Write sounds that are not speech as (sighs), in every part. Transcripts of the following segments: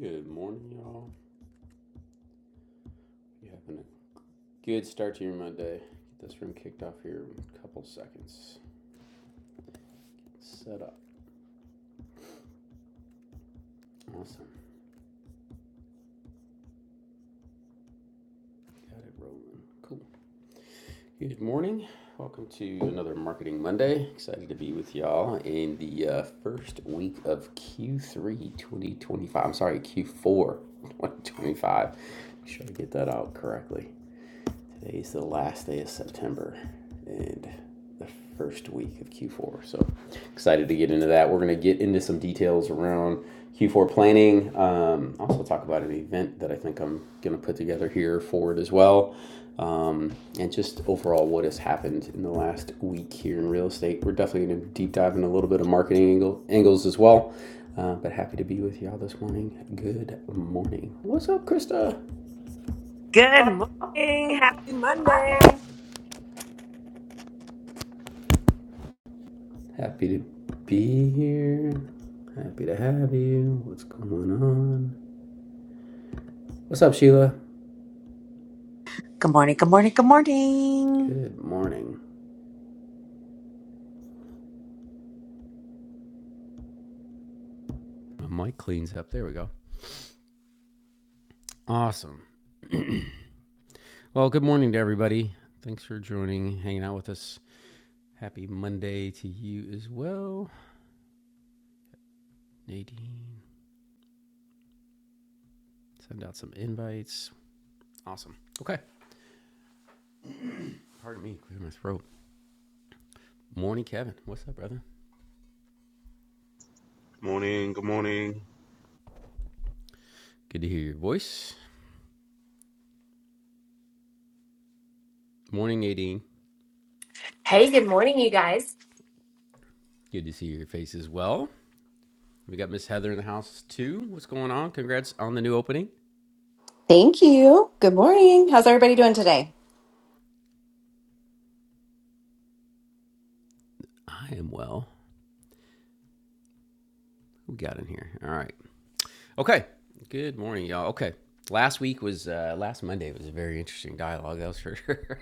Good morning, y'all. You having a good start to your Monday? Get this room kicked off here in a couple seconds. Set up. Awesome. Got it rolling. Cool. Good morning. Welcome to another Marketing Monday. Excited to be with y'all in the uh, first week of Q3 2025. I'm sorry, Q4 2025. Make sure I get that out correctly. Today's the last day of September and the first week of Q4. So excited to get into that. We're going to get into some details around Q4 planning. Um, also, talk about an event that I think I'm going to put together here for it as well. Um, and just overall what has happened in the last week here in real estate. We're definitely going to deep dive in a little bit of marketing angle, angles as well. Uh, but happy to be with y'all this morning. Good morning. What's up, Krista? Good morning. Happy Monday. Happy to be here. Happy to have you. What's going on? What's up, Sheila? Good morning, good morning, good morning. Good morning. My mic cleans up. There we go. Awesome. Well, good morning to everybody. Thanks for joining, hanging out with us. Happy Monday to you as well. Nadine, send out some invites. Awesome. Okay. Pardon me, clear my throat. Morning, Kevin. What's up, brother? Morning, good morning. Good to hear your voice. Morning, Nadine. Hey, good morning, you guys. Good to see your face as well. We got Miss Heather in the house too. What's going on? Congrats on the new opening. Thank you. Good morning. How's everybody doing today? I am well. Who we got in here? All right. Okay. Good morning, y'all. Okay. Last week was uh, last Monday was a very interesting dialogue. That was for sure.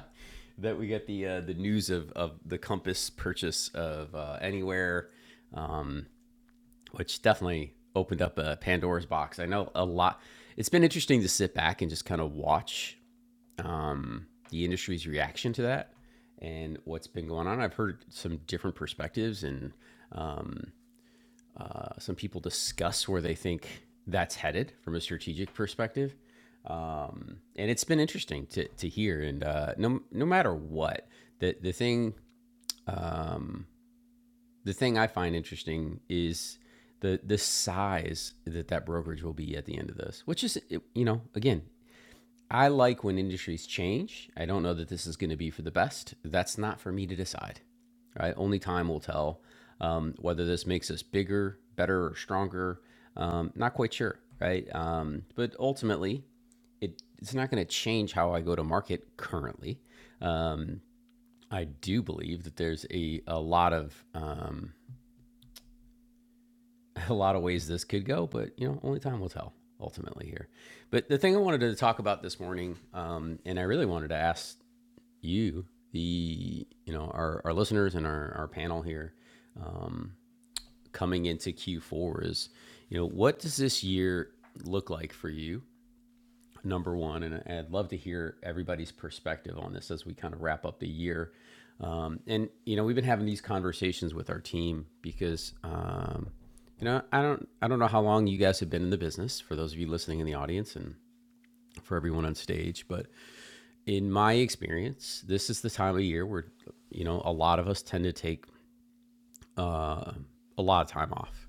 (laughs) that we got the uh, the news of of the Compass purchase of uh, Anywhere, um, which definitely opened up a Pandora's box. I know a lot. It's been interesting to sit back and just kind of watch um, the industry's reaction to that and what's been going on. I've heard some different perspectives and um, uh, some people discuss where they think that's headed from a strategic perspective. Um, and it's been interesting to, to hear. And uh, no, no matter what, the, the thing um, the thing I find interesting is the the size that that brokerage will be at the end of this, which is you know again I like when industries change. I don't know that this is going to be for the best. That's not for me to decide. Right? Only time will tell um, whether this makes us bigger, better, or stronger. Um, not quite sure. Right? Um, but ultimately, it it's not going to change how I go to market currently. Um, I do believe that there's a a lot of um, (laughs) a lot of ways this could go, but you know, only time will tell ultimately here. But the thing I wanted to talk about this morning, um, and I really wanted to ask you, the you know our, our listeners and our, our panel here coming into Q4 is, you know, what does this year look like for you? Number one, and I- would love to hear everybody's perspective on this as we kind of wrap up the year. Um, and you know, we've been having these conversations with our team because um, you know I don't I don't know how long you guys have been in the business. For those of you listening in the audience and for everyone on stage, but in my experience, this is the time of year where, you know, a lot of us tend to take uh, a lot of time off.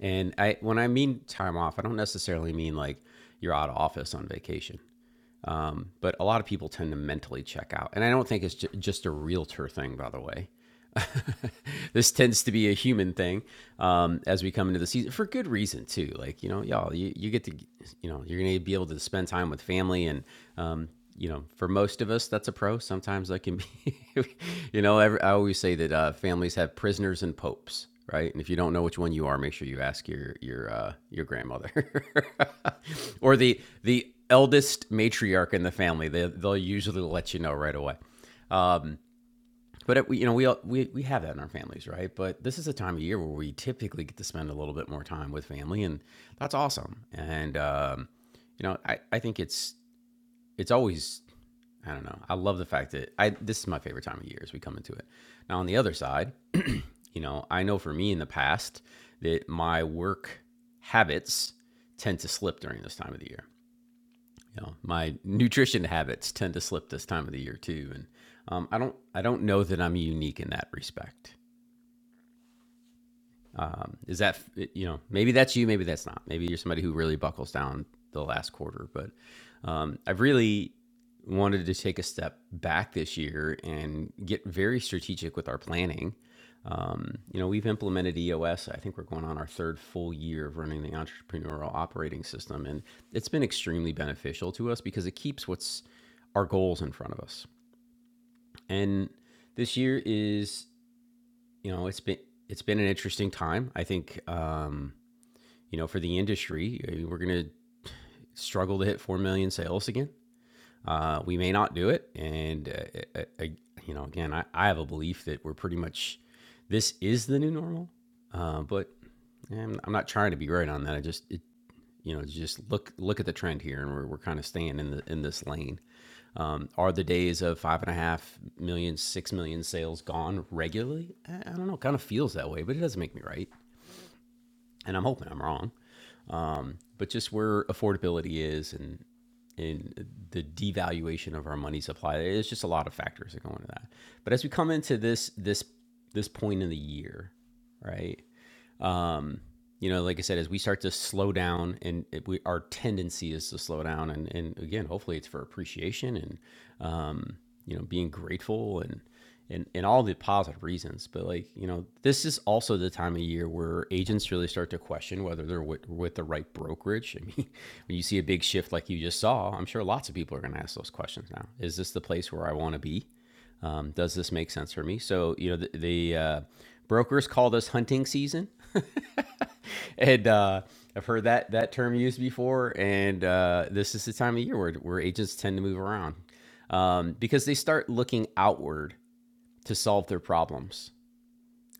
And I, when I mean time off, I don't necessarily mean like you're out of office on vacation. Um, but a lot of people tend to mentally check out. And I don't think it's ju- just a realtor thing, by the way. (laughs) this tends to be a human thing um, as we come into the season for good reason too. Like you know, y'all, you, you get to you know you're gonna be able to spend time with family, and um, you know, for most of us, that's a pro. Sometimes that can be, (laughs) you know, every, I always say that uh, families have prisoners and popes. Right, and if you don't know which one you are, make sure you ask your your uh, your grandmother, (laughs) or the the eldest matriarch in the family. They, they'll usually let you know right away. Um, but it, you know, we, we we have that in our families, right? But this is a time of year where we typically get to spend a little bit more time with family, and that's awesome. And um, you know, I, I think it's it's always I don't know. I love the fact that I this is my favorite time of year as we come into it. Now on the other side, you know, I know for me in the past that my work habits tend to slip during this time of the year you know, my nutrition habits tend to slip this time of the year too, and um, I don't I don't know that I'm unique in that respect. Um, is that you know maybe that's you, maybe that's not. Maybe you're somebody who really buckles down the last quarter. But um, I've really wanted to take a step back this year and get very strategic with our planning. Um, you know, we've implemented EOS. I think we're going on our third full year of running the entrepreneurial operating system, and it's been extremely beneficial to us because it keeps what's our goals in front of us. And this year is, you know, it's been it's been an interesting time. I think um, you know, for the industry, uh, we're going to struggle to hit 4 million sales again. Uh, we may not do it. And, uh, uh, uh, you know, again, I, I have a belief that we're pretty much, this is the new normal. Uh, but yeah, I'm, I'm not trying to be right on that. I just, it, you know, just look look at the trend here, and we're, we're kind of staying in the in this lane. Um, are the days of five and a half million, six million sales gone regularly? I, I don't know. It Kind of feels that way, but it doesn't make me right. And I'm hoping I'm wrong um, but just where affordability is and and the devaluation of our money supply. There's just a lot of factors that go into that. But as we come into this this this point in the year, right? um, you know, like I said, as we start to slow down, and it, we, our tendency is to slow down, and and again, hopefully, it's for appreciation and um, you know, being grateful and and and all the positive reasons. But like you know, this is also the time of year where agents really start to question whether they're with, with the right brokerage. (laughs) I mean, when you see a big shift like you just saw, I'm sure lots of people are going to ask those questions now. Is this the place where I want to be? um, does this make sense for me so you know the, the uh, brokers call this hunting season (laughs) and uh, I've heard that that term used before. And uh, this is the time of year where, where agents tend to move around um, because they start looking outward to solve their problems.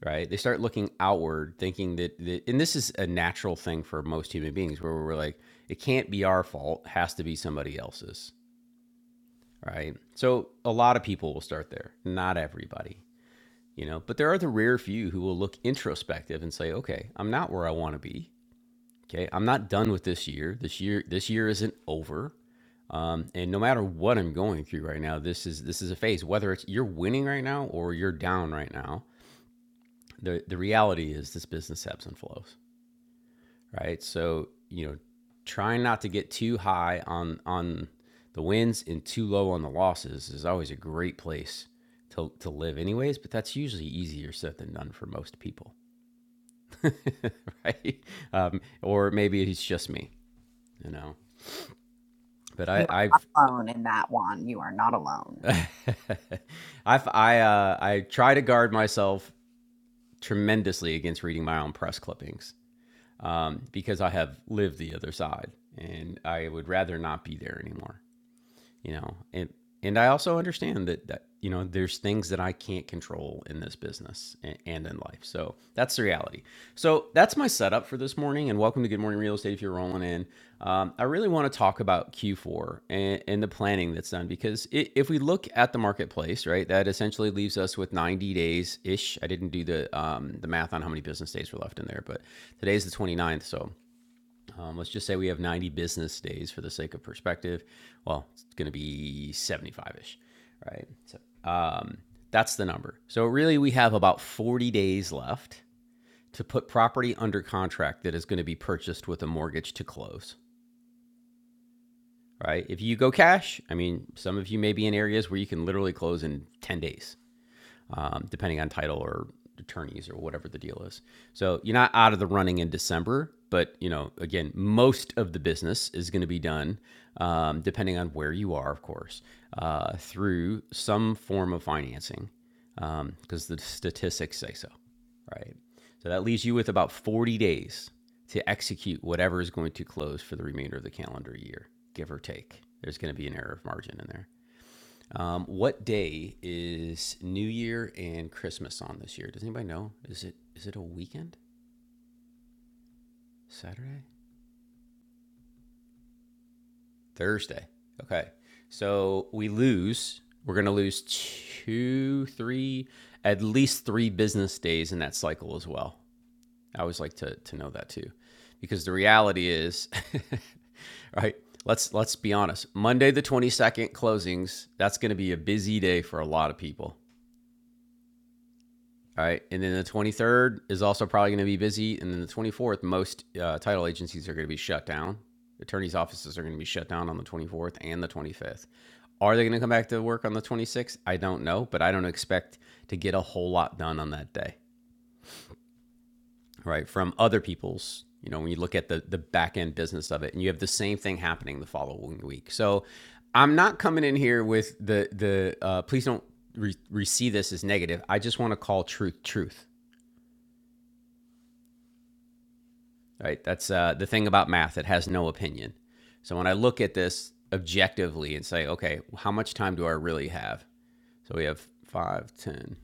Right? They start looking outward, thinking that, that, and this is a natural thing for most human beings, where we're like, it can't be our fault, it has to be somebody else's. Right? So a lot of people will start there, not everybody, you know. But there are the rare few who will look introspective and say, okay, I'm not where I want to be Okay, I'm not done with this year. This year, this year isn't over. Um, and no matter what I'm going through right now, this is this is a phase. Whether it's you're winning right now or you're down right now, the the reality is this business ebbs and flows, right? So you know, trying not to get too high on on the wins and too low on the losses is always a great place to, to live anyways but that's usually easier said than done for most people (laughs) right um, or maybe it's just me you know but I, You are not I've alone in that one. You are not (laughs) alone. I I, uh, I try to guard myself tremendously against reading my own press clippings um, because I have lived the other side and I would rather not be there anymore you know and and i also understand that that you know there's things that i can't control in this business and, and in life so that's the reality so that's my setup for this morning and welcome to good morning real estate if you're rolling in um, i really want to talk about q4 and, and the planning that's done because i if we look at the marketplace right that essentially leaves us with 90 days ish i didn't do the um, the math on how many business days were left in there but today's the 29th so um, let's just say we have 90 business days for the sake of perspective. Well, it's going to be 75 ish, right? So um, that's the number. So really, we have about 40 days left to put property under contract that is going to be purchased with a mortgage to close, right? If you go cash, I mean, some of you may be in areas where you can literally close in 10 days um, depending on title or attorneys or whatever the deal is. So you're not out of the running in December, but you know, again, most of the business is going to be done, um, depending on where you are, of course, uh, through some form of financing, um, because the statistics say so, right? So that leaves you with about 40 days to execute whatever is going to close for the remainder of the calendar year, give or take. There's going to be an error of margin in there. Um, what day is New Year and Christmas on this year? Does anybody know? Is it is it a weekend? Saturday? Thursday. Okay. So we lose. We're gonna lose two, three, at least three business days in that cycle as well. I always like to to know that too. Because the reality is (laughs) right, let's let's be honest. Monday the twenty second closings, that's gonna be a busy day for a lot of people. All right. And then the 23rd is also probably going to be busy. And then the 24th, most uh, title agencies are going to be shut down. Attorneys' offices are going to be shut down on the 24th and the 25th. Are they going to come back to work on the 26th? I don't know, but I don't expect to get a whole lot done on that day, right? From other people's, you know, when you look at the, the back end business of it and you have the same thing happening the following week. So I'm not coming in here with the, the uh, please don't re- re- see this as negative. I just want to call truth truth right? That's uh, the thing about math, it has no opinion. So when I look at this objectively and say, okay, how much time do I really have? So we have five, ten,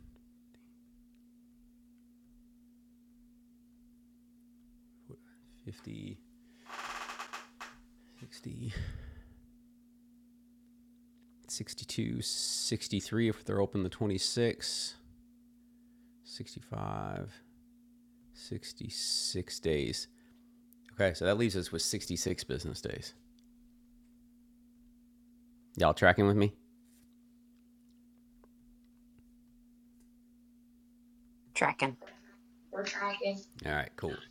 fifty, sixty, sixty-two, sixty-three. if they're open the 26, 65, 66 days. Okay, so that leaves us with 66 business days. Y'all tracking with me? Tracking. All right, cool.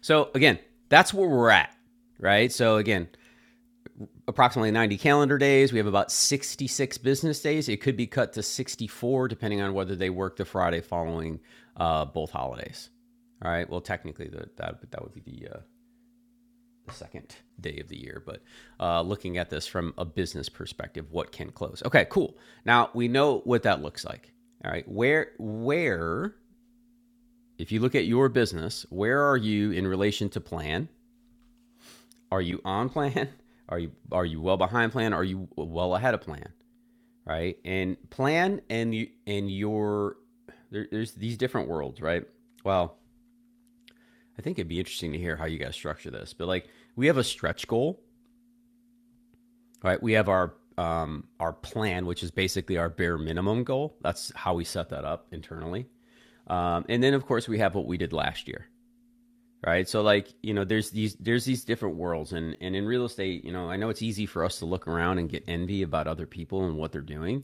So again, that's where we're at, right? So again, approximately 90 calendar days. We have about 66 business days. It could be cut to 64 depending on whether they work the Friday following uh, both holidays. All right. Well, technically, the, that that would be the, uh, the second day of the year, but uh, looking at this from a business perspective, what can close? Okay, cool. Now we know what that looks like. All right. Where where if you look at your business, where are you in relation to plan? Are you on plan? Are you are you well behind plan? Are you well ahead of plan? right? And plan and you and your there, there's these different worlds, right? Well, I think it'd be interesting to hear how you guys structure this, but like we have a stretch goal, right? We have our um, our plan, which is basically our bare minimum goal. That's how we set that up internally. Um, and then, of course, we have what we did last year, right so like you know there's these there's these different worlds and and in real estate you know i know it's easy for us to look around and get envy about other people and what they're doing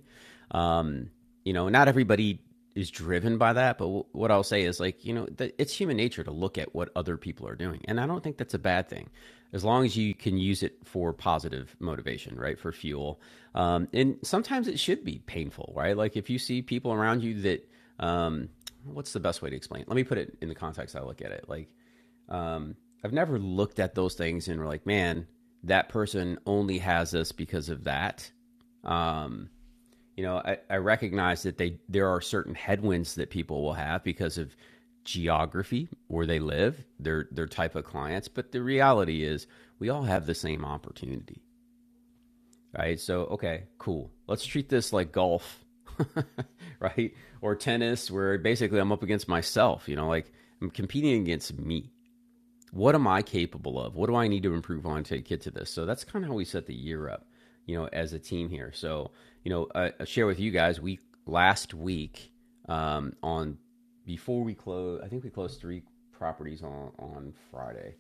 um you know not everybody is driven by that but w- what i'll say is like you know th- it's human nature to look at what other people are doing and i don't think that's a bad thing as long as you can use it for positive motivation right for fuel um, and sometimes it should be painful right like if you see people around you that um, what's the best way to explain it? let me put it in the context i look at it like um, I've never looked at those things and were like, man, that person only has us because of that. Um, you know, I, I recognize that they there are certain headwinds that people will have because of geography, where they live, their their type of clients. But the reality is, we all have the same opportunity, right? So, okay, cool. Let's treat this like golf, (laughs) right? Or tennis, where basically I'm up against myself. You know, like I'm competing against me what am I capable of? What do I need to improve on to get to this? So that's kind of how we set the year up, you know, as a team here. So, you know, I, I share with you guys, we last week um, on before we close, I think we closed three properties on on Friday.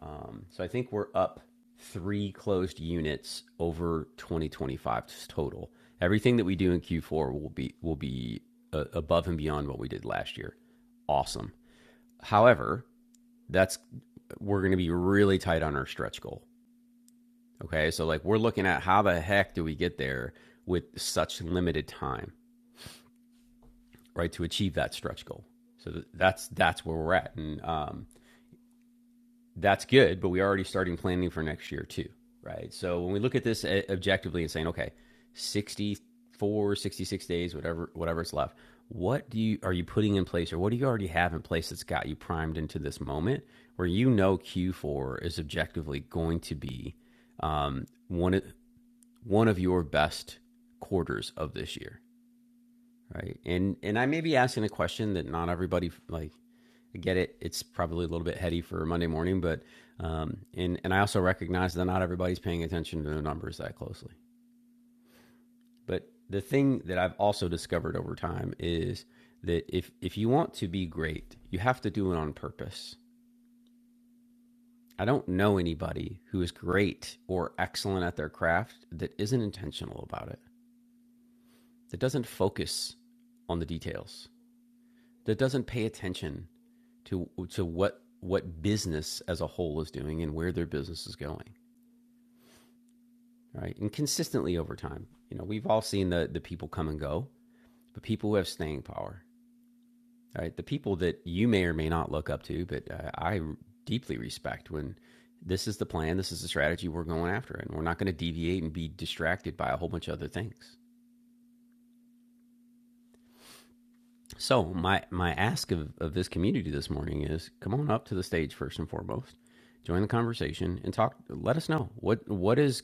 Um, so I think we're up three closed units over 2025 total. Everything that we do in Q4 will be will be uh, above and beyond what we did last year. Awesome. However, that's we're going to be really tight on our stretch goal. Okay, so like we're looking at how the heck do we get there with such limited time, right, to achieve that stretch goal. So that's that's where we're at, and um, that's good, but we're already starting planning for next year too, right? So when we look at this uh, objectively and saying, okay, sixty four, sixty six days, whatever, whatever it's left, what do you are you putting in place, or what do you already have in place that's got you primed into this moment where you know Q4 is objectively going to be um, one one of your best quarters of this year? right and and i may be asking a question that not everybody like i get it it's probably a little bit heady for monday morning but um and and i also recognize that not everybody's paying attention to the numbers that closely but the thing that i've also discovered over time is that if if you want to be great you have to do it on purpose i don't know anybody who is great or excellent at their craft that isn't intentional about it that doesn't focus on the details that doesn't pay attention to to what what business as a whole is doing and where their business is going, right? And consistently over time, you know, we've all seen the the people come and go, but people who have staying power, right? The people that you may or may not look up to, but uh, I deeply respect when this is the plan, this is the strategy we're going after, and we're not going to deviate and be distracted by a whole bunch of other things. So my my ask of, of this community this morning is come on up to the stage first and foremost, join the conversation and talk. Let us know what what is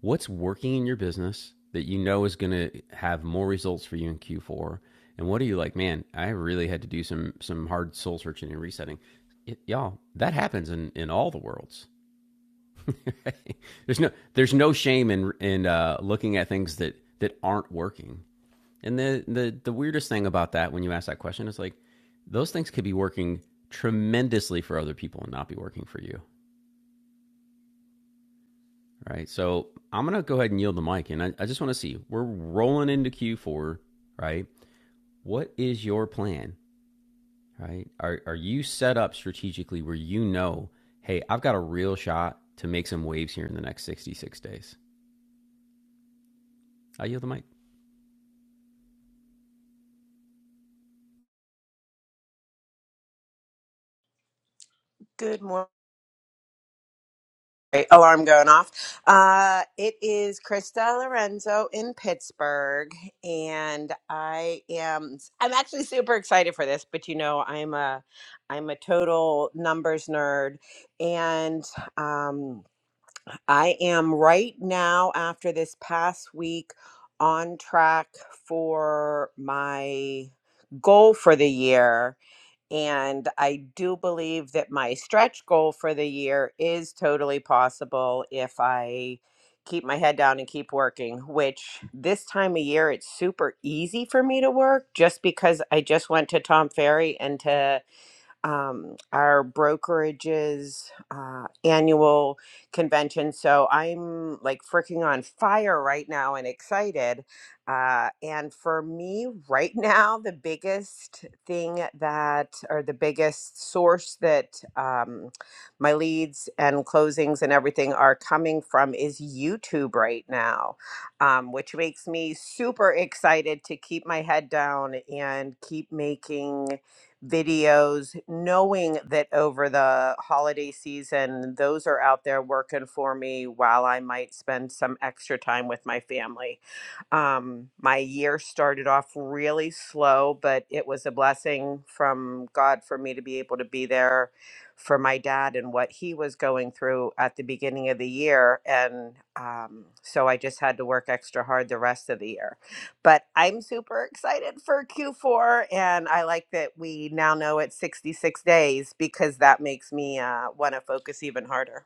what's working in your business that you know is going to have more results for you in Q4, and what are you like, man? I really had to do some some hard soul searching and resetting. It, y'all, that happens in in all the worlds. (laughs) there's no there's no shame in in uh, looking at things that that aren't working and the, the the weirdest thing about that when you ask that question is like those things could be working tremendously for other people and not be working for you. Right. So I'm gonna go ahead and yield the mic and I, I just wanna see. We're rolling into Q4, right? What is your plan? Right? Are are you set up strategically where you know, hey, I've got a real shot to make some waves here in the next 66 days? I yield the mic. Good morning. Great, Alarm going off. Uh, it is Krista Lorenzo in Pittsburgh, and I am. I'm actually super excited for this, but you know, I'm a, I'm a total numbers nerd, and um, I am right now after this past week on track for my goal for the year And I do believe that my stretch goal for the year is totally possible if I keep my head down and keep working, which this time of year it's super easy for me to work just because I just went to Tom Ferry and to um, our brokerage's uh, annual convention. So I'm like freaking on fire right now and excited. Uh, and for me, right (laughs) now, the biggest thing that, or the biggest source that um, my leads and closings and everything are coming from is YouTube right now, um, which makes me super excited to keep my head down and keep making videos, knowing that over the holiday season, those are out there working for me while I might spend some extra time with my family. Um, my year started off really slow, but it was a blessing from God for me to be able to be there for my dad and what he was going through at the beginning of the year. And um, so I just had to work extra hard the rest of the year but I'm super excited for Q4, and I like that we now know it's 66 days because that makes me uh, want to focus even harder.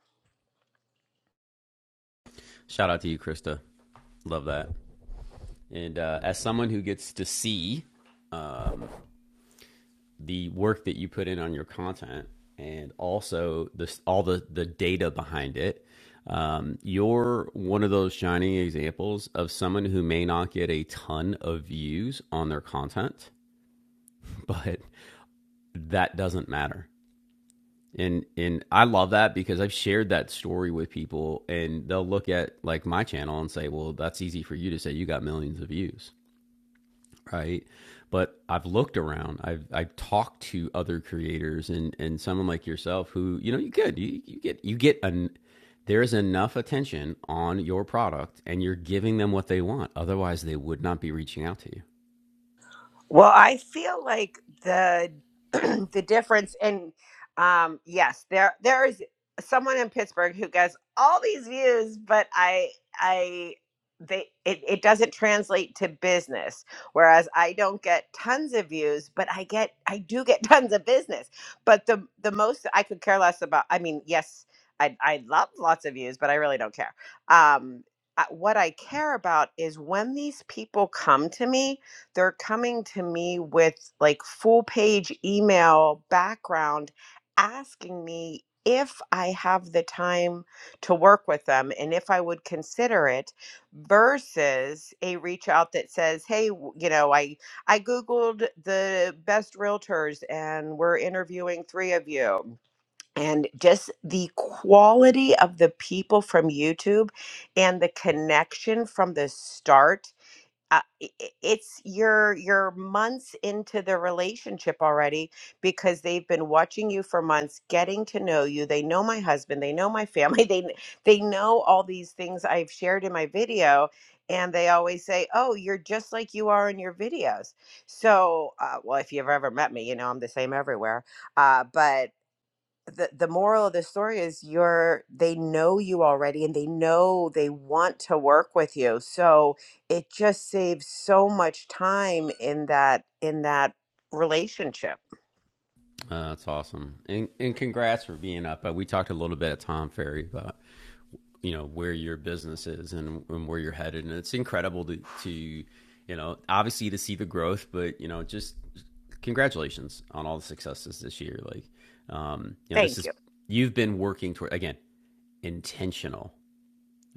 Shout out to you, Krista. Love that. And uh, as someone who gets to see um, the work that you put in on your content and also this all the the data behind it um, you're one of those shining examples of someone who may not get a ton of views on their content (laughs) but that doesn't matter and and I love that because I've shared that story with people and they'll look at like my channel and say well that's easy for you to say you got millions of views right? But I've looked around. I've I've talked to other creators and and someone like yourself who you know you could you, you get you get an there is enough attention on your product and you're giving them what they want. Otherwise, they would not be reaching out to you. Well, I feel like the (clears throat) the difference and um yes, there there is someone in Pittsburgh who gets all these views, but I I they it, it doesn't translate to business. Whereas I don't get tons of views, but I get I do get (laughs) tons of business. But the the most I could care less about I mean, yes, I I love lots of views, but I really don't care. Um I- what I care about is when these people come to me they're coming to me with like full page email background asking me if I have the time to work with them and if I would consider it versus a reach out that says, "Hey, w- you know, I I googled the best realtors and we're interviewing 3 of you." And just the quality of the people from YouTube and the connection from the start uh, i- i- it's you're you're months into the relationship already because they've been watching you for months getting to know you they know my husband they know my family (laughs) they kn- they know all these things i've shared in my video and they always say oh you're just like you are in your videos so uh, well if you've ever met me you know i'm the same everywhere uh, but the, the moral of the story is you're they know you already and they know they want to work with you so it just saves so much time in that in that relationship Uh, that's awesome. And, and congrats for being up. Uh, we talked a little bit at Tom Ferry about you know where your business is and, and where you're headed and it's incredible to, to you know obviously to see the growth but you know just congratulations on all the successes this year like um you know this thank you is you've been working toward again intentional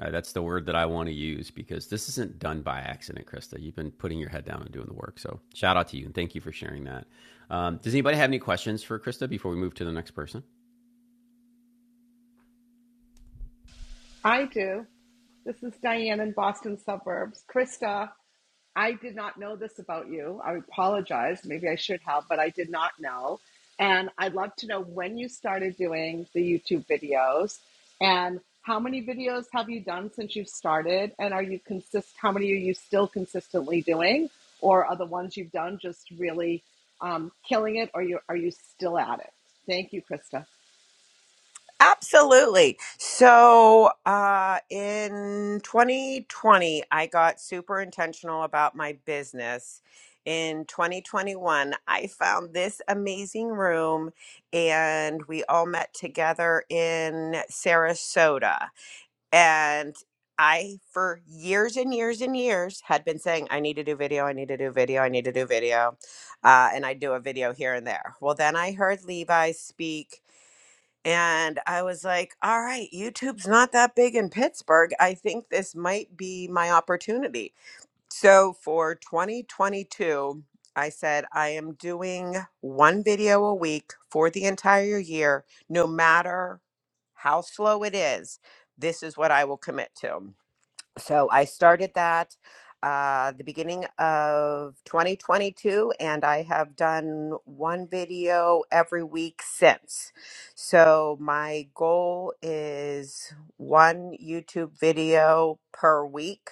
uh, that's the word that i want to use because this isn't done by accident krista you've been putting your head down and doing the work so shout out to you and thank you for sharing that um, does anybody have any questions for krista before we move to the next person I do. This is Diane in Boston suburbs. Krista, I did not know this about you. I apologize. Maybe I should have, but I did not know. And I'd love to know when you started doing the YouTube videos and how many videos have you done since you've started? And are you consist how many are you still consistently doing? Or are the ones you've done just really um, killing it or you are you still at it? Thank you, Krista. Absolutely. So, uh, in 2020, I got super intentional about my business. In 2021, I found this amazing room and we all met together in Sarasota. And I, for years and years and years, had been saying, I need to do video, I need to do video, I need to do video. Uh, and I do a video here and there. Well, then I heard Levi speak and I was like, all right, YouTube's not that big in Pittsburgh. I think this might be my opportunity. So for 2022, I said, I am doing one video a week for the entire year, no matter how slow it is. This is what I will commit to. So I started that uh, the beginning of 2022, and I have done one video every week since. So my goal is one YouTube video per week.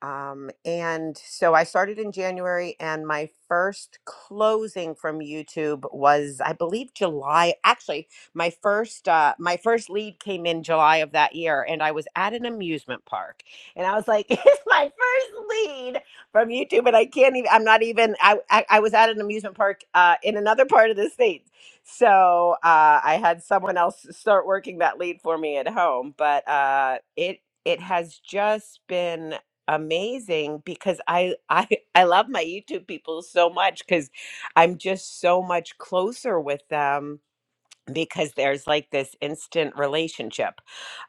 Um, and so I started in January, and my first closing from YouTube was, I believe, July. Actually, my first uh, my first lead came in July of that year, and I was at an amusement park, and I was like, (laughs) "It's my first lead from YouTube," and I can't even. I'm not even. I I, I was at an amusement park uh, in another part of the state, so uh, I had someone else start working that lead for me at home, but uh, it it has just been amazing because I I (laughs) I love my YouTube people so much cuz I'm just so much closer with them because there's like this instant relationship.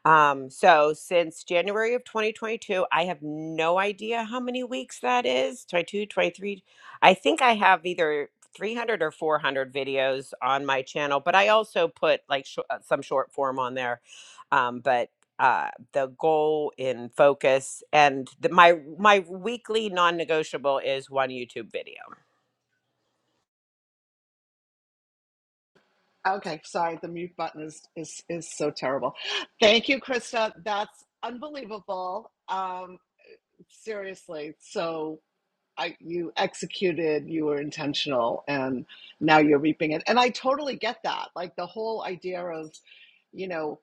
Um, so since January of 2022, I have no idea how many weeks that is 22, 23. I think I have either 300 or 400 videos on my channel, but I also put like sh- uh, some short form on there. Um, but uh, the goal in focus and the, my my weekly non-negotiable is one YouTube video. Okay, sorry, the mute button is is is so terrible. Thank you, Krista. That's unbelievable. Um, seriously. So I you executed, you were intentional, and now you're reaping it. And I totally get that. Like the whole idea of, you know,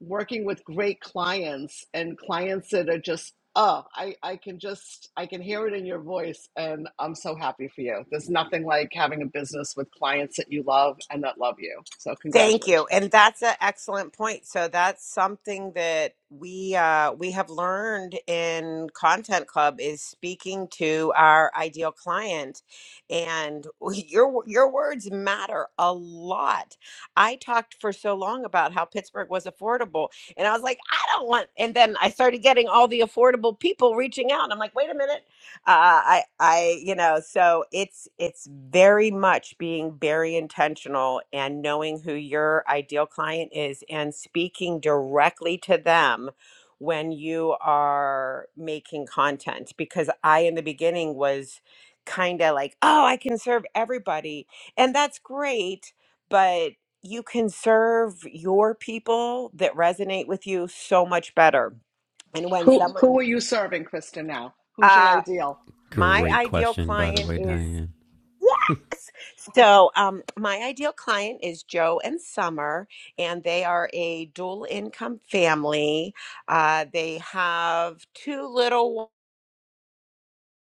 working with great clients and clients that are just, oh, I, I can just I can hear it in your voice and I'm so happy for you. There's nothing like having a business with clients that you love and that love you. So Thank you. And congratulations. that's an excellent point. So that's something that we uh, we have learned in Content Club is speaking to our ideal client and (laughs) your your words matter a lot. I talked for so long about how Pittsburgh was affordable and I was like, I don't want and then I started getting all the affordable people reaching out. and I'm like, wait a minute uh, I, I, you know, so it's it's very much being very intentional and knowing who your ideal client is and speaking directly to them when you are making content. Because I, in the beginning, was kind of like, oh, I can serve everybody, and that's great, but you can serve your people that resonate with you so much better. And when Who someone, who are you serving, Krista, now? Who's your uh, ideal? my Great ideal question, by the client way, is Diane. (laughs) yes. So, um, my ideal client is Joe and Summer, and they are a dual income family. Uh, they have two little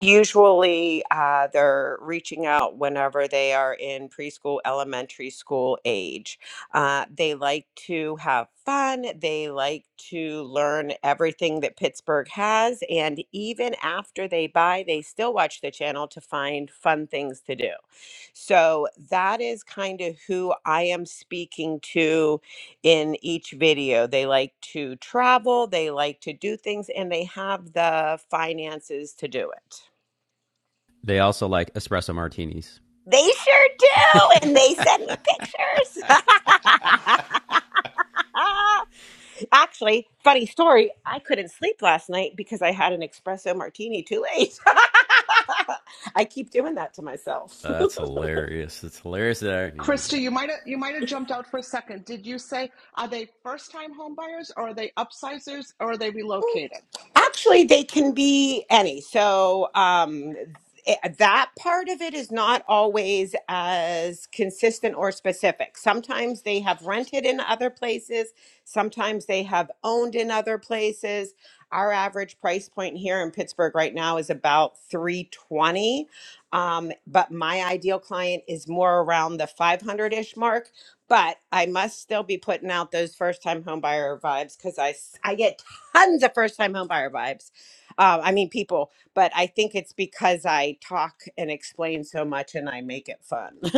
Usually, uh, they're reaching out whenever they are in preschool, elementary school age. Uh, they like to have fun. They like to learn everything that Pittsburgh has. And even after they buy, they still watch the channel to find fun things to do. So that is kind of who I am speaking to in each video. They like to travel, they like to do things, and they have the finances to do it. They also like espresso martinis. They sure do, and they send me pictures. (laughs) Actually, funny story. I couldn't sleep last night because I had an espresso martini too late. (laughs) I keep doing that to myself. (laughs) Uh, That's hilarious. It's hilarious that I already knew Krista, that. you might have you might have jumped out for a second. Did you say are they first time home buyers or are they upsizers or are they relocating? Actually, they can be any. So um, it, that part of it is not always as consistent or specific. Sometimes they have rented in other places, sometimes they have owned in other places. Our average price point here in Pittsburgh right now is about 320. Um, but my ideal client is more around the 500-ish mark. But I must still be putting out those first-time homebuyer vibes because I, s- I get tons of first time homebuyer vibes. Uh, I mean, people, but I think it's because I talk and explain so much and I make it fun. (laughs)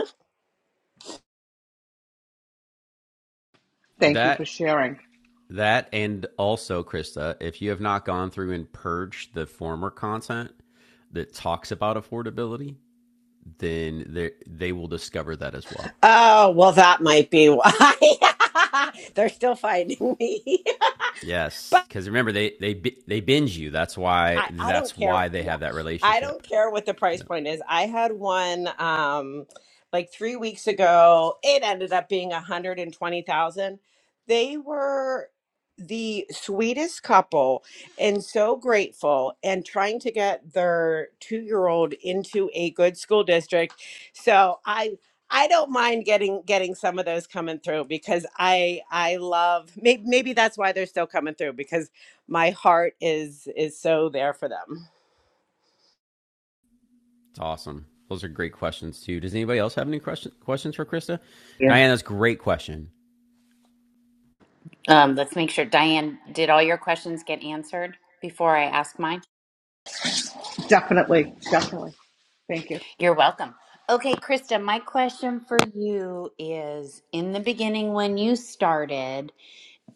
Thank you for That sharing. that and also Krista, if you have not gone through and purged the former content that talks about affordability, then they they will discover that as well. Oh, well, that might be why. (laughs) They're still finding me. (laughs) But. Yes, because remember they they they binge you. That's why I, I don't that's care. why they Yeah. have that I relationship. don't care what the price Yeah, point is. I had one um like 3 weeks ago. It ended up being 120,000. They were the sweetest couple and so grateful and trying to get their 2-year-old into a good school district. So I I don't mind getting getting some of those coming through because I I love maybe maybe that's why they're still coming through because my heart is is so there for them. it's awesome. Those are great questions too. Does anybody else have any question, questions for Krista? Yeah. Diana's great question. Um, let's make sure Diane, did all your questions get answered before I ask mine? Definitely, definitely. Thank you. You're welcome. Okay, Krista, my question for you is in the beginning when you started,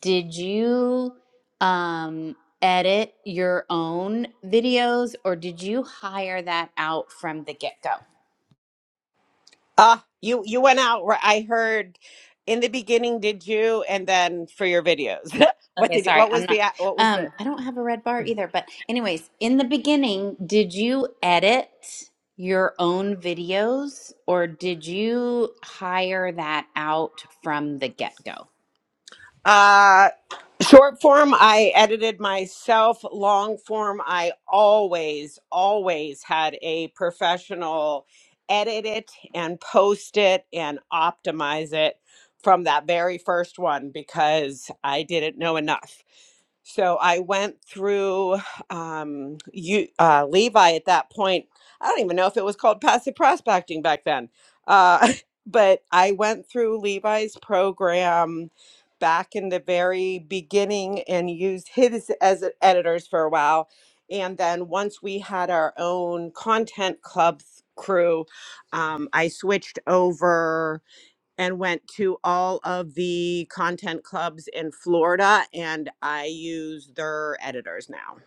did you um edit your own videos or did you hire that out from the get-go? Ah, you you went out where I heard in the beginning did you and then for your videos. (laughs) what Okay, did you, sorry. what I'm was not the what was um the I don't have a red bar either, but anyways, in the beginning, did you edit your own videos or did you hire that out from the get-go? uh short form I edited myself, long form I always always had a professional edit it and post it and optimize it from that very first one because I didn't know enough. So I went through um, you, uh, Levi at that point. I don't even know if it was called passive prospecting back then, uh, (laughs) but I went through Levi's program back in the very beginning and used his as a- editors for a while. And then once we had our own content club th- crew, um, I switched over and went to all of the content clubs in Florida and I use their editors now.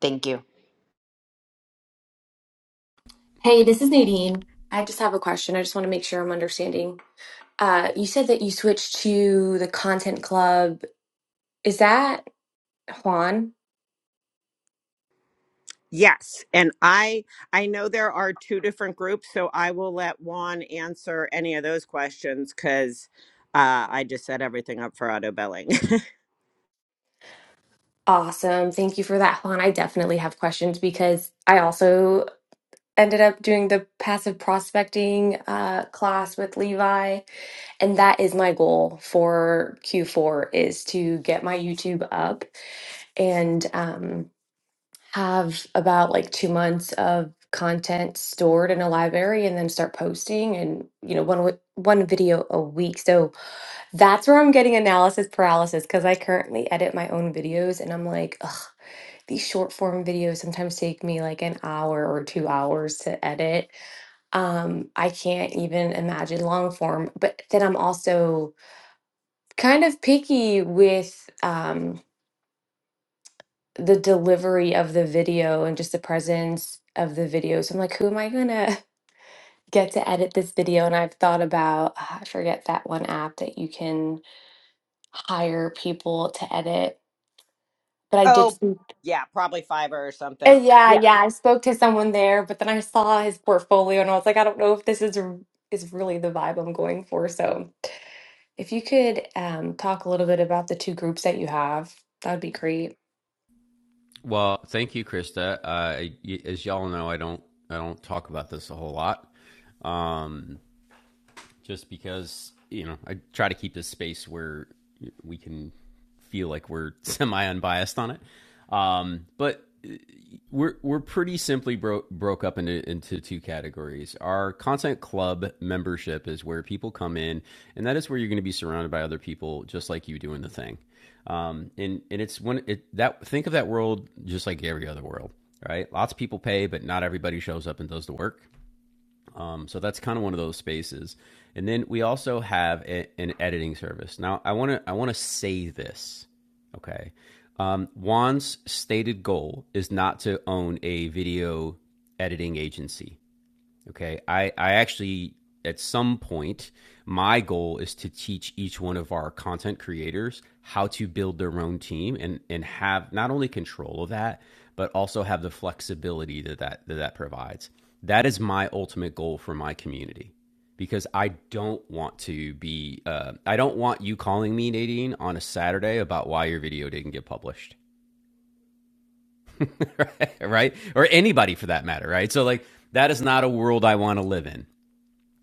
Thank you. Hey, this is Nadine. I just have a question. I just want to make sure I'm understanding. Uh, you said that you switched to the content club. Is that Juan? Yes, and I I know there are two different groups, so I will let Juan answer any of those questions cuz uh, I just set everything up for auto billing. Awesome. Thank you for that, Juan. I definitely have questions because I also ended up doing the passive prospecting uh, class with Levi, and that is my goal for Q4 is to get my YouTube up and um, have about like two months of content stored in a library and then start posting and you know one wi- one video a week so that's where i'm getting analysis paralysis because i currently edit my own videos and i'm like Ugh, these short form videos sometimes take me like an hour or two hours to edit um i can't even imagine long form but then i'm also kind of picky with um the delivery of the video and just the presence of the video. So I'm like, who am I gonna (laughs) get to edit this video? And I've thought about, ah, I forget that one app that you can hire people to edit. But (laughs) I did, oh, see- yeah, probably Fiverr or Uh, something. yeah, Yeah. yeah. I spoke to someone there, but then I saw his portfolio and I was like, I don't know if this is r- is really the vibe I'm going for. So if you could um, talk a little bit about the two groups that you have, that would be great. Well, thank you, Krista. Uh, as y'all know, I don't I don't talk about this a whole lot, um, just because you know I try to keep this space where we can feel like we're (laughs) semi unbiased on it. Um, but we're we're pretty simply bro- broke up into into two categories. Our content club membership is where people come in, and that is where you're going to be surrounded by other people just like you doing the thing. Um, and and it's when it that think of that world just like every other world, right? Lots of people pay, but not everybody shows up and does the work. Um, so that's kind of one of those spaces. And then we also have a, an editing service. Now, I want to I want to say this, okay? Um, Juan's stated goal is not to own a video editing agency. Okay. I, I actually, at some point, my goal is to teach each one of our content creators how to build their own team and, and have not only control of that, but also have the flexibility that that, that, that provides. That is my ultimate goal for my community because I don't want to be, uh, I don't want you calling me, Nadine, on a Saturday about why your video didn't get published, (laughs) right? Or anybody for that matter, right? So, like, that is not a world I want to live in.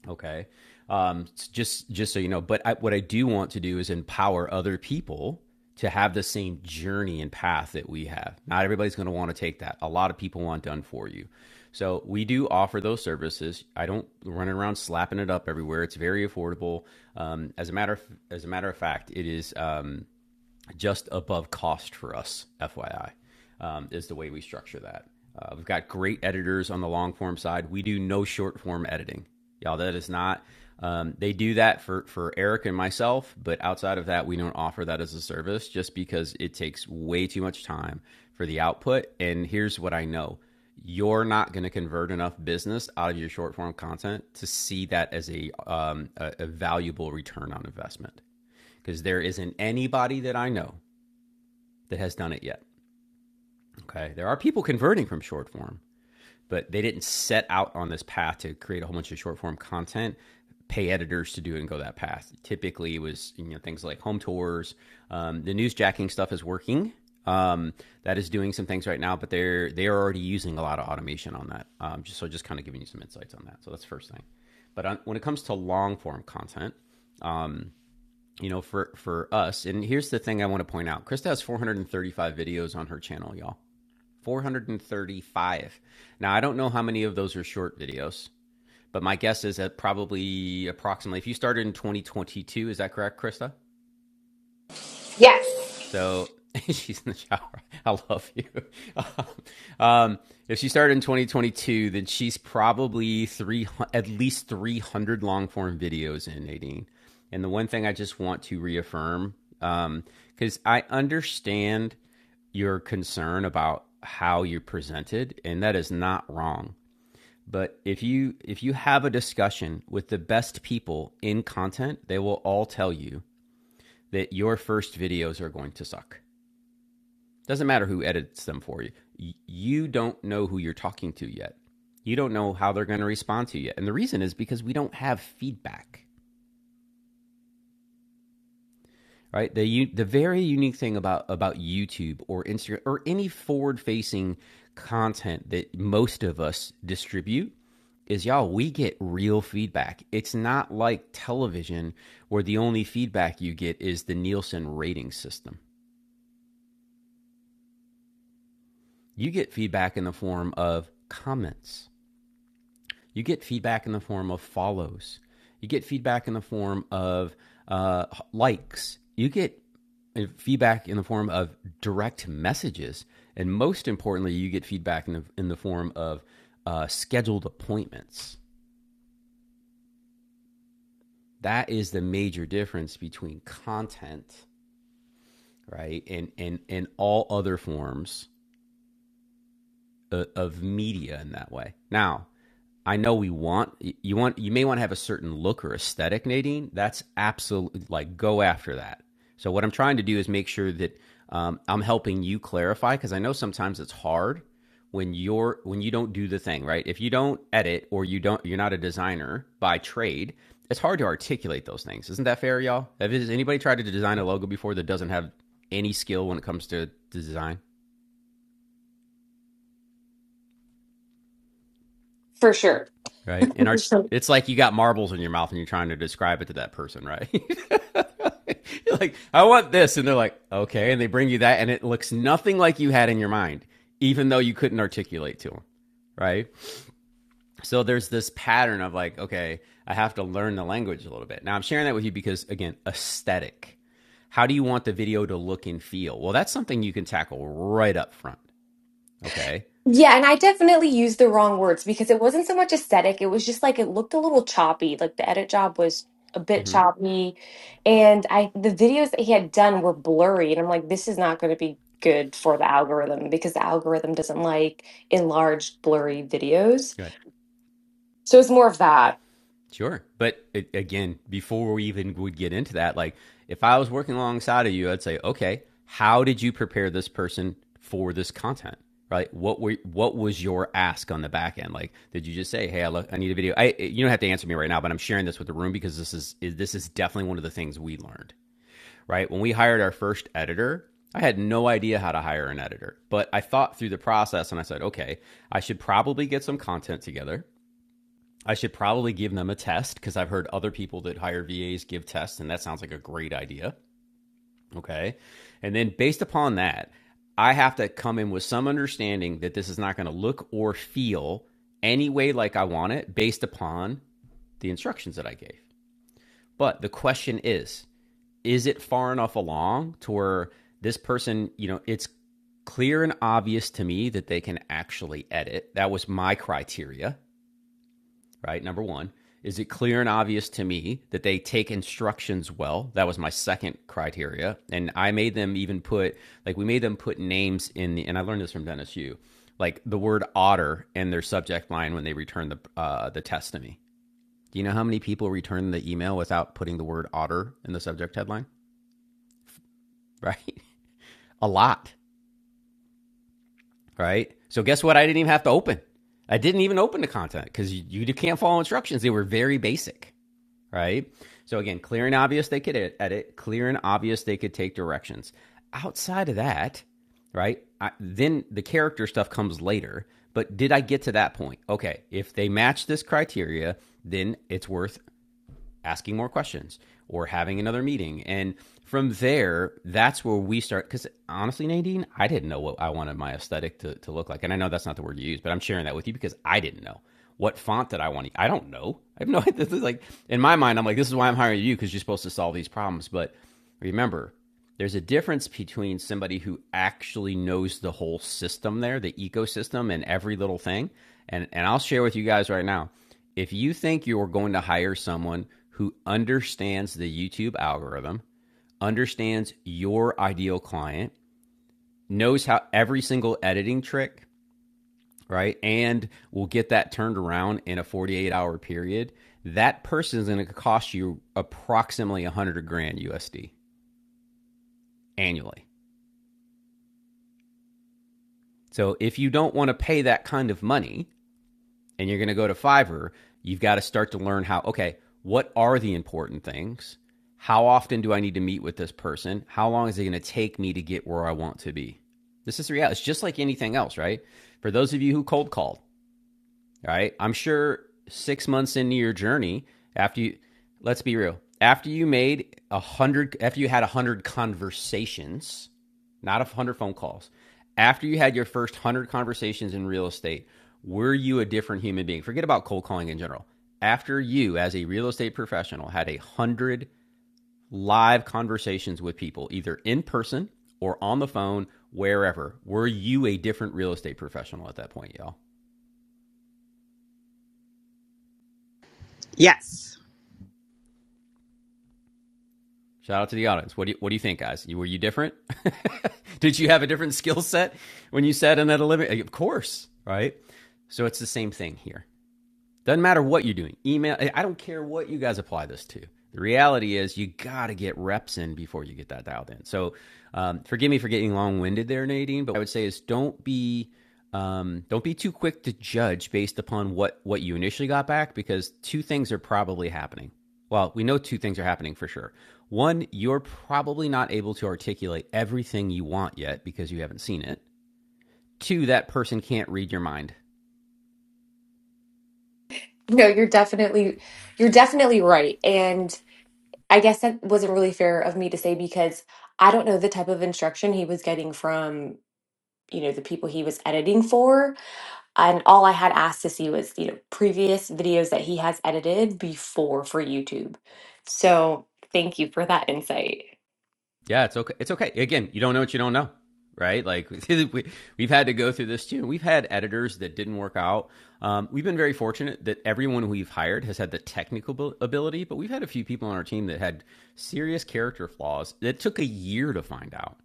Okay. Um, just just so you know, but I, what I do want to do is empower other people to have the same journey and path that we have. Not everybody's going to want to take that. A lot of people want done for you. So we do offer those services. I don't run around slapping it up everywhere. It's very affordable. Um, as a matter of, as a matter of fact, it is. Um, just above cost for us, FYI, um, is the way we structure that. Uh, we've got great editors on the long form side. We do no short form editing. Y'all, that is not, um, they do that for, for Eric and myself, but outside of that, we don't offer that as a service just because it takes way too much time for the output. And here's what I know you're not going to convert enough business out of your short form content to see that as a, um, a, a valuable return on investment because there isn't anybody that I know that has done it yet. Okay. There are people converting from short form, but they didn't set out on this path to create a whole bunch of short form content, pay editors to do it and go that path. Typically, it was you know things like home tours. Um, the newsjacking stuff is working. Um, that is doing some things right now, but they're they're already using a lot of automation on that. Um, just so just kind of giving you some insights on that. So that's the first thing. But on, when it comes to long form content, um, you know, for for us, and here's the thing I want to point out: Krista has 435 videos on her channel, y'all. 435. Now, I don't know how many of those are short videos, but my guess is that probably approximately, if you started in 2022, is that correct, Krista? So (laughs) she's in the shower. I love you. (laughs) um, if she started in 2022, then she's probably three at least 300 long form videos in Nadine. And the one thing I just want to reaffirm, um, because I understand your concern about how you presented, and that is not wrong. But if you if you have a discussion with the best people in content, they will all tell you that your first videos are going to suck doesn't matter who edits them for you. You don't know who you're talking to yet. You don't know how they're going to respond to you yet. And the reason is because we don't have feedback, right? The the very unique thing about about YouTube or Instagram or any forward facing content that most of us distribute is y'all we get real feedback it's not like television where the only feedback you get is the nielsen rating system you get feedback in the form of comments You get feedback in the form of follows. You get feedback in the form of uh, likes. You get uh, feedback in the form of direct messages, and most importantly, you get feedback in the in the form of uh, scheduled appointments. That is the major difference between content, right, and and and all other forms uh, of, media in that way. Now, I know we want you want you may want to have a certain look or aesthetic, Nadine. That's absolutely like go after that. So what I'm trying to do is make sure that um, I'm helping you clarify because I know sometimes it's hard when you're when you don't do the thing right. If you don't edit or you don't you're not a designer by trade, it's hard to articulate those things. Isn't that fair, y'all? has anybody tried to design a logo before that doesn't have any skill when it comes to design? For sure. right? And our (laughs) it's like you got marbles in your mouth and you're trying to describe it to that person, right? (laughs) you're like, I want this, and they're like, okay, and they bring you that, and it looks nothing like you had in your mind, even though you couldn't articulate to them, right? So there's this pattern of like, okay, I have to learn the language a little bit. Now I'm sharing that with you because again, aesthetic. How do you want the video to look and feel? Well, that's something you can tackle right up front. Okay. Yeah, and I definitely used the wrong words because it wasn't so much aesthetic. It was just like it looked a little choppy. Like the edit job was a bit Mm-hmm. choppy. And I the videos that he had done were blurry. And I'm like, this is not going to be good for the algorithm because the algorithm doesn't like enlarged, blurry videos. Go ahead. So it's more of that. Sure. But it, again, before we even would get into that, like if I was working alongside of you, I'd say, okay, how did you prepare this person for this content? Right? What were what was your ask on the back end? Like, did you just say, "Hey, I, lo- I need a video"? I you don't have to answer me right now, but I'm sharing this with the room because this is, is this is definitely one of the things we learned. Right? When we hired our first editor, I had no idea how to hire an editor, but I thought through the process and I said, okay, I should probably get some content together. I should probably give them a test because I've heard other people that hire VAs give tests, and that sounds like a great idea. Okay. And then based upon that, I have to come in with some understanding that this is not going to look or feel any way like I want it based upon the instructions that I gave. But the question is, is it far enough along to where this person, you know, it's clear and obvious to me that they can actually edit? That was my criteria right? Number one. Is it clear and obvious to me that they take instructions well? That was my second criteria. And I made them even put, like, we made them put names in the, and I learned this from Dennis Yu, like the word otter in their subject line when they return the, uh, the test to me. Do you know how many people return the email without putting the word otter in the subject headline? Right? (laughs) A lot, right? So guess what? I didn't even have to open. I didn't even open the content because you, you can't follow instructions. They were very basic. right? So again, clear and obvious they could ed- edit, clear and obvious they could take directions. Outside of that, right? I, then the character stuff comes later. But did I get to that point? Okay, if they match this criteria, then it's worth asking more questions or having another meeting. And from there, that's where we start. Because honestly, Nadine, I didn't know what I wanted my aesthetic to, to look like. And I know that's not the word you use, but I'm sharing that with you because I didn't know. What font did I want to? use? I don't know. I have no (laughs) idea. This is like, in my mind, I'm like, this is why I'm hiring you because you're supposed to solve these problems. But remember, there's a difference between somebody who actually knows the whole system there, the ecosystem and every little thing. And, and I'll share with you guys right now if you think you're going to hire someone who understands the YouTube algorithm, understands your ideal client, knows how every single editing trick, right? And will get that turned around in a 48 hour period, that person is going to cost you approximately 100 grand USD annually. So if you don't want to pay that kind of money, and you're going to go to Fiverr, you've got to start to learn how, okay, what are the important things? How often do I need to meet with this person? How long is it going to take me to get where I want to be? This is the reality. It's just like anything else, right? For those of you who cold called, right? I'm sure six months into your journey, after you, let's be real, after you made a hundred, after you had a hundred conversations, not a hundred phone calls, after you had your first hundred conversations in real estate, were you a different human being? Forget about cold calling in general. After you, as a real estate professional, had a hundred live conversations with people, either in person or on the phone, wherever, were you a different real estate professional at that point, y'all? Yes. Shout out to the audience. What do you, what do you think, guys? You, were you different? (laughs) Did you have a different skill set when you sat in that living? Of course, right? So it's the same thing here. Doesn't matter what you're doing. Email, I don't care what you guys apply this to. The reality is, you got to get reps in before you get that dialed in. So, um, forgive me for getting long winded there, Nadine. But what I would say is, don't be um, don't be too quick to judge based upon what what you initially got back, because two things are probably happening. Well, we know two things are happening for sure. One, you're probably not able to articulate everything you want yet because you haven't seen it. Two, that person can't read your mind. No, you're definitely you're definitely right. And I guess that wasn't really fair of me to say because I don't know the type of instruction he was getting from, you know, the people he was editing for And all I had asked to see was, you know, previous videos that he has edited before for YouTube. So thank you for that insight. Yeah, it's okay. It's okay. Again, you don't know what you don't know, right? Like (laughs) we, we've had to go through this too. We've had editors that didn't work out. Um, we've been very fortunate that everyone we've hired has had the technical ability, but we've had a few people on our team that had serious character flaws that took a year to find out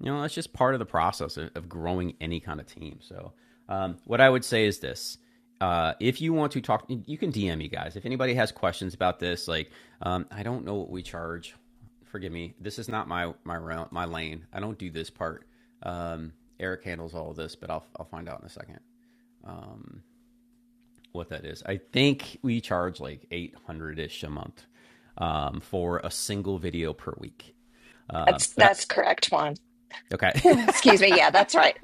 you know that's just part of the process of, growing any kind of team so um, what i would say is this uh, if you want to talk you can dm me guys if anybody has questions about this like um, i don't know what we charge forgive me this is not my my realm, my lane i don't do this part um, eric handles all of this but I'll, I'll find out in a second what that is i think we charge like 800ish a month um, for a single video per week uh, That's but I, that's correct, Juan. okay (laughs) Excuse me. Yeah, that's right.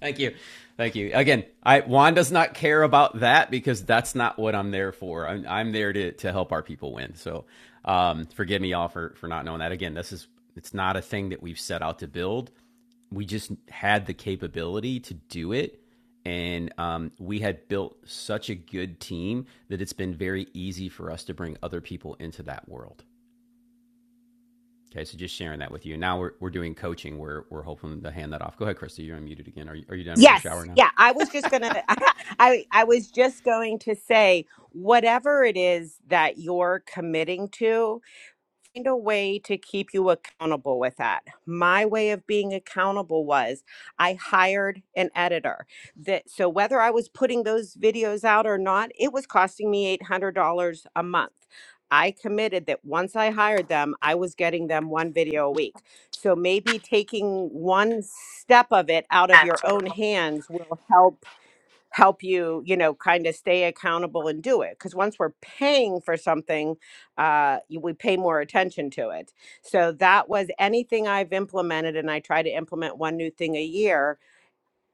Thank you. Thank you. Again, I Juan does not care about that because that's not what I'm there for. I'm, I'm there to, to help our people win. So um, forgive me all for, for not knowing that. Again, this is it's not a thing that we've set out to build. We just had the capability to do it. And um, we had built such a good team that it's been very easy for us to bring other people into that world. Okay, so just sharing that with you. Now we're, we're doing coaching. We're, we're hoping to hand that off. Go ahead, Krista. You're unmuted again. Are you, are you done with your shower Yes. now? Yeah, I was just going to (laughs) I I was just going to say whatever it is that you're committing to, find a way to keep you accountable with that. My way of being accountable was I hired an editor. That so whether I was putting those videos out or not, it was costing me $800 a month. I committed that once I hired them, I was getting them one video a week. So maybe taking one step of it out of your own hands will help help you you know kind of stay accountable and do it because once we're paying for something uh you- we pay more attention to it so that was anything i've implemented and i try to implement one new thing a year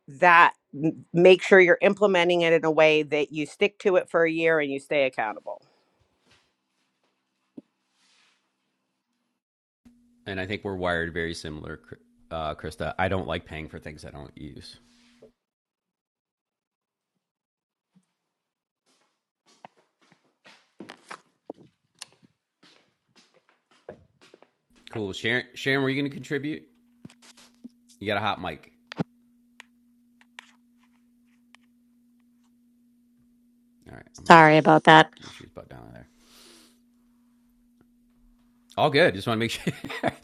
that m- make sure you're implementing it in a way that you stick to it for a year and you stay accountable and I think we're wired very similar, uh, Krista. I don't like paying for things I don't use. Cool, Sharon. Sharon, were you going to contribute? You got a hot mic. All right, I'm going to Sorry about that. shoot his butt down there. All good. Just want to make sure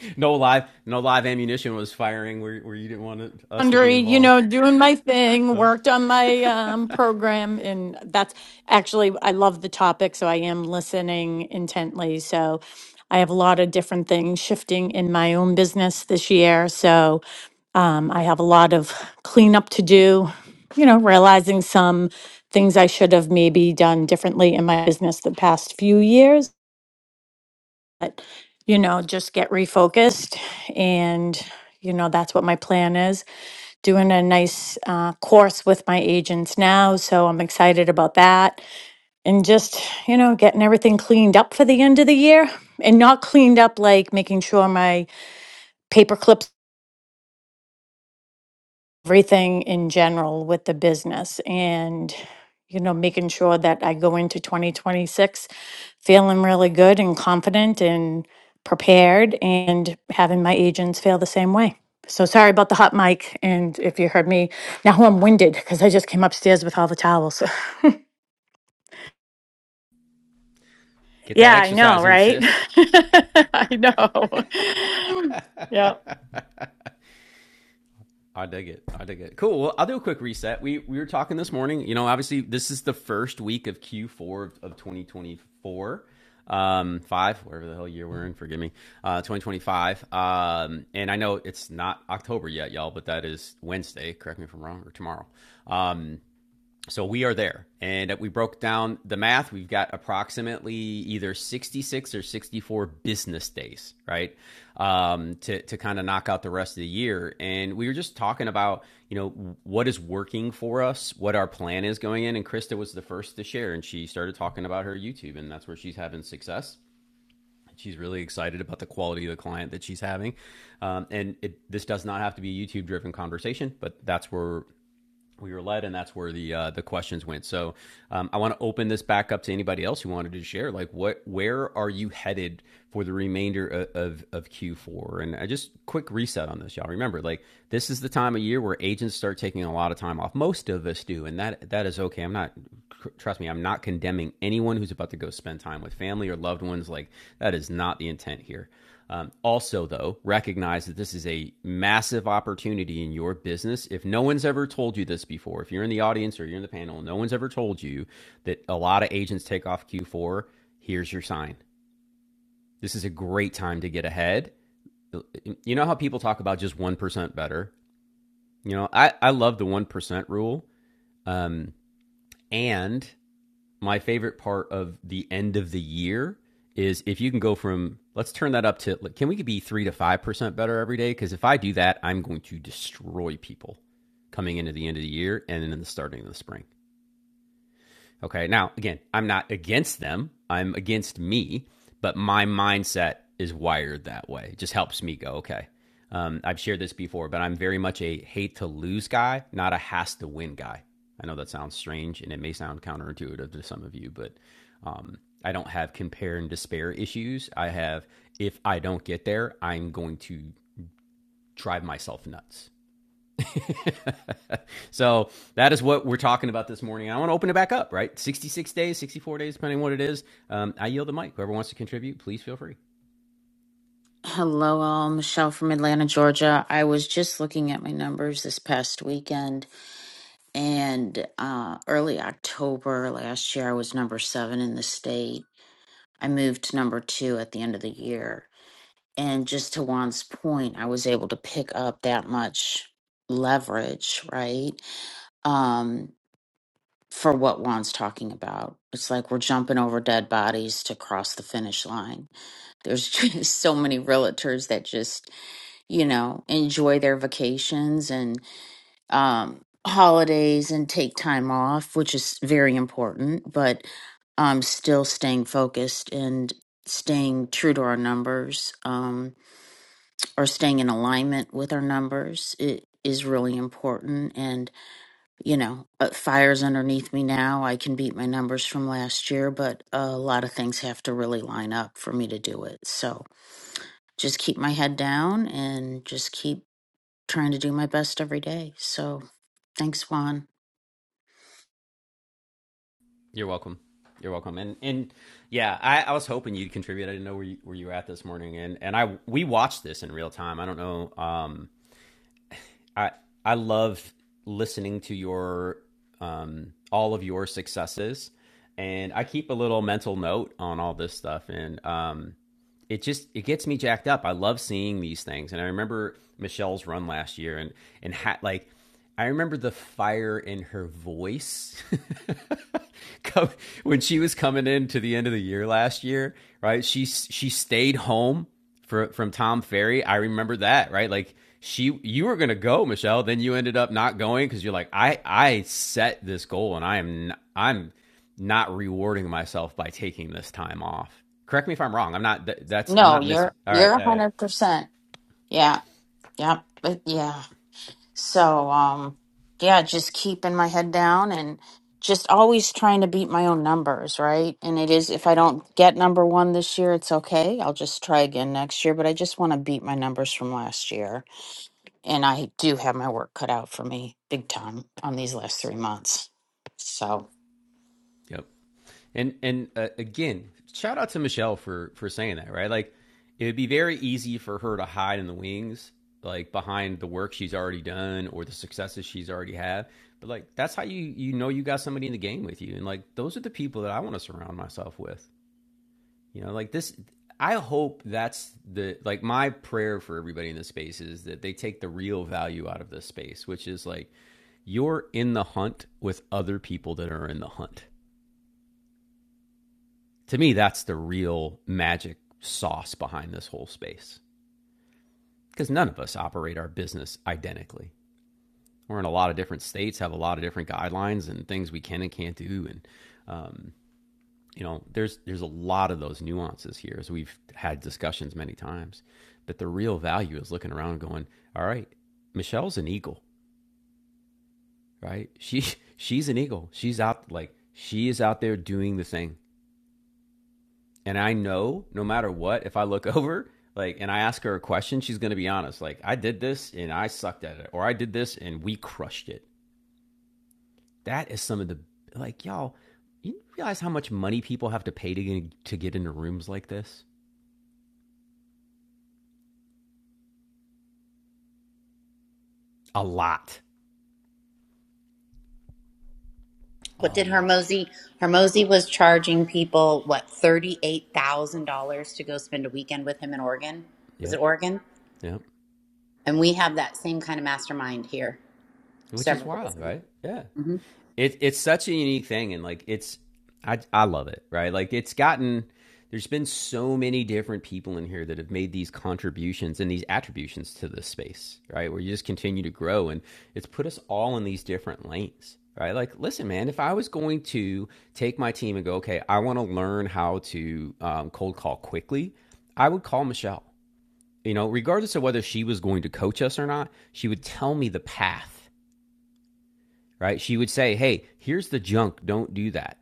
(laughs) no live, no live ammunition was firing where where you didn't want it, us to be Laundry, you involved. know, doing my thing, So. worked on my um, program, and that's actually, I love the topic, so I am listening intently. So I have a lot of different things shifting in my own business this year. So um, I have a lot of cleanup to do, you know, realizing some things I should have maybe done differently in my business the past few years. But, you know, just get refocused. And, you know, that's what my plan is. doing a nice uh, course with my agents now. So I'm excited about that. And just, you know, getting everything cleaned up for the end of the year and not cleaned up like making sure my paper clips. everything in general with the business and you know making sure that i go into 2026 feeling really good and confident and prepared and having my agents feel the same way so sorry about the hot mic and if you heard me now i'm winded because i just came upstairs with all the towels (laughs) Get that yeah i exercise know in, right sis. (laughs) i know (laughs) yeah I dig it. I dig it. Cool. Well, I'll do a quick reset. We we were talking this morning. You know, obviously this is the first week of Q4 of, of 2024, um, five, whatever the hell year we're in. Forgive me, uh, 2025. Um, and I know it's not October yet, y'all, but that is Wednesday. Correct me if I'm wrong, or tomorrow. Um, so we are there. And we broke down the math. We've got approximately either 66 or 64 business days, right? Um, to to kind of knock out the rest of the year. And we were just talking about, you know, what is working for us, what our plan is going in. And Krista was the first to share. And she started talking about her YouTube, and that's where she's having success. She's really excited about the quality of the client that she's having. Um, and it, this does not have to be a YouTube driven conversation, but that's where we were led, and that's where the uh, the questions went. So um, I want to open this back up to anybody else who wanted to share. Like, what, where are you headed for the remainder of of, of Q4? And I just quick reset on this, y'all. Remember, like this is the time of year where agents start taking a lot of time off. Most of us do, and that that is okay. I'm not trust me. I'm not condemning anyone who's about to go spend time with family or loved ones. Like that is not the intent here. Um, also, though, recognize that this is a massive opportunity in your business. If no one's ever told you this before, if you're in the audience or you're in the panel, no one's ever told you that a lot of agents take off Q4, here's your sign. This is a great time to get ahead. You know how people talk about just 1% better? You know, I, I love the 1% rule. Um, and my favorite part of the end of the year is if you can go from let's turn that up to like, can we be three to five percent better every day? Because if I do that, I'm going to destroy people coming into the end of the year and then in the starting of the spring. Okay. Now, again, I'm not against them. I'm against me, but my mindset is wired that way. It just helps me go, okay. Um, I've shared this before, but I'm very much a hate to lose guy, not a has to win guy. I know that sounds strange and it may sound counterintuitive to some of you, but um, I don't have compare and despair issues. I have, if I don't get there, I'm going to drive myself nuts. (laughs) so that is what we're talking about this morning. I want to open it back up, right? 66 days, 64 days, depending on what it is. Um, I yield the mic. Whoever wants to contribute, please feel free. Hello, all. Michelle from Atlanta, Georgia. I was just looking at my numbers this past weekend, and uh, early October last year, I was number seven in the state. I moved to number two at the end of the year. And just to Juan's point, I was able to pick up that much leverage, right? Um, for what Juan's talking about. It's like we're jumping over dead bodies to cross the finish line. There's (laughs) just so many realtors that just you know, enjoy their vacations and um, holidays and take time off, which is very important, but um, still staying focused and staying true to our numbers um, or staying in alignment with our numbers. It, is really important and you know uh, fires underneath me now i can beat my numbers from last year but a lot of things have to really line up for me to do it so just keep my head down and just keep trying to do my best every day. So thanks, Juan. You're welcome. You're welcome. And and yeah, I, I was hoping you'd contribute. I didn't know where you, where you were at this morning. And and I we watched this in real time. I don't know. Um, I I love listening to your um, all of your successes, and I keep a little mental note on all this stuff. And um, it just it gets me jacked up. I love seeing these things, and I remember Michelle's run last year, and and ha- like I remember the fire in her voice (laughs) Come, when she was coming in to the end of the year last year. Right, she she stayed home for from Tom Ferry. I remember that. Right, like she you were gonna go, Michelle, then you ended up not going because you're like I I set this goal and I am I'm not rewarding myself by taking this time off. Correct me if I'm wrong. I'm not. th- That's I'm No, not missing. you're All right. you're a Yeah. Yeah. hundred percent. Yeah, yeah, but yeah. So um yeah, just keeping my head down and just always trying to beat my own numbers, right? And it is if I don't get number one this year, it's okay. I'll just try again next year, but I just want to beat my numbers from last year. And I do have my work cut out for me big time on these last three months. So Yep. And and uh, again, shout out to Michelle for for saying that. Right. Like it would be very easy for her to hide in the wings, like behind the work she's already done or the successes she's already had. But like that's how you you know you got somebody in the game with you, and like those are the people that I want to surround myself with. You know, like this I hope that's the like my prayer for everybody in this space is that they take the real value out of this space, which is like you're in the hunt with other people that are in the hunt. To me, that's the real magic sauce behind this whole space. Because none of us operate our business identically. We're in a lot of different states, have a lot of different guidelines and things we can and can't do, and um, you know, there's there's a lot of those nuances here, as we've had discussions many times. But the real value is looking around, and going, all right, Michelle's an eagle, right? She (laughs) she's an eagle. She's out like she is out there doing the thing. And I know no matter what, if I look (laughs) over like and I ask her a question, she's going to be honest. Like I did this and I sucked at it, or I did this and we crushed it. That is some of the like y'all. You realize how much money people have to pay to get, to get into rooms like this? A lot. What a did lot. Hermosi Hermosi was charging people what $38,000 to go spend a weekend with him in Oregon? Was Yep. it Oregon? Yep. And we have that same kind of mastermind here Which is several days wild, a week. right? Yeah. hmm It, it's such a unique thing. And like, it's, I, I love it, right? Like, it's gotten, there's been so many different people in here that have made these contributions and these attributions to this space, right? Where you just continue to grow. And it's put us all in these different lanes, right? Like, listen, man, if I was going to take my team and go, okay, I want to learn how to um, cold call quickly, I would call Michelle you know, regardless of whether she was going to coach us or not, she would tell me the path, right? She would say, "Hey, here's the junk. Don't do that."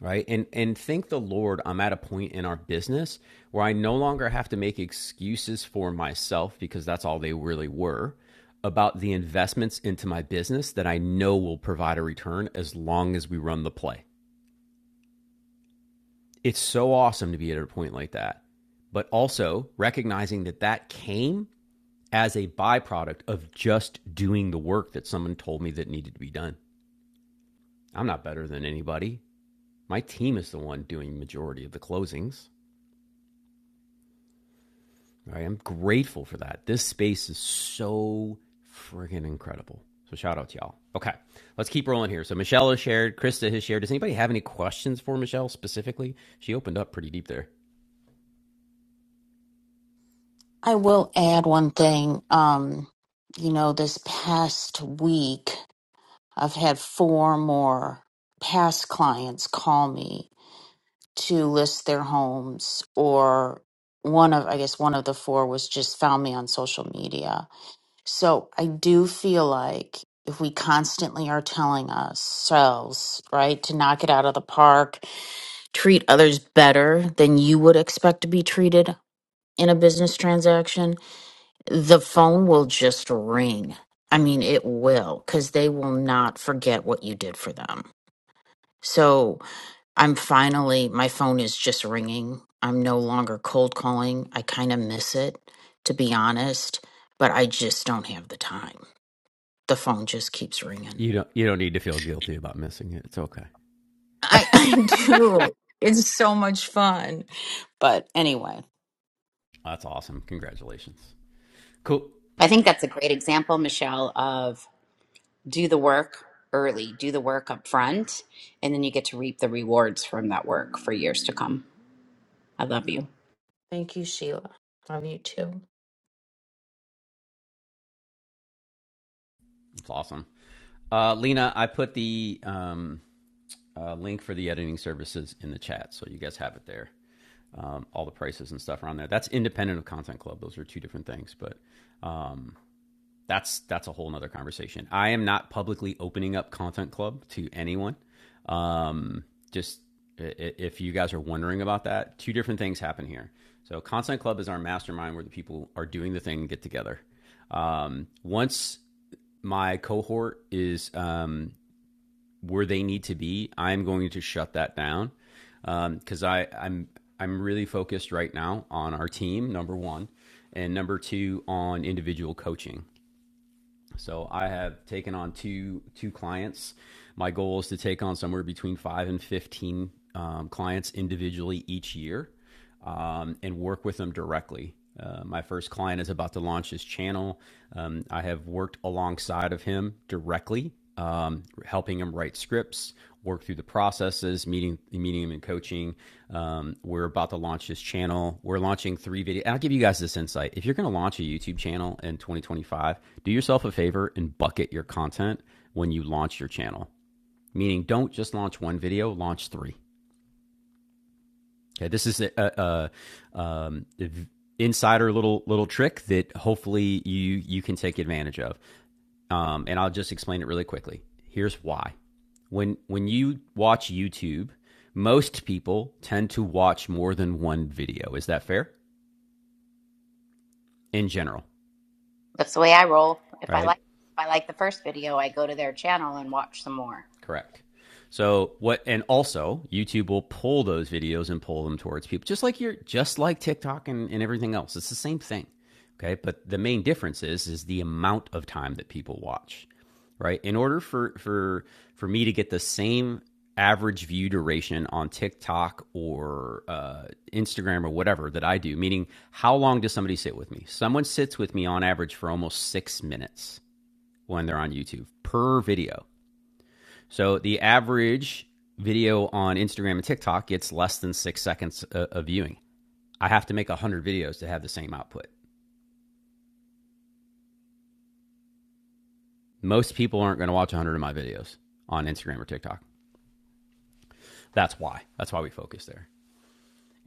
Right? And and thank the Lord, I'm at a point in our business where I no longer have to make excuses for myself because that's all they really were about the investments into my business that I know will provide a return as long as we run the play. It's so awesome to be at a point like that. But also recognizing that that came as a byproduct of just doing the work that someone told me that needed to be done. I'm not better than anybody. My team is the one doing majority of the closings. Right? I'm grateful for that. This space is so friggin' incredible. So shout out to y'all. Okay, let's keep rolling here. So Michelle has shared, Krista has shared. Does anybody have any questions for Michelle specifically? She opened up pretty deep there. I will add one thing. Um, you know, this past week, I've had four more past clients call me to list their homes, or one of, I guess, one of the four was just found me on social media. So I do feel like if we constantly are telling ourselves, right, to knock it out of the park, treat others better than you would expect to be treated in a business transaction, the phone will just ring. I mean, it will, because they will not forget what you did for them. So I'm finally, my phone is just ringing. I'm no longer cold calling. I kind of miss it, to be honest, but I just don't have the time. The phone just keeps ringing. You don't you don't need to feel guilty about missing it. It's okay. I, (laughs) I do. It's so much fun. But anyway, That's awesome. Congratulations. Cool. I think that's a great example, Michelle, of. do the work early, do the work up front, and then you get to reap the rewards from that work for years to come. I love you. thank you, Sheila. Love you too. It's awesome. Uh, Lena, I put the um, uh, link for the editing services in the chat, so you guys have it there. Um, all the prices and stuff are on there. That's independent of Content Club. Those are two different things, but that's that's a whole nother conversation. I am not publicly opening up Content Club to anyone. Um, just if you guys are wondering about that, two different things happen here. So Content Club is our mastermind where the people are doing the thing and get together. Um, once my cohort is um, where they need to be, I'm going to shut that down because I I'm I'm really focused right now on our team number one, and number two on individual coaching. So I have taken on two two clients. My goal is to take on somewhere between five and fifteen um, clients individually each year, um, and work with them directly. Uh, my first client is about to launch his channel. Um, I have worked alongside of him directly um, helping them write scripts, work through the processes, meeting meeting them in coaching. Um, we're about to launch this channel. We're launching three videos. I'll give you guys this insight. If you're going to launch a YouTube channel in 2025, do yourself a favor and bucket your content when you launch your channel. Meaning, don't just launch one video, launch three. Okay, this is a, a, a um, insider little little trick that hopefully you you can take advantage of um, and I'll just explain it really quickly. Here's why. When when you watch YouTube, most people tend to watch more than one video. Is that fair? In general, That's the way I roll. If I right? like if I like the first video, I go to their channel and watch some more. Correct. So what and also YouTube will pull those videos and pull them towards people. Just like you're, just like TikTok and, and everything else. It's the same thing. Okay. But the main difference is is the amount of time that people watch. Right? In order for for for me to get the same average view duration on TikTok or uh, Instagram or whatever that I do, meaning how long does somebody sit with me? Someone sits with me on average for almost six minutes when they're on YouTube per video. So the average video on Instagram and TikTok gets less than six seconds uh, of viewing. I have to make 100 videos to have the same output. Most people aren't going to watch 100 of my videos on Instagram or TikTok. That's why. That's why we focus there.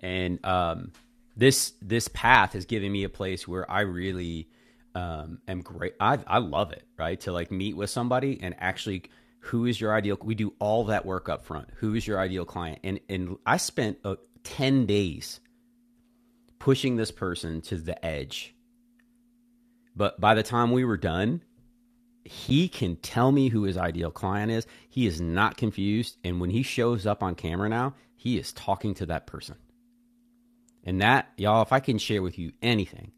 And um, this this path has given me a place where I really um, am great. I I love it, right? To like meet with somebody and actually, who is your ideal? We do all that work up front. Who is your ideal client? And and I spent uh, ten days pushing this person to the edge. But by the time we were done, he can tell me who his ideal client is. He is not confused. And when he shows up on camera now, he is talking to that person. And that, y'all, if I can share with you anything,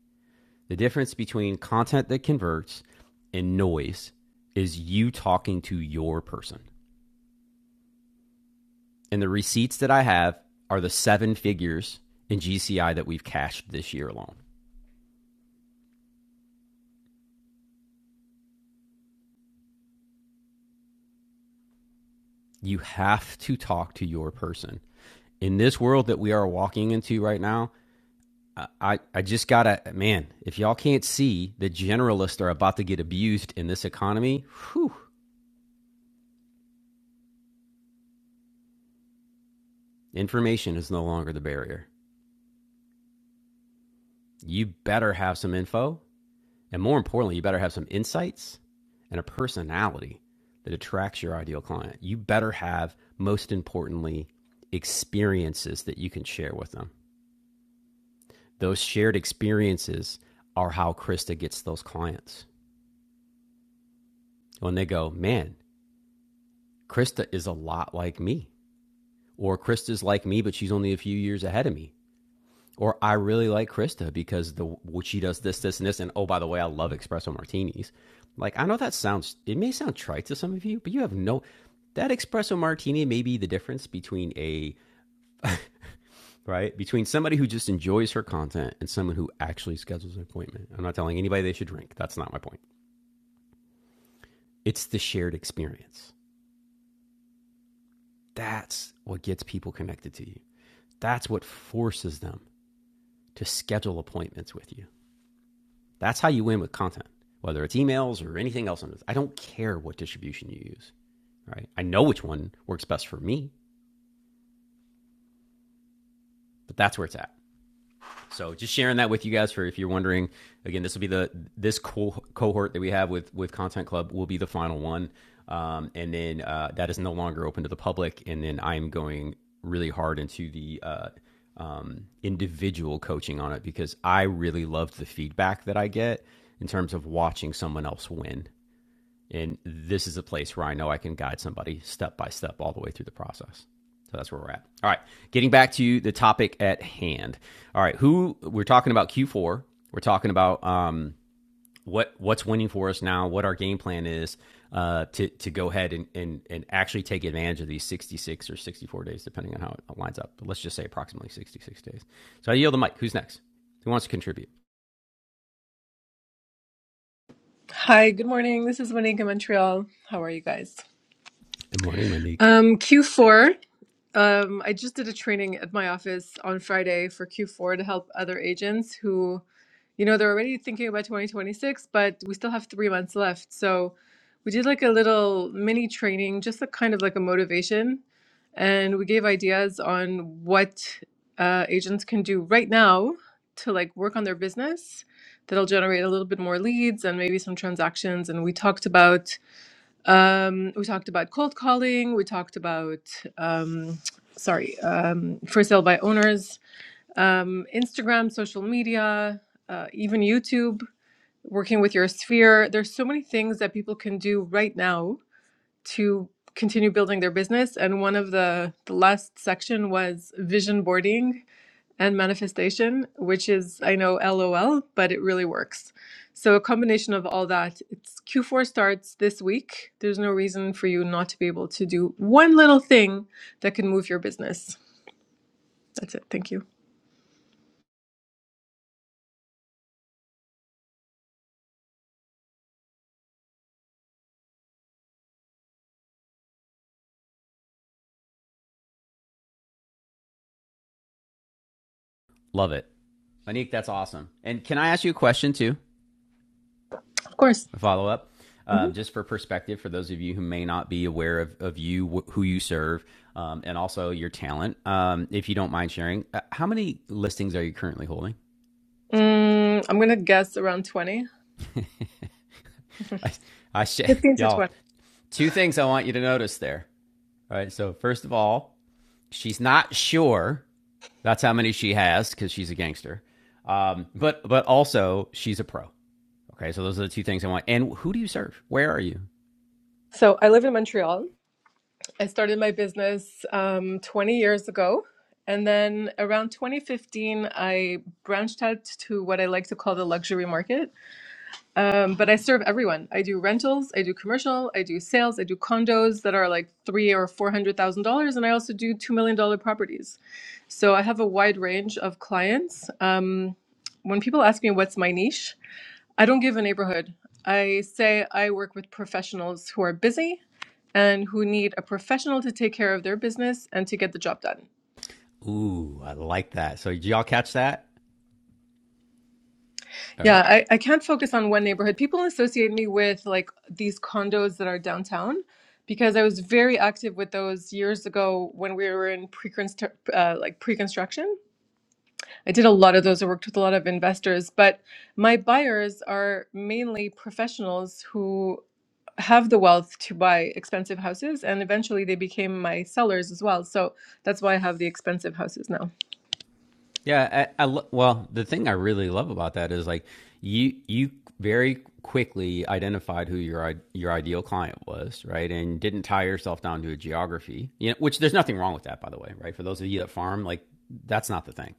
the difference between content that converts and noise is you talking to your person. And the receipts that I have are the seven figures in GCI that we've cashed this year alone. You have to talk to your person in this world that we are walking into right now, I- I, just gotta, man, if y'all can't see the generalists are about to get abused in this economy, whew, information is no longer the barrier. You better have some info. And more importantly, you better have some insights and a personality that attracts your ideal client. You better have, most importantly, experiences that you can share with them. Those shared experiences are how Krista gets those clients. When they go, man, Krista is a lot like me, or Krista's like me, but she's only a few years ahead of me. Or I really like Krista because the what she does this, this, and this. And oh, by the way, I love espresso martinis. Like I know that sounds it may sound trite to some of you, but you have no that espresso martini may be the difference between a right between somebody who just enjoys her content and someone who actually schedules an appointment. I'm not telling anybody they should drink. That's not my point. It's the shared experience. That's what gets people connected to you. That's what forces them to schedule appointments with you. That's how you win with content, whether it's emails or anything else. I don't care what distribution you use, right? I know which one works best for me, but that's where it's at. So just sharing that with you guys for if you're wondering. Again, this will be the this co- cohort that we have with with Content Club will be the final one, um, and then uh, that is no longer open to the public. And then I'm going really hard into the uh, um, individual coaching on it because I really loved the feedback that I get in terms of watching someone else win. And this is a place where I know I can guide somebody step by step all the way through the process. So that's where we're at. All right. Getting back to the topic at hand. All right. Who we're talking about Q4. We're talking about um, what what's winning for us now, what our game plan is uh, to to go ahead and, and and actually take advantage of these 66 or 64 days, depending on how it lines up. But let's just say approximately 66 days. So I yield the mic. Who's next? Who wants to contribute? Hi, good morning. This is Monique in Montreal. How are you guys? Good morning, Monique. Um, Q4. Um, I just did a training at my office on Friday for Q4 to help other agents who, you know, they're already thinking about 2026, but we still have three months left. So we did like a little mini training, just a kind of like a motivation. And we gave ideas on what uh, agents can do right now to like work on their business that'll generate a little bit more leads and maybe some transactions. And we talked about um, we talked about cold calling. We talked about, um, sorry, um, for sale by owners, um, Instagram, social media, uh, even YouTube, working with your sphere. There's so many things that people can do right now to continue building their business. And one of the, the last section was vision boarding and manifestation, which is, I know, LOL, but it really works. So, a combination of all that, it's Q4 starts this week. There's no reason for you not to be able to do one little thing that can move your business. That's it. Thank you. Love it. Monique, that's awesome. And can I ask you a question too? Of course. follow up. Mhm. Um, just for perspective, for those of you who may not be aware of, of you, wh- who you serve, um, and also your talent, um, if you don't mind sharing, uh, how many listings are you currently holding? Mm, I'm going to guess around 20, (laughs) 15 I, I sh- (laughs) to y'all, 20. two things I want you to notice there. All right. So, first of all, she's not sure that's how many she has because she's a gangster. Um, but but also she's a pro. Okay, so those are the two things I want. And who do you serve? Where are you? So, I live in Montreal. I started my business um, 20 years ago. And then around 2015, I branched out to what I like to call the luxury market. Um, but I serve everyone. I do rentals, I do commercial, I do sales, I do condos that are like three or four hundred thousand dollars, and I also do two million dollar properties. So I have a wide range of clients. Um, when people ask me what's my niche, I don't give a neighborhood. I say I work with professionals who are busy and who need a professional to take care of their business and to get the job done. Ooh, I like that. So did y'all catch that? All right. Yeah, I, I can't focus on one neighborhood. People associate me with like these condos that are downtown because I was very active with those years ago when we were in pre uh, like pre-construction. I did a lot of those. I worked with a lot of investors, but my buyers are mainly professionals who have the wealth to buy expensive houses, and eventually they became my sellers as well. So that's why I have the expensive houses now. Yeah, I, I lo- well, the thing I really love about that is like you you very quickly identified who your your ideal client was, right? And didn't tie yourself down to a geography. You know, which there's nothing wrong with that by the way, right? For those of you that farm, like that's not the thing.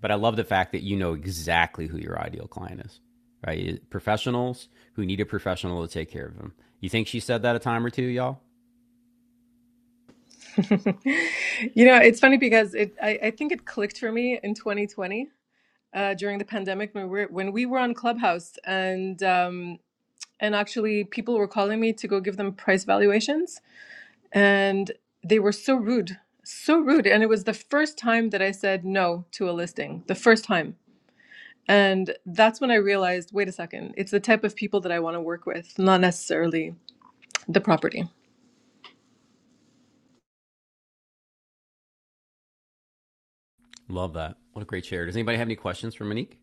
But I love the fact that you know exactly who your ideal client is, right? Professionals who need a professional to take care of them. You think she said that a time or two, y'all? (laughs) you know, it's funny because it I, I think it clicked for me in 2020 uh, during the pandemic when we were, when we were on Clubhouse, and um, and actually people were calling me to go give them price valuations, and they were so rude, so rude, and it was the first time that I said no to a listing, the first time, and that's when I realized, wait a second, it's the type of people that I want to work with, not necessarily the property. Love that. What a great share. Does anybody have any questions for Monique?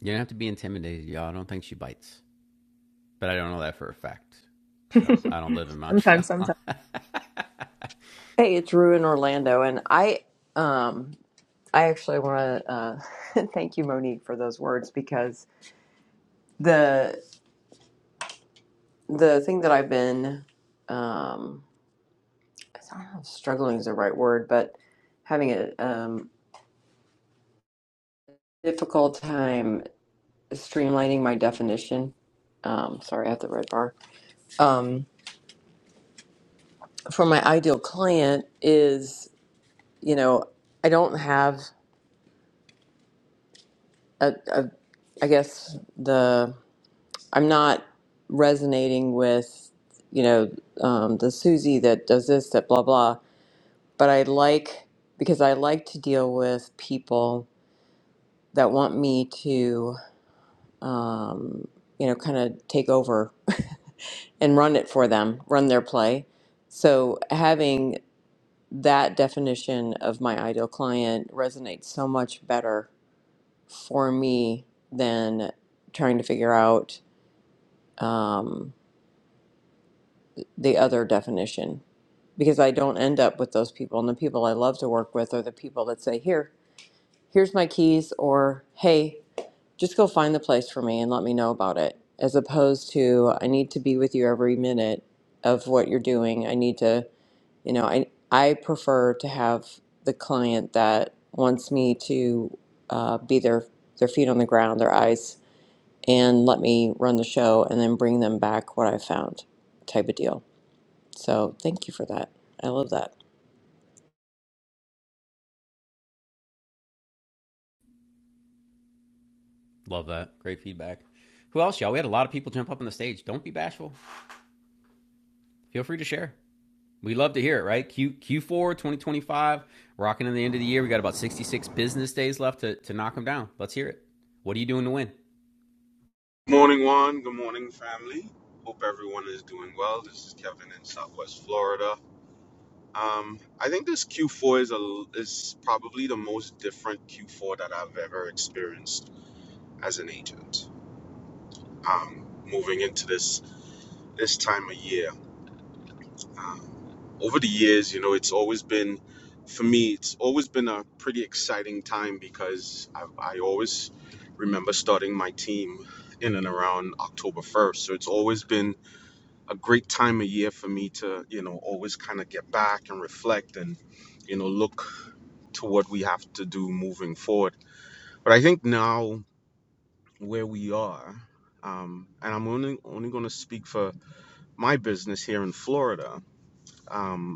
You don't have to be intimidated, y'all. I don't think she bites. but I don't know that for a fact. because I don't live in (laughs) Montreal. sometimes, sometimes. (laughs) Hey, it's Rue in Orlando, and I, um, I actually want to uh, (laughs) thank you, Monique, for those words because the the thing that I've been, um, I don't know, if struggling is the right word, but having a um, difficult time streamlining my definition. Um, sorry, I have the red bar. Um, for my ideal client is, you know, I don't have a, a I guess the I'm not resonating with, you know, um, the Susie that does this, that blah, blah. But I like, because I like to deal with people that want me to, um, you know, kind of take over (laughs) and run it for them, run their play. So having that definition of my ideal client resonates so much better for me than trying to figure out. um, the other definition because I don't end up with those people. And the people I love to work with are the people that say, Here, here's my keys, or Hey, just go find the place for me and let me know about it. As opposed to, I need to be with you every minute of what you're doing. I need to, you know, I, I prefer to have the client that wants me to uh, be their, their feet on the ground, their eyes, and let me run the show and then bring them back what I found type of deal. So thank you for that. I love that. Love that. Great feedback. Who else, y'all? We had a lot of people jump up on the stage. Don't be bashful. Feel free to share. We love to hear it, right? Q Q4 2025, rocking in the end of the year. We got about 66 business days left to, to knock them down. Let's hear it. What are you doing to win? Good morning, Juan. Good morning, family. Hope everyone is doing well. This is Kevin in Southwest Florida. Um, I think this Q4 is a is probably the most different Q4 that I've ever experienced as an agent. Um, moving into this this time of year, over the years, you know, it's always been, for me, it's always been a pretty exciting time because I, I always remember starting my team in and around October 1st. So it's always been a great time of year for me to, you know, always kind of get back and reflect and, you know, look to what we have to do moving forward. But I think now where we are, um, and I'm only only going to speak for my business here in Florida. Um,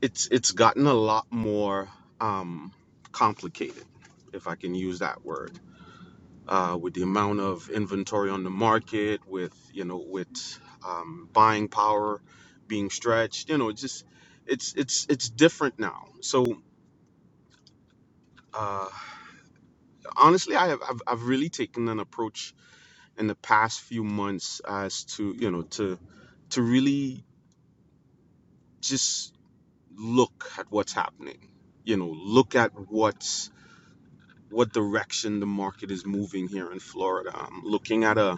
it's it's gotten a lot more um, complicated, if I can use that word, uh, with the amount of inventory on the market, with you know, with um, buying power being stretched, you know, it's just it's it's it's different now. So uh, honestly, I have I've, I've really taken an approach in the past few months as to you know to to really just look at what's happening, you know, look at what's what direction the market is moving here in Florida. I'm looking at a,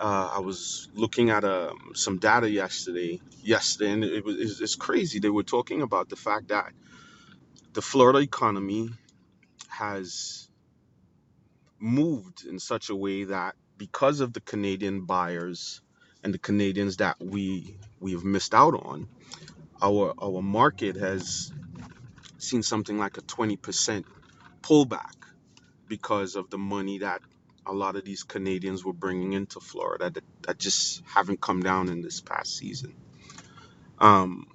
uh, I was looking at a, some data yesterday, yesterday, and it was it's, it's crazy. They were talking about the fact that the Florida economy has moved in such a way that because of the Canadian buyers and the Canadians that we we have missed out on, our our market has seen something like a 20% pullback because of the money that a lot of these Canadians were bringing into Florida that, that just haven't come down in this past season. Um,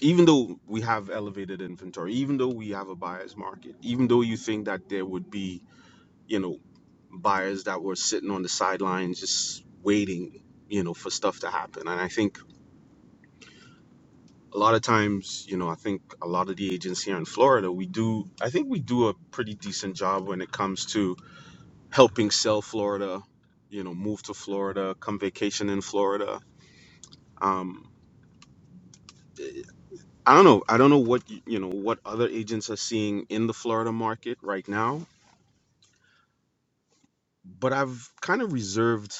even though we have elevated inventory, even though we have a buyer's market, even though you think that there would be, you know, buyers that were sitting on the sidelines just waiting, you know, for stuff to happen. And I think a lot of times, you know, I think a lot of the agents here in Florida, we do, I think we do a pretty decent job when it comes to helping sell Florida, you know, move to Florida, come vacation in Florida. Um, I don't know. I don't know what y- you know what other agents are seeing in the Florida market right now, but I've kind of reserved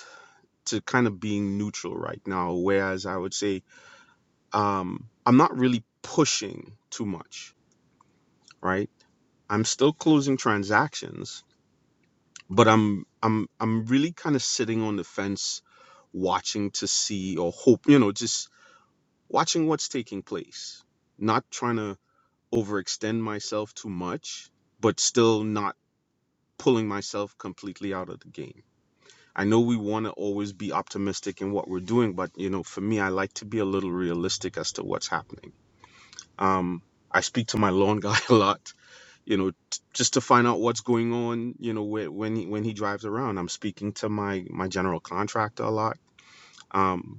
to kind of being neutral right now. Whereas I would say um, I'm not really pushing too much, right? I'm still closing transactions, but I'm I'm I'm really kind of sitting on the fence, watching to see or hope, you know, just watching what's taking place, not trying to overextend myself too much, but still not pulling myself completely out of the game. I know we want to always be optimistic in what we're doing, but you know, for me, I like to be a little realistic as to what's happening. Um, I speak to my lawn guy (laughs) a lot, you know, t- just to find out what's going on. You know, whe- when he, when he drives around, I'm speaking to my my general contractor a lot. Um,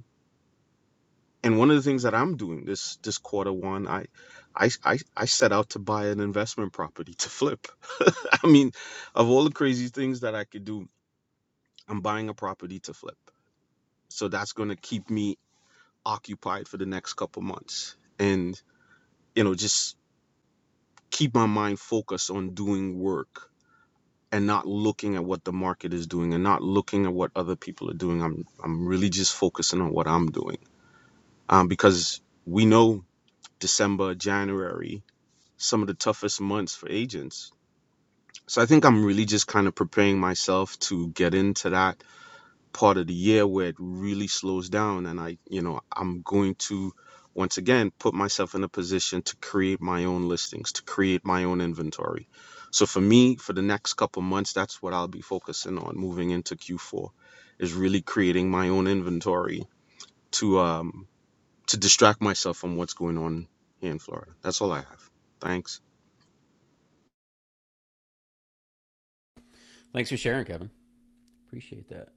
and one of the things that I'm doing this this quarter one, I I I, I set out to buy an investment property to flip. (laughs) I mean, of all the crazy things that I could do, I'm buying a property to flip. So that's going to keep me occupied for the next couple months, and you know, just keep my mind focused on doing work and not looking at what the market is doing and not looking at what other people are doing. I'm I'm really just focusing on what I'm doing, um, because we know December, January some of the toughest months for agents. So I think I'm really just kind of preparing myself to get into that part of the year where it really slows down and I, you know, I'm going to once again put myself in a position to create my own listings, to create my own inventory. So for me, for the next couple months, that's what I'll be focusing on moving into Q4 is really creating my own inventory to um to distract myself from what's going on here in Florida. That's all I have. Thanks. Thanks for sharing, Kevin. Appreciate that.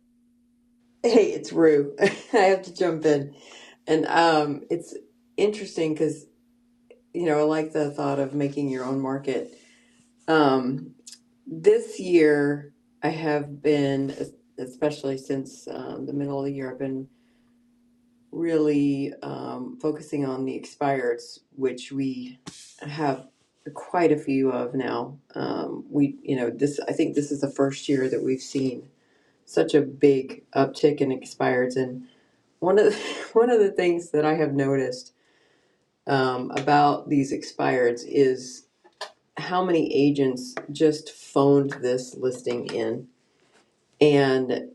Hey, it's Rue. (laughs) I have to jump in. And um it's interesting because, you know, I like the thought of making your own market. Um this year I have been especially since um, the middle of the year I've been really um focusing on the expireds, which we have quite a few of now. Um we, you know, this I think this is the first year that we've seen such a big uptick in expireds. And one of the, (laughs) one of the things that I have noticed um, about these expireds is how many agents just phoned this listing in, and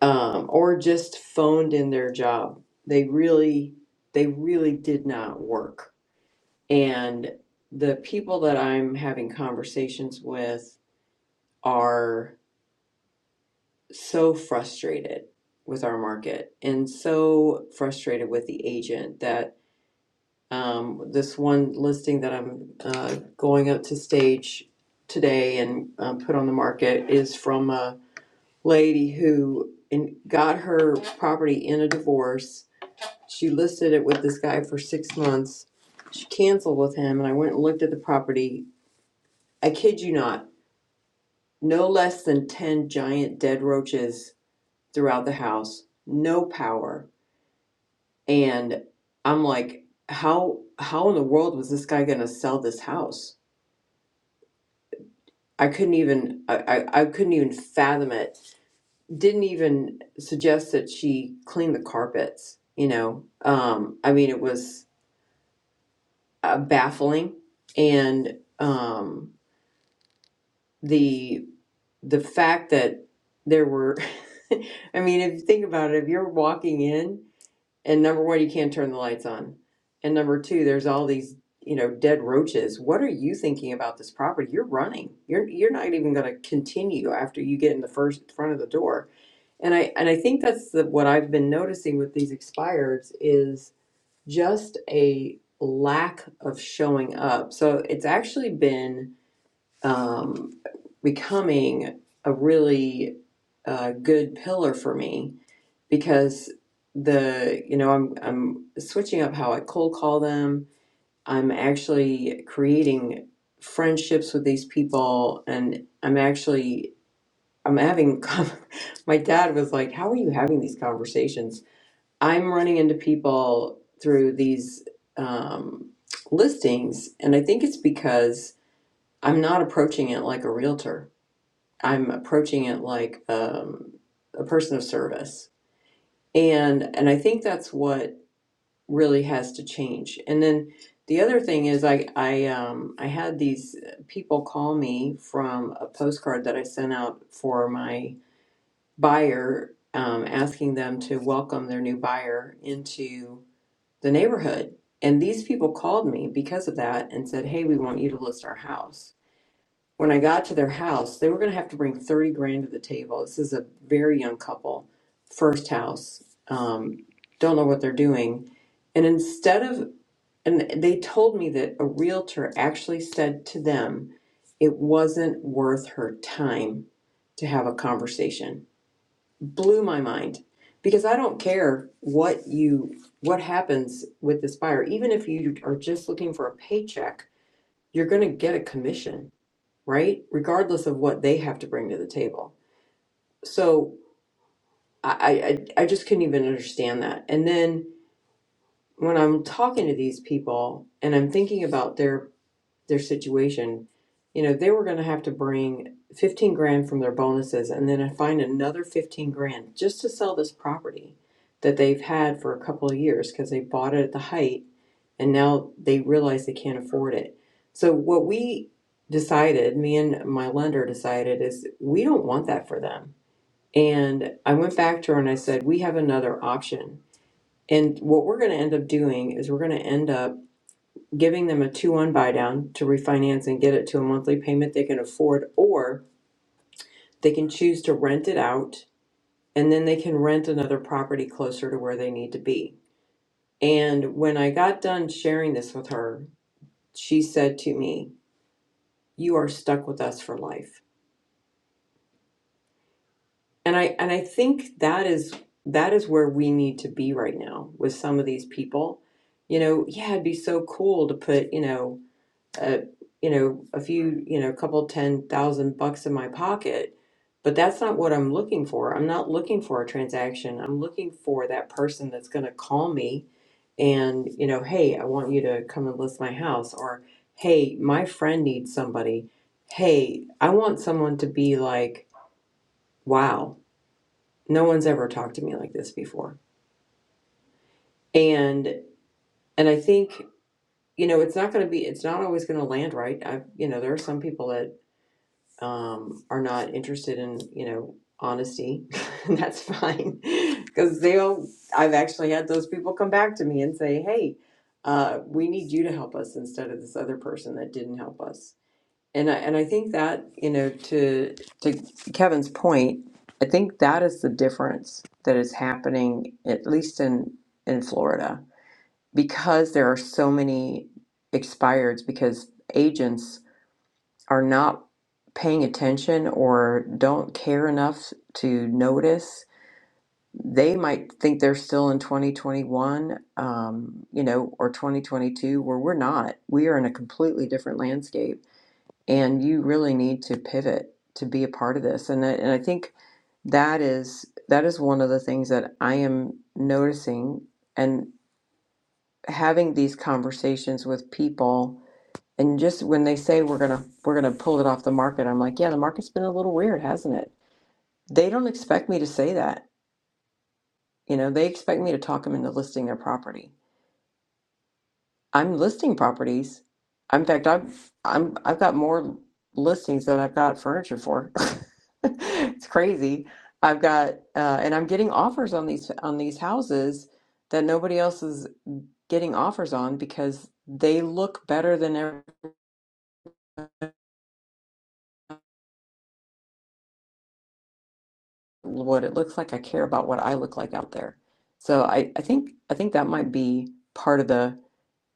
um, or just phoned in their job. They really they really did not work. And the people that I'm having conversations with are so frustrated with our market and so frustrated with the agent that um, this one listing that I'm uh, going up to stage today and uh, put on the market is from a lady who in, got her property in a divorce. She listed it with this guy for six months. She canceled with him, and I went and looked at the property. I kid you not, no less than 10 giant dead roaches throughout the house, no power and I'm like, how how in the world was this guy gonna sell this house? I couldn't even I, I, I couldn't even fathom it. Didn't even suggest that she clean the carpets, you know. Um, I mean it was uh, baffling and um the the fact that there were (laughs) I mean if you think about it, if you're walking in And number one, you can't turn the lights on. And number two, there's all these, you know, dead roaches. What are you thinking about this property? You're running. You're you're not even going to continue after you get in the first front of the door. And I and I think that's the, what I've been noticing with these expireds is just a lack of showing up. So it's actually been um, becoming a really uh, good pillar for me because the you know I'm I'm switching up how I cold call them. I'm actually creating friendships with these people, and I'm actually I'm having. (laughs) My dad was like, "How are you having these conversations?" I'm running into people through these um, listings, and I think it's because I'm not approaching it like a realtor. I'm approaching it like um, a person of service, and and I think that's what really has to change. And then the other thing is, I I um, I had these uh, people call me from a postcard that I sent out for my buyer, um, asking them to welcome their new buyer into the neighborhood. And these people called me because of that and said, "Hey, we want you to list our house." when I got to their house, they were going to have to bring 30 grand to the table. This is a very young couple, first house, um, don't know what they're doing. And instead of, and they told me that a realtor actually said to them, it wasn't worth her time to have a conversation. Blew my mind because I don't care what you, what happens with this buyer. Even if you are just looking for a paycheck, you're going to get a commission right? Regardless of what they have to bring to the table. So I, I, I just couldn't even understand that. And then when I'm talking to these people and I'm thinking about their their situation, you know, they were going to have to bring 15 grand from their bonuses and then find another 15 grand just to sell this property that they've had for a couple of years because they bought it at the height and now they realize they can't afford it. So what we decided, me and my lender decided is we don't want that for them. And I went back to her and I said, "We have another option." And what we're going to end up doing is we're going to end up giving them a 2-1 buy down to refinance and get it to a monthly payment they can afford, or they can choose to rent it out and then they can rent another property closer to where they need to be. And when I got done sharing this with her, she said to me, "You are stuck with us for life." And I and I think that is that is where we need to be right now with some of these people. You know, yeah, it'd be so cool to put, you know, uh, you know, a few, you know, a couple ten thousand bucks in my pocket. But that's not what I'm looking for. I'm not looking for a transaction. I'm looking for that person that's going to call me and, you know, hey, I want you to come and list my house. Or, hey, my friend needs somebody. Hey, I want someone to be like, wow, no one's ever talked to me like this before. And, and I think, you know, it's not going to be, it's not always going to land right. i you know, there are some people that um, are not interested in you know honesty (laughs) that's fine because (laughs) they'll i've actually had those people come back to me and say hey uh, we need you to help us instead of this other person that didn't help us and I, and I think that you know to to kevin's point i think that is the difference that is happening at least in in florida because there are so many expireds because agents are not paying attention or don't care enough to notice, they might think they're still in 2021, um, you know, or 2022, where we're not. We are in a completely different landscape, and you really need to pivot to be a part of this. And I, and I think that is that is one of the things that I am noticing and having these conversations with people and just when they say we're gonna we're gonna pull it off the market, I'm like, yeah, the market's been a little weird, hasn't it? They don't expect me to say that. You know, they expect me to talk them into listing their property. I'm listing properties. In fact, I've I'm I've got more listings than I've got furniture for. (laughs) it's crazy. I've got uh, and I'm getting offers on these on these houses that nobody else is getting offers on because they look better than everything what it looks like. I care about what I look like out there. So I, I think I think that might be part of the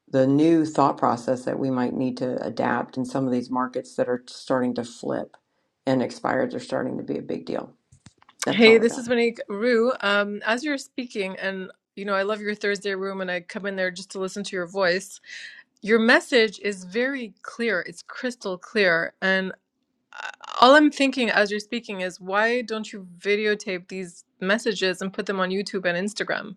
the new thought process that we might need to adapt in some of these markets that are starting to flip and expireds are starting to be a big deal. That's Hey, all I this got. is Monique Rue. Um, as you're speaking, and you know, I love your Thursday room, and I come in there just to listen to your voice. Your message is very clear, it's crystal clear. And uh, all I'm thinking as you're speaking is, why don't you videotape these messages and put them on YouTube and Instagram?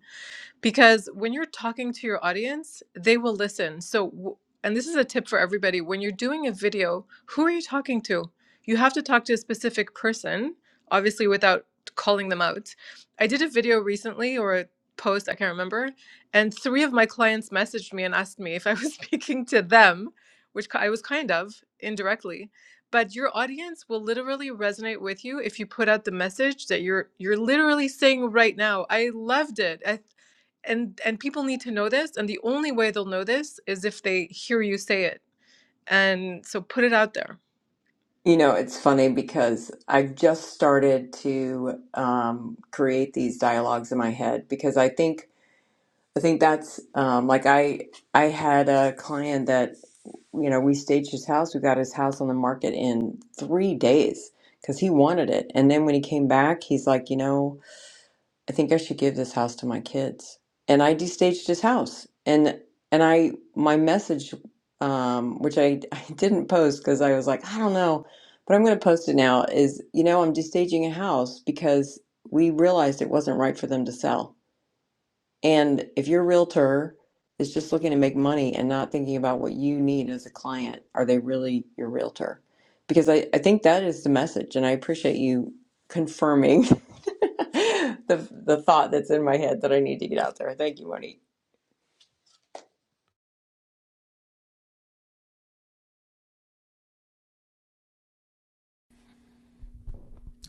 because when you're talking to your audience, they will listen. So, w- and this is a tip for everybody when you're doing a video, who are you talking to? You have to talk to a specific person, obviously, without calling them out. I did a video recently or a post, I can't remember, and three of my clients messaged me and asked me if I was (laughs) speaking to them, which ki- I was kind of indirectly. But your audience will literally resonate with you if you put out the message that you're you're literally saying right now. I loved it. I and and people need to know this and the only way they'll know this is if they hear you say it and so put it out there You know, it's funny because I've just started to um, create these dialogues in my head because I think I think that's um, like I I had a client that you know we staged his house, we got his house on the market in three days because he wanted it, and then when he came back, he's like, you know. I think I should give this house to my kids. And I destaged his house. And and I my message, um, which I, (laughs) I didn't post because I was like, I don't know, but I'm gonna post it now, is you know, I'm destaging a house because we realized it wasn't right for them to sell. And if your realtor is just looking to make money and not thinking about what you need as a client, are they really your realtor? Because I, I think that is the message, and I appreciate you confirming (laughs) the the thought that's in my head that I need to get out there. Thank you, Monique.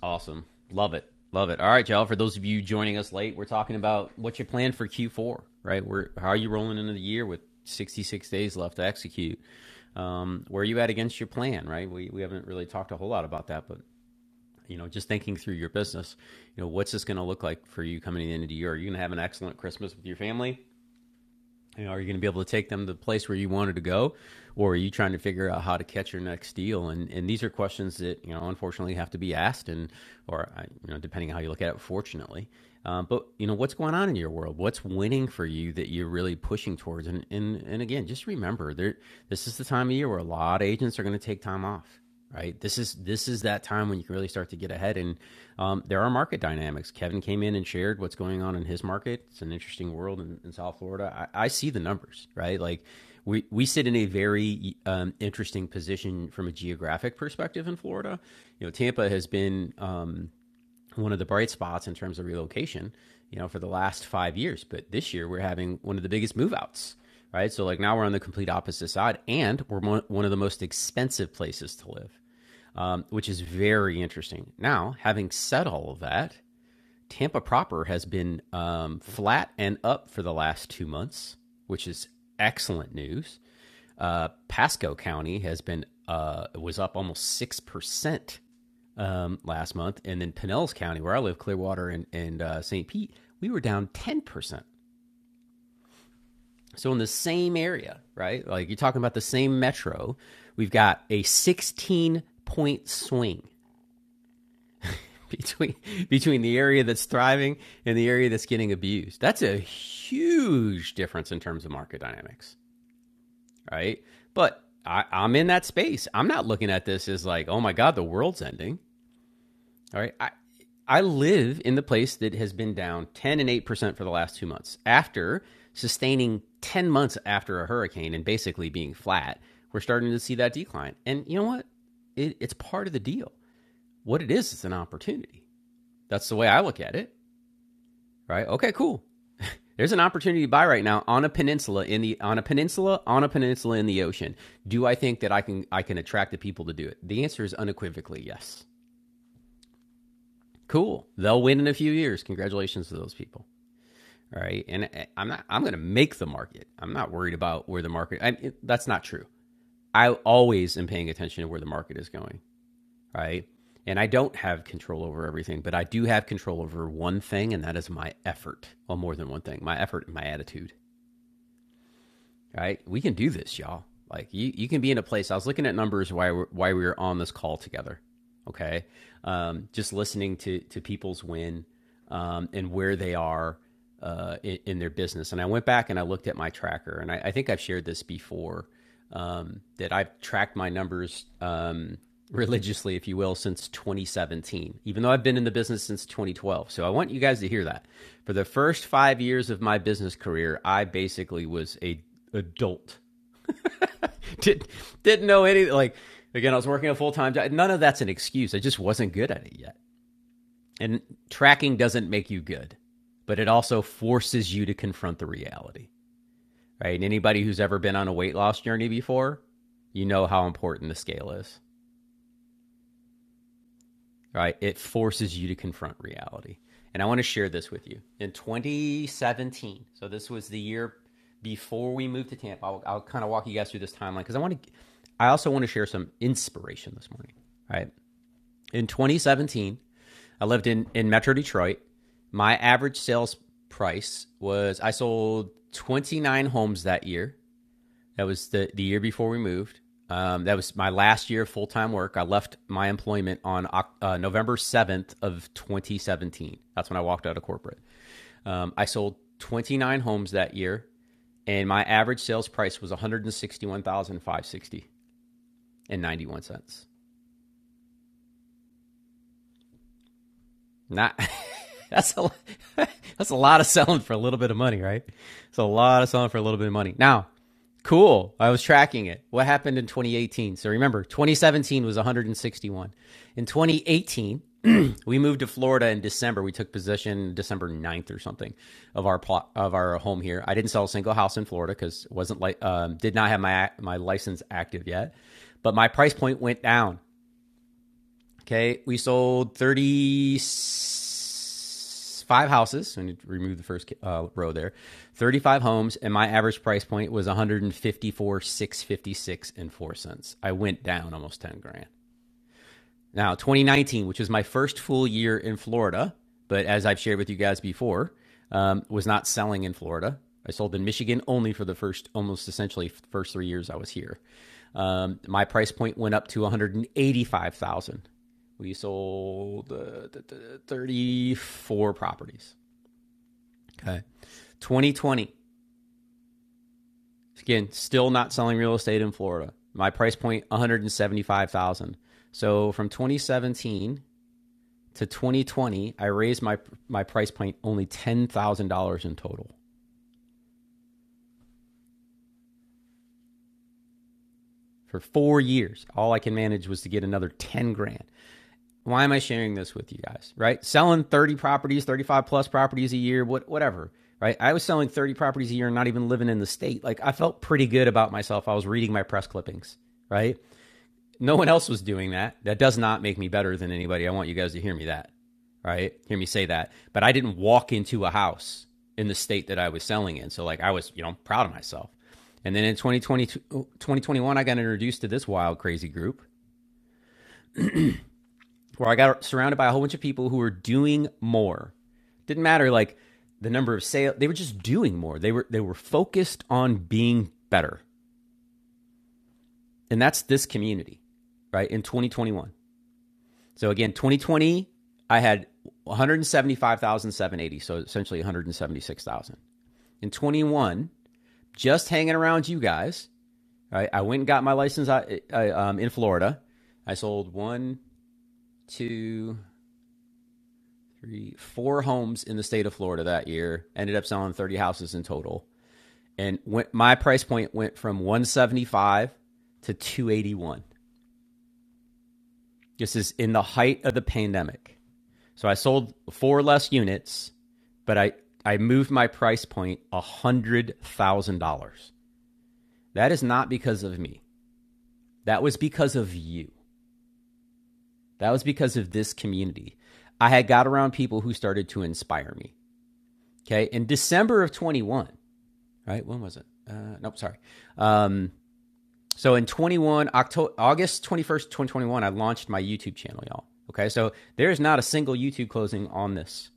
Awesome. Love it. Love it. All right, y'all. For those of you joining us late, we're talking about what's your plan for Q4, right? We're, how are you rolling into the year with 66 days left to execute? Um, where are you at against your plan, right? We, we haven't really talked a whole lot about that, but you know, just thinking through your business, you know, what's this going to look like for you coming to the end of the year? Are you going to have an excellent Christmas with your family? You know, are you going to be able to take them to the place where you wanted to go, or are you trying to figure out how to catch your next deal? And and these are questions that you know unfortunately have to be asked, and or uh, you know depending on how you look at it, fortunately. Um, but you know what's going on in your world? What's winning for you that you're really pushing towards? And and and again, just remember, there this is the time of year where a lot of agents are going to take time off right this is this is that time when you can really start to get ahead and um, there are market dynamics kevin came in and shared what's going on in his market it's an interesting world in, in south florida I, I, see the numbers right like we, we sit in a very um, interesting position from a geographic perspective in florida you know tampa has been um, one of the bright spots in terms of relocation you know for the last five years but this year we're having one of the biggest move outs right so like now we're on the complete opposite side and we're one of the most expensive places to live um, which is very interesting. Now, having said all of that, Tampa proper has been um, flat and up for the last two months, which is excellent news. Uh, Pasco County has been uh, was up almost six percent um, last month, and then Pinellas County, where I live, Clearwater and and uh, St. Pete, we were down ten percent. So in the same area, right? Like you're talking about the same metro, we've got a 16 point swing (laughs) between between the area that's thriving and the area that's getting abused. That's a huge difference in terms of market dynamics, right? But I, I'm in that space. I'm not looking at this as like, oh my god, the world's ending. All right, I I live in the place that has been down ten and eight percent for the last two months after sustaining ten months after a hurricane and basically being flat. We're starting to see that decline, and you know what? It, it's part of the deal. What it is, it's an opportunity. That's the way I look at it right? Okay, cool. There's an opportunity to buy right now on a peninsula in the on a peninsula on a peninsula in the ocean. Do I think that I can I can attract the people to do it? The answer is unequivocally yes. Cool. They'll win in a few years. Congratulations to those people. All right. And I- am not I'm going to make the market. I'm not worried about where the market I, it- that's not true. I always am paying attention to where the market is going, right? And I don't have control over everything, but I do have control over one thing and that is my effort. Well, more than one thing. My effort and my attitude right? We can do this, y'all. Like you, you can be in a place. I was looking at numbers why we're, why we were on this call together. Okay, um, just listening to to people's win um, and where they are uh, in, in their business. And I went back and I looked at my tracker, and I, I think I've shared this before um, that I've tracked my numbers um, religiously, if you will, since 2017, even though I've been in the business since 2012. So I want you guys to hear that. For the first five years of my business career, I basically was a adult. (laughs) Did, didn't know any like again i was working a full-time job none of that's an excuse i just wasn't good at it yet and tracking doesn't make you good but it also forces you to confront the reality right? And anybody who's ever been on a weight loss journey before, you know how important the scale is, right? It forces you to confront reality. And I want to share this with you. In 2017, so this was the year before we moved to Tampa, I'll, I'll kind of walk you guys through this timeline because I want to, I also want to share some inspiration this morning, right? In 2017, I lived in, in Metro Detroit. My average sales price was I sold 29 homes that year That was the the year before we moved. Um, that was my last year of full time work. I left my employment on uh, November seventh of 2017. That's when I walked out of corporate. Um, I sold 29 homes that year, and my average sales price was 161,560 and 91 cents. Not (laughs) that's a (laughs) that's a lot of selling for a little bit of money, right? It's a lot of selling for a little bit of money. Now, cool. I was tracking it. What happened in 2018? So remember, 2017 was 161. In 2018, (clears throat) we moved to Florida in December. We took possession December ninth or something of our plot of our home here. I didn't sell a single house in Florida because wasn't like um, did not have my my license active yet. But my price point went down. Okay, we sold 35 houses. I need to remove the first uh, row there. 35 homes, and my average price point was 154.656 656 and 4 cents. I went down almost 10 grand. Now, 2019, which was my first full year in Florida, but as I've shared with you guys before, um, was not selling in Florida. I sold in Michigan only for the first, almost essentially, first three years I was here. Um, my price point went up to 185,000. We sold uh, 34 properties. Okay. 2020, again, still not selling real estate in Florida. My price point, 175,000. So from 2017 to 2020, I raised my my price point only ten thousand dollars in total for four years. All I can manage was to get another ten grand. Why am I sharing this with you guys? Right, selling 30 properties, 35 plus properties a year, what whatever. Right, I was selling 30 properties a year and not even living in the state. Like I felt pretty good about myself. I was reading my press clippings. Right, No one else was doing that. That does not make me better than anybody. I want you guys to hear me that. right? Hear me say that. But I didn't walk into a house in the state that I was selling in. So, like, I was, you know, proud of myself. And then in twenty twenty twenty twenty one, I got introduced to this wild, crazy group where I got surrounded by a whole bunch of people who were doing more. Didn't matter, like, the number of sales. They were just doing more. They were, they were focused on being better. And that's this community, right? In 2021. So again, 2020, I had 175,780, so essentially 176,000. In 21, just hanging around you guys, right? I went and got my license I, I, um, in Florida. I sold one, two, three, four homes in the state of Florida that year. Ended up selling 30 houses in total, and went, my price point went from 175 to 281. This is in the height of the pandemic. So I sold four less units, but I I moved my price point a hundred thousand dollars. That is not because of me. That was because of you. That was because of this community. I had got around people who started to inspire me. Okay, in December of 21, right? When was it? Uh, nope, sorry. Um, so in 21, October, August 21st, 2021, I launched my YouTube channel, y'all. Okay, so there's not a single YouTube closing on this.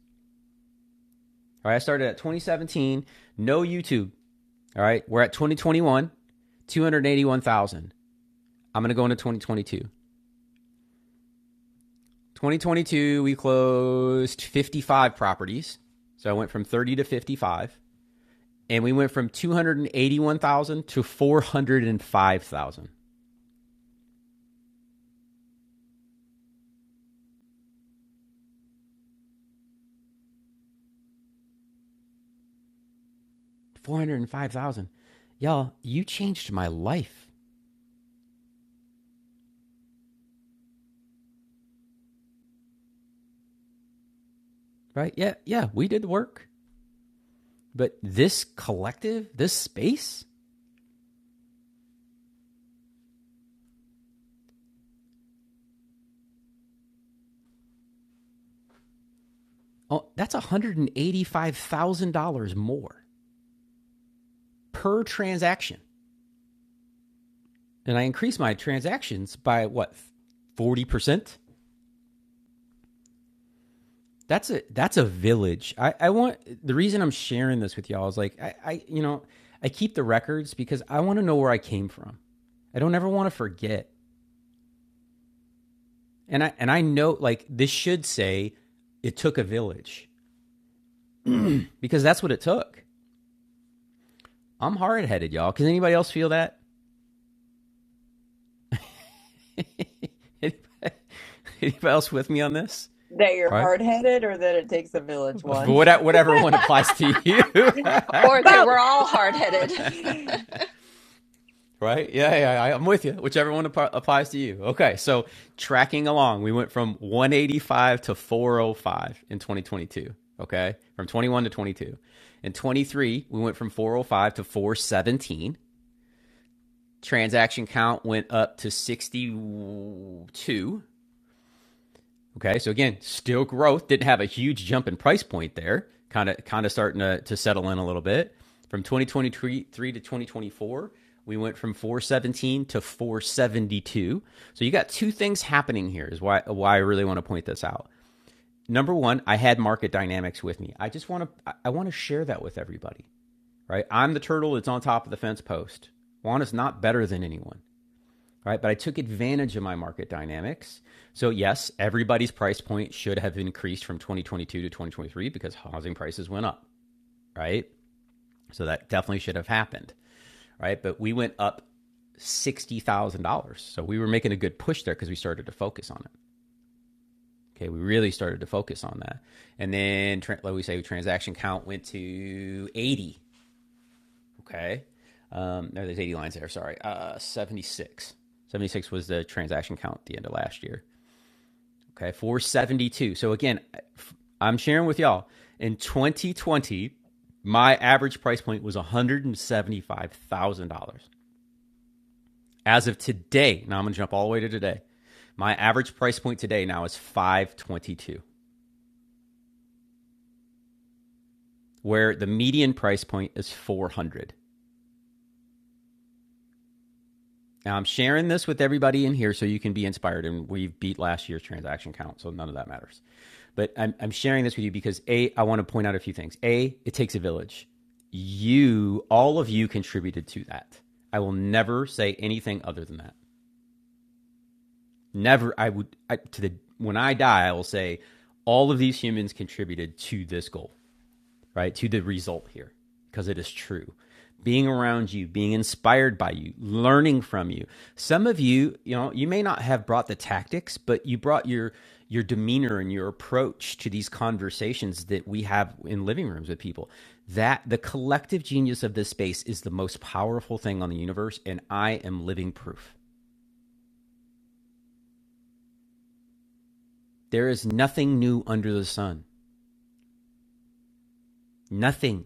All right, I started at 2017, no YouTube All right. We're at 2021, 281,000. I'm going to go into 2022. 2022, we closed 55 properties. So I went from 30 to 55. And we went from 281,000 to 405,000. 405,000. Y'all, you changed my life, right? Yeah, yeah, we did the work. But this collective, this space, oh, that's $185,000 more per transaction. and I increase my transactions by what forty percent. That's a that's a village. I, I want the reason I'm sharing this with y'all is like I, I you know I keep the records because I want to know where I came from. I don't ever want to forget. And I and I know like this should say it took a village because that's what it took. I'm hard headed, y'all. Can anybody else feel that? (laughs) Anybody, anybody else with me on this? That you're All Right? hard headed or that it takes a village But one. whatever one applies to you. (laughs) Or they Both were all hard headed. (laughs) (laughs) Right? Yeah, yeah, I- I'm with you. Whichever one app- applies to you. Okay, so tracking along, we went from 185 to 405 in 2022. Okay, from 21 to 22. In 23, we went from 405 to 417. Transaction count went up to 62 Okay, so again, still growth. Didn't have a huge jump in price point there. Kind of, kind of starting to, to settle in a little bit. From 2023 to 2024, we went from 417 to 472. So you got two things happening here. Is why why I really want to point this out. Number one, I had market dynamics with me. I just want to I want to share that with everybody. Right, I'm the turtle that's on top of the fence post. Juan is not better than anyone right? But I took advantage of my market dynamics. So yes, everybody's price point should have increased from 2022 to 2023 because housing prices went up, right? So that definitely should have happened, right? But we went up $60,000. So we were making a good push there because we started to focus on it. Okay, we really started to focus on that. And then, like we say, transaction count went to 80. Okay. Um, no, there's 80 lines there. Sorry. Uh, 76. 76 was the transaction count at the end of last year. Okay, 472. So again, I'm sharing with y'all in 2020, my average price point was $175,000. As of today, now I'm going to jump all the way to today. My average price point today now is 522, where the median price point is 400. Now I'm sharing this with everybody in here so you can be inspired. And we beat last year's transaction count, so none of that matters. But I'm, I'm sharing this with you because A, I want to point out a few things. A, it takes a village. You, all of you contributed to that. I will never say anything other than that. Never, I would, I, to the, when I die, I will say all of these humans contributed to this goal right, to the result here because it is true. Being around you, being inspired by you, learning from you. Some of you, you know, you may not have brought the tactics, but you brought your your demeanor and your approach to these conversations that we have in living rooms with people. That the collective genius of this space is the most powerful thing on the universe, and I am living proof. There is nothing new under the sun. Nothing.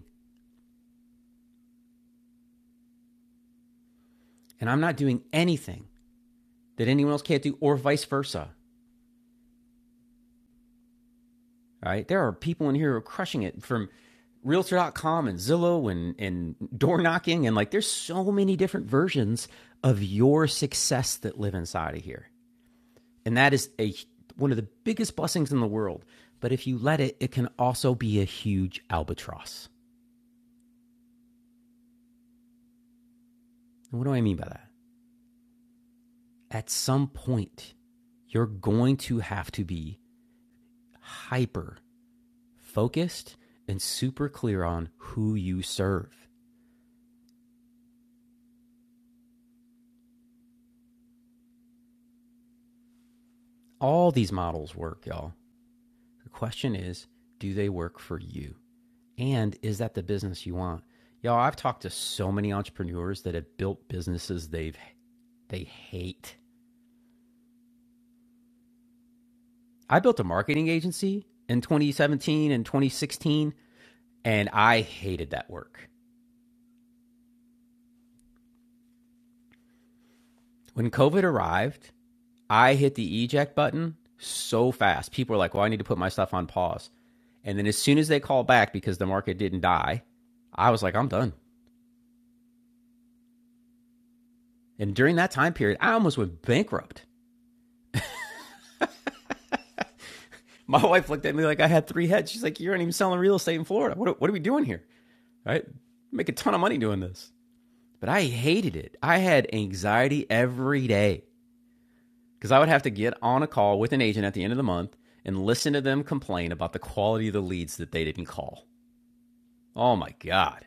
And I'm not doing anything that anyone else can't do, or vice versa. All right. There are people in here who are crushing it from Realtor. dot com and Zillow and, and door knocking. And like, there's so many different versions of your success that live inside of here. And that is a, one of the biggest blessings in the world. But if you let it, it can also be a huge albatross. And what do I mean by that? At some point, you're going to have to be hyper focused and super clear on who you serve. All these models work, y'all. The question is, do they work for you? And is that the business you want? Y'all, I've talked to so many entrepreneurs that have built businesses they've they hate. I built a marketing agency in 2017 and 2016 and I hated that work. When COVID arrived, I hit the eject button so fast. People were like, "Well, I need to put my stuff on pause." And then as soon as they called back because the market didn't die, I was like, "I'm done." And during that time period, I almost went bankrupt. My (laughs) wife looked at me like I had three heads. She's like, "You aren't even selling real estate in Florida. What, what are we doing here? Right? Make a ton of money doing this." But I hated it. I had anxiety every day because I would have to get on a call with an agent at the end of the month and listen to them complain about the quality of the leads that they didn't call. Oh my god,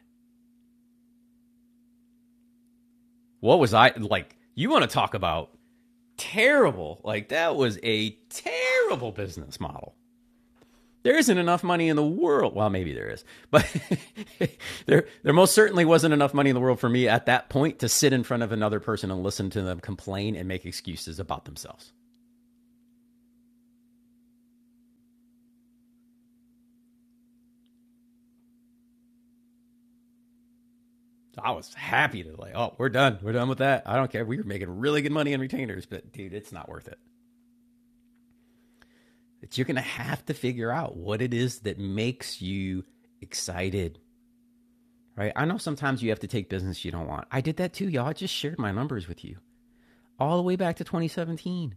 what was I like? You want to talk about terrible? Like that was a terrible business model. there isn't enough money in the world. Well, maybe there is, but (laughs) there there most certainly wasn't enough money in the world for me at that point to sit in front of another person and listen to them complain and make excuses about themselves. So I was happy to like, oh, we're done, we're done with that. I don't care. We were making really good money in retainers, but dude, it's not worth it. It's, you're gonna have to figure out what it is that makes you excited, right? I know sometimes you have to take business you don't want. I did that too, y'all. I just shared my numbers with you all the way back to 2017.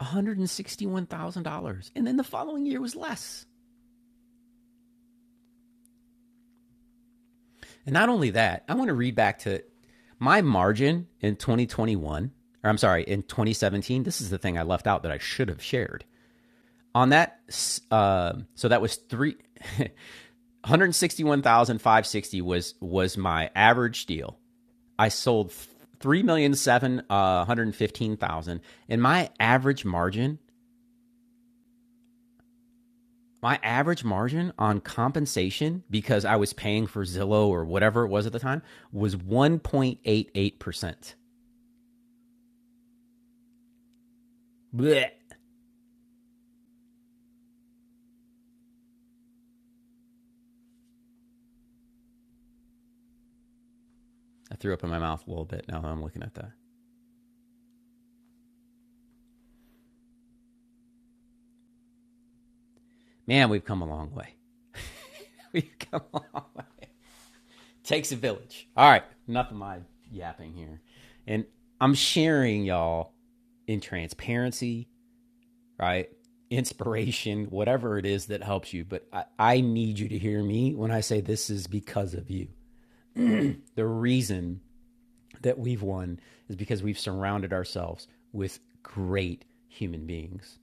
$161,000. And then the following year was less. And not only that, I want to read back to my margin in 2021, or I'm sorry, in 2017. This is the thing I left out that I should have shared. On that, uh, so that was three. (laughs) 161,560 was was my average deal. I sold three million seven hundred fifteen thousand, and my average margin my average margin on compensation because I was paying for Zillow or whatever it was at the time was 1.88%. Blech. I threw up in my mouth a little bit now that I'm looking at that. Man, we've come a long way. (laughs) We've come a long way. Takes a village. All right, enough of my yapping here. And I'm sharing y'all in transparency, right? Inspiration, whatever it is that helps you. But I, I need you to hear me when I say this is because of you. The reason that we've won is because we've surrounded ourselves with great human beings.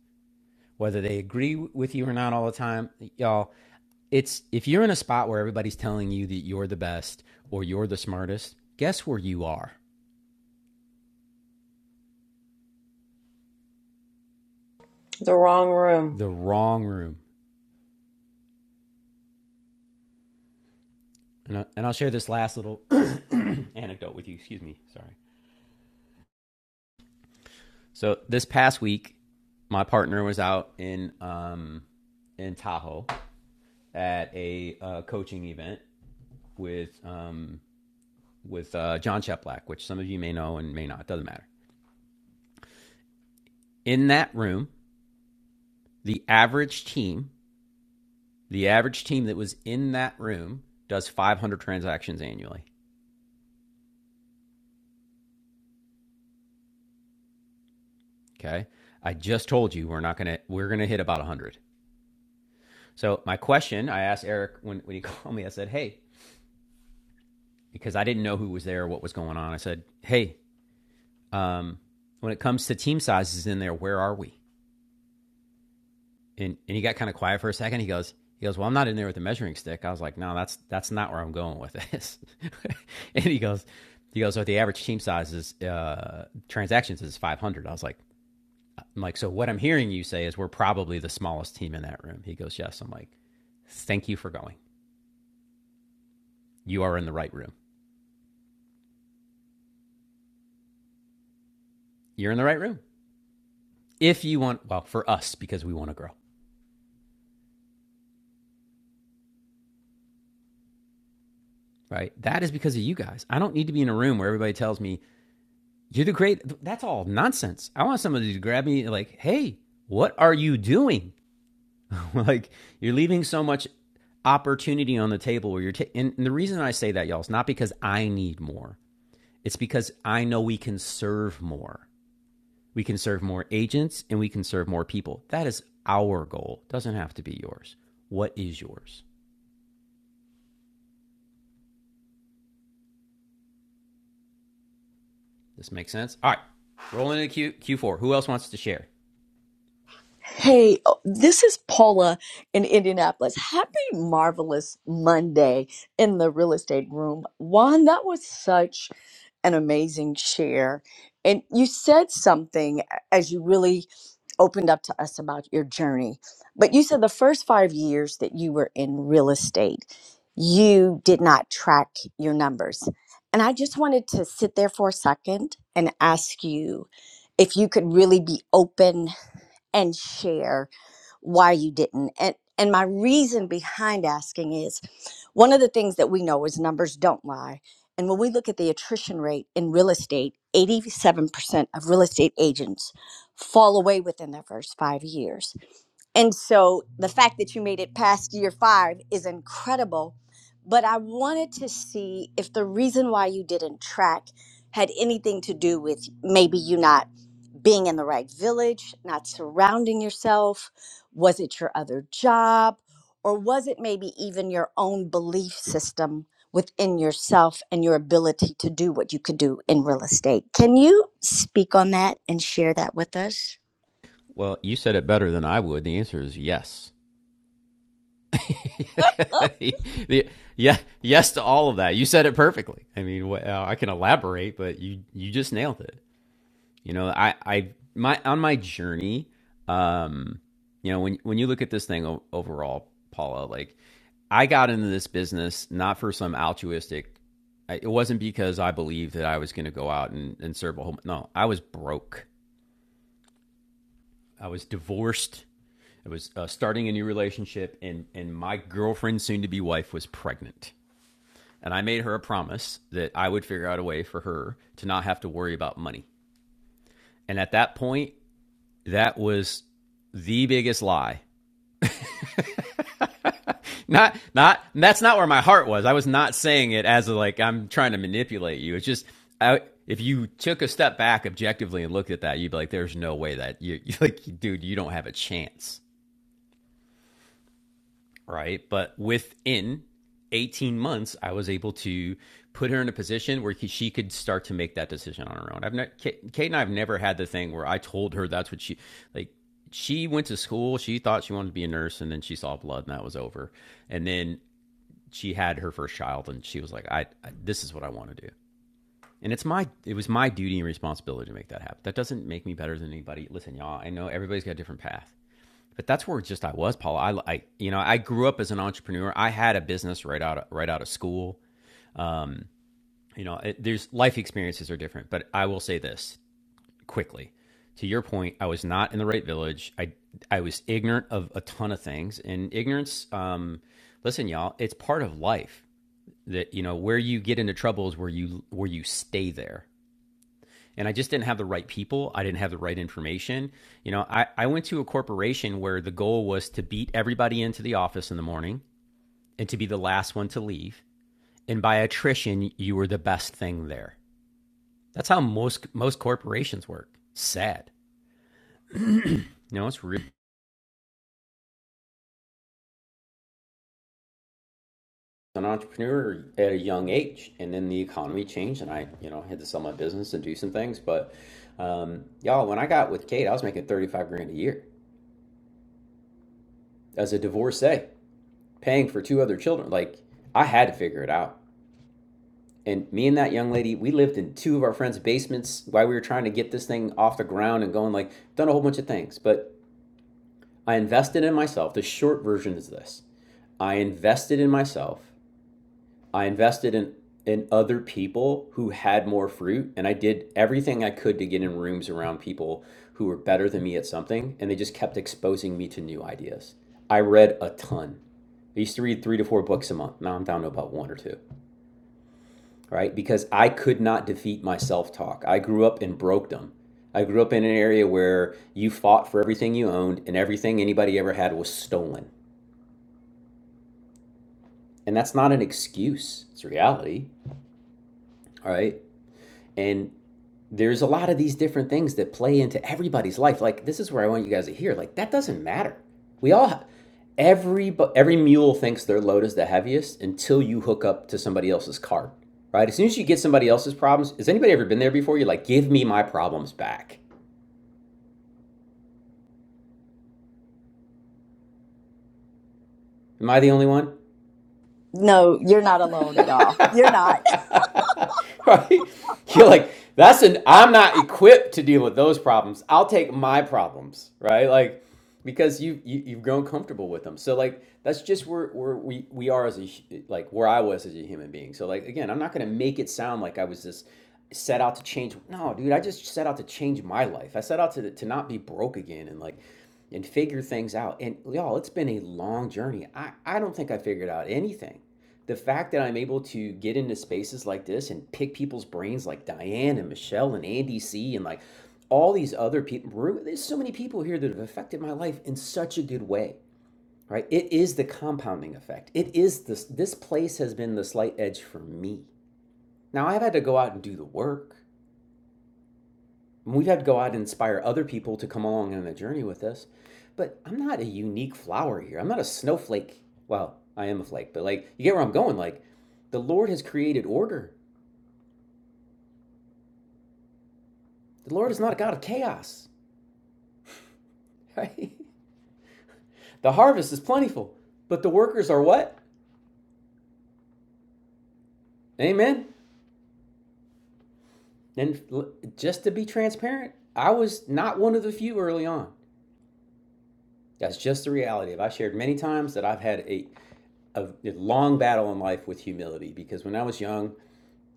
Whether they agree with you or not all the time, y'all, it's if you're in a spot where everybody's telling you that you're the best or you're the smartest, guess where you are? the wrong room. The wrong room. And, I, and I'll share this last little (coughs) (clears throat) anecdote with you. Excuse me. Sorry. So this past week, my partner was out in um, in Tahoe at a uh, coaching event with um, with uh, John Cheplack, which some of you may know and may not. It Doesn't matter. In that room, the average team, the average team that was in that room, does 500 transactions annually. Okay, I just told you we're not gonna we're gonna hit about 100. So my question I asked Eric when when he (laughs) called me, I said, "Hey," because I didn't know who was there, what was going on. I said, "Hey, um, when it comes to team sizes in there, where are we?" and, and he got kind of quiet for a second. He goes, he goes, well, I'm not in there with the measuring stick. I was like, no, that's that's not where I'm going with this. (laughs) and he goes, he goes, so the average team size is uh, transactions is 500. I was like, I'm like, so what I'm hearing you say is we're probably the smallest team in that room. He goes, yes. I'm like, thank you for going. You are in the right room. You're in the right room. If you want, well, for us because we want to grow, right? That is because of you guys. I don't need to be in a room where everybody tells me You're the great. That's all nonsense. I want somebody to grab me, like, hey, what are you doing? (laughs) like, you're leaving so much opportunity on the table where you're. Ta- and, and the reason I say that, y'all, is not because I need more. It's because I know we can serve more. We can serve more agents and we can serve more people. That is our goal. It Doesn't have to be yours. What is yours? This makes sense. All right, rolling into Q Q4. Who else wants to share? Hey, oh, this is Paula in Indianapolis. Happy marvelous Monday in the real estate room. Juan, that was such an amazing share. And you said something as you really opened up to us about your journey. But you said the first five years that you were in real estate, you did not track your numbers. And I just wanted to sit there for a second and ask you if you could really be open and share why you didn't. And and my reason behind asking is one of the things that we know is numbers don't lie. And when we look at the attrition rate in real estate, 87% of real estate agents fall away within their first 5 years. And so the fact that you made it past year 5 is incredible, but I wanted to see if the reason why you didn't track had anything to do with maybe you not being in the right village, not surrounding yourself? Was it your other job? Or was it maybe even your own belief system within yourself and your ability to do what you could do in real estate? Can you speak on that and share that with us? Well, you said it better than I would. The answer is yes. (laughs) (laughs) yeah, yes to all of that. You said it perfectly. I mean, wh- uh, I can elaborate, but you you just nailed it. You know, I I my on my journey, um, you know, when when you look at this thing overall, Paula, like I got into this business not for some altruistic. it wasn't because I believed that I was going to go out and, and serve a whole. No, I was broke. I was divorced. I was uh, starting a new relationship, and and my girlfriend, soon to be wife, was pregnant. And I made her a promise that I would figure out a way for her to not have to worry about money. And at that point, that was the biggest lie. Not, not, that's not where my heart was. I was not saying it as a, like, I'm trying to manipulate you. It's just, I, if you took a step back objectively and looked at that, you'd be like, there's no way that you, (laughs) you like, dude, you don't have a chance. right? But within 18 months, I was able to put her in a position where he, she could start to make that decision on her own. I've not, Kate, Kate and I have never had the thing where I told her that's what she like. She went to school. She thought she wanted to be a nurse, and then she saw blood, and that was over. And then she had her first child, and she was like, "I, I this is what I want to do." And it's my it was my duty and responsibility to make that happen. That doesn't make me better than anybody. Listen, y'all, I know everybody's got a different path but that's where just I was, Paul. I, I, you know, I grew up as an entrepreneur. I had a business right out of, right out of school. You know, it, there's life experiences are different, but I will say this quickly. To your point, I was not in the right village. I I was ignorant of a ton of things, and ignorance. Um, listen, y'all, it's part of life. That you know where you get into trouble is where you where you stay there and I just didn't have the right people. I didn't have the right information. You know, I, I went to a corporation where the goal was to beat everybody into the office in the morning and to be the last one to leave. And by attrition, you were the best thing there. That's how most most corporations work. Sad. You know, it's real. An entrepreneur at a young age, and then the economy changed, and I, you know, had to sell my business and do some things. But um, y'all, when I got with Kate, I was making thirty-five grand a year as a divorcee, paying for two other children. Like I had to figure it out. And me and that young lady, we lived in two of our friends' basements while we were trying to get this thing off the ground and going. Like done a whole bunch of things, but I invested in myself. The short version is this I invested in myself. I invested in, in other people who had more fruit. And I did everything I could to get in rooms around people who were better than me at something. And they just kept exposing me to new ideas. I read a ton. I used to read three to four books a month. Now I'm down to about one or two, right? Because I could not defeat my self talk. I grew up in brokedom. I grew up in an area where you fought for everything you owned and everything anybody ever had was stolen And that's not an excuse, it's reality. All right. And there's a lot of these different things that play into everybody's life. Like, this is where I want you guys to hear. Like, that doesn't matter. We all, ha- every, every mule thinks their load is the heaviest until you hook up to somebody else's cart, right? As soon as you get somebody else's problems, has anybody ever been there before? You're like, give me my problems back. Am I the only one? No, you're not alone at all. (laughs) You're not. right? You're like, that's an I'm not equipped to deal with those problems. I'll take my problems, right? Like because you, you you've grown comfortable with them. So like that's just where where we we are as a like where I was as a human being. So like again, I'm not going to make it sound like I was this set out to change. No, dude, I just set out to change my life. I set out to to not be broke again and like and figure things out. And y'all, it's been a long journey. I I don't think I figured out anything the fact that I'm able to get into spaces like this and pick people's brains like Diane and Michelle and Andy C and like all these other people there's so many people here that have affected my life in such a good way right it is the compounding effect it is this this place has been the slight edge for me now I've had to go out and do the work we've had to go out and inspire other people to come along on the journey with us but I'm not a unique flower here I'm not a snowflake well I am a flake but like you get where I'm going like the Lord has created order The Lord is not a God of chaos, (laughs) right? The harvest is plentiful, but the workers are what? Amen. And just to be transparent, I was not one of the few early on. That's just the reality I've shared many times that I've had a, a, a long battle in life with humility because when I was young,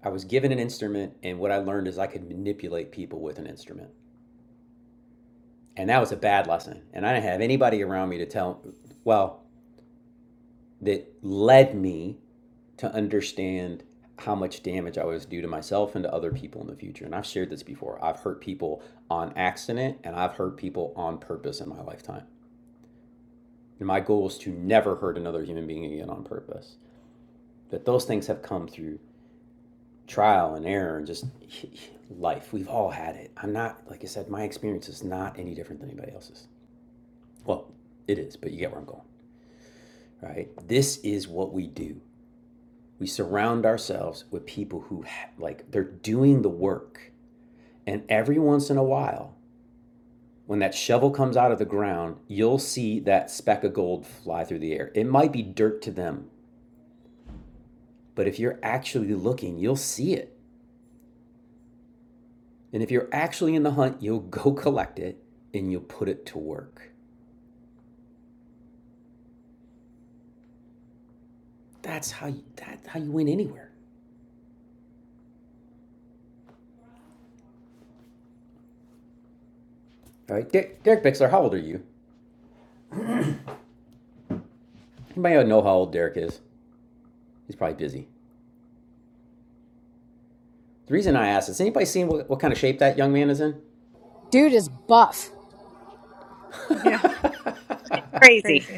I was given an instrument, and what I learned is I could manipulate people with an instrument, and that was a bad lesson. And I didn't have anybody around me to tell, well, that led me to understand how much damage I was due to myself and to other people in the future. And I've shared this before. I've hurt people on accident and I've hurt people on purpose in my lifetime. And my goal is to never hurt another human being again on purpose. That those things have come through trial and error and just (laughs) life. We've all had it. I'm not, like I said, my experience is not any different than anybody else's. Well, it is, but you get where I'm going, right? This is what we do. We surround ourselves with people who, like, they're doing the work And every once in a while, when that shovel comes out of the ground, you'll see that speck of gold fly through the air. It might be dirt to them, but if you're actually looking, you'll see it. And if you're actually in the hunt, you'll (laughs) go collect it and you'll put it to work. That's how you, that's how you win anywhere. All right, Der- Derek Bixler, how old are you? Anybody know how old Derek is? He's probably busy. The reason I asked is anybody seen what, what kind of shape that young man is in? Dude is buff. yeah (laughs) crazy. crazy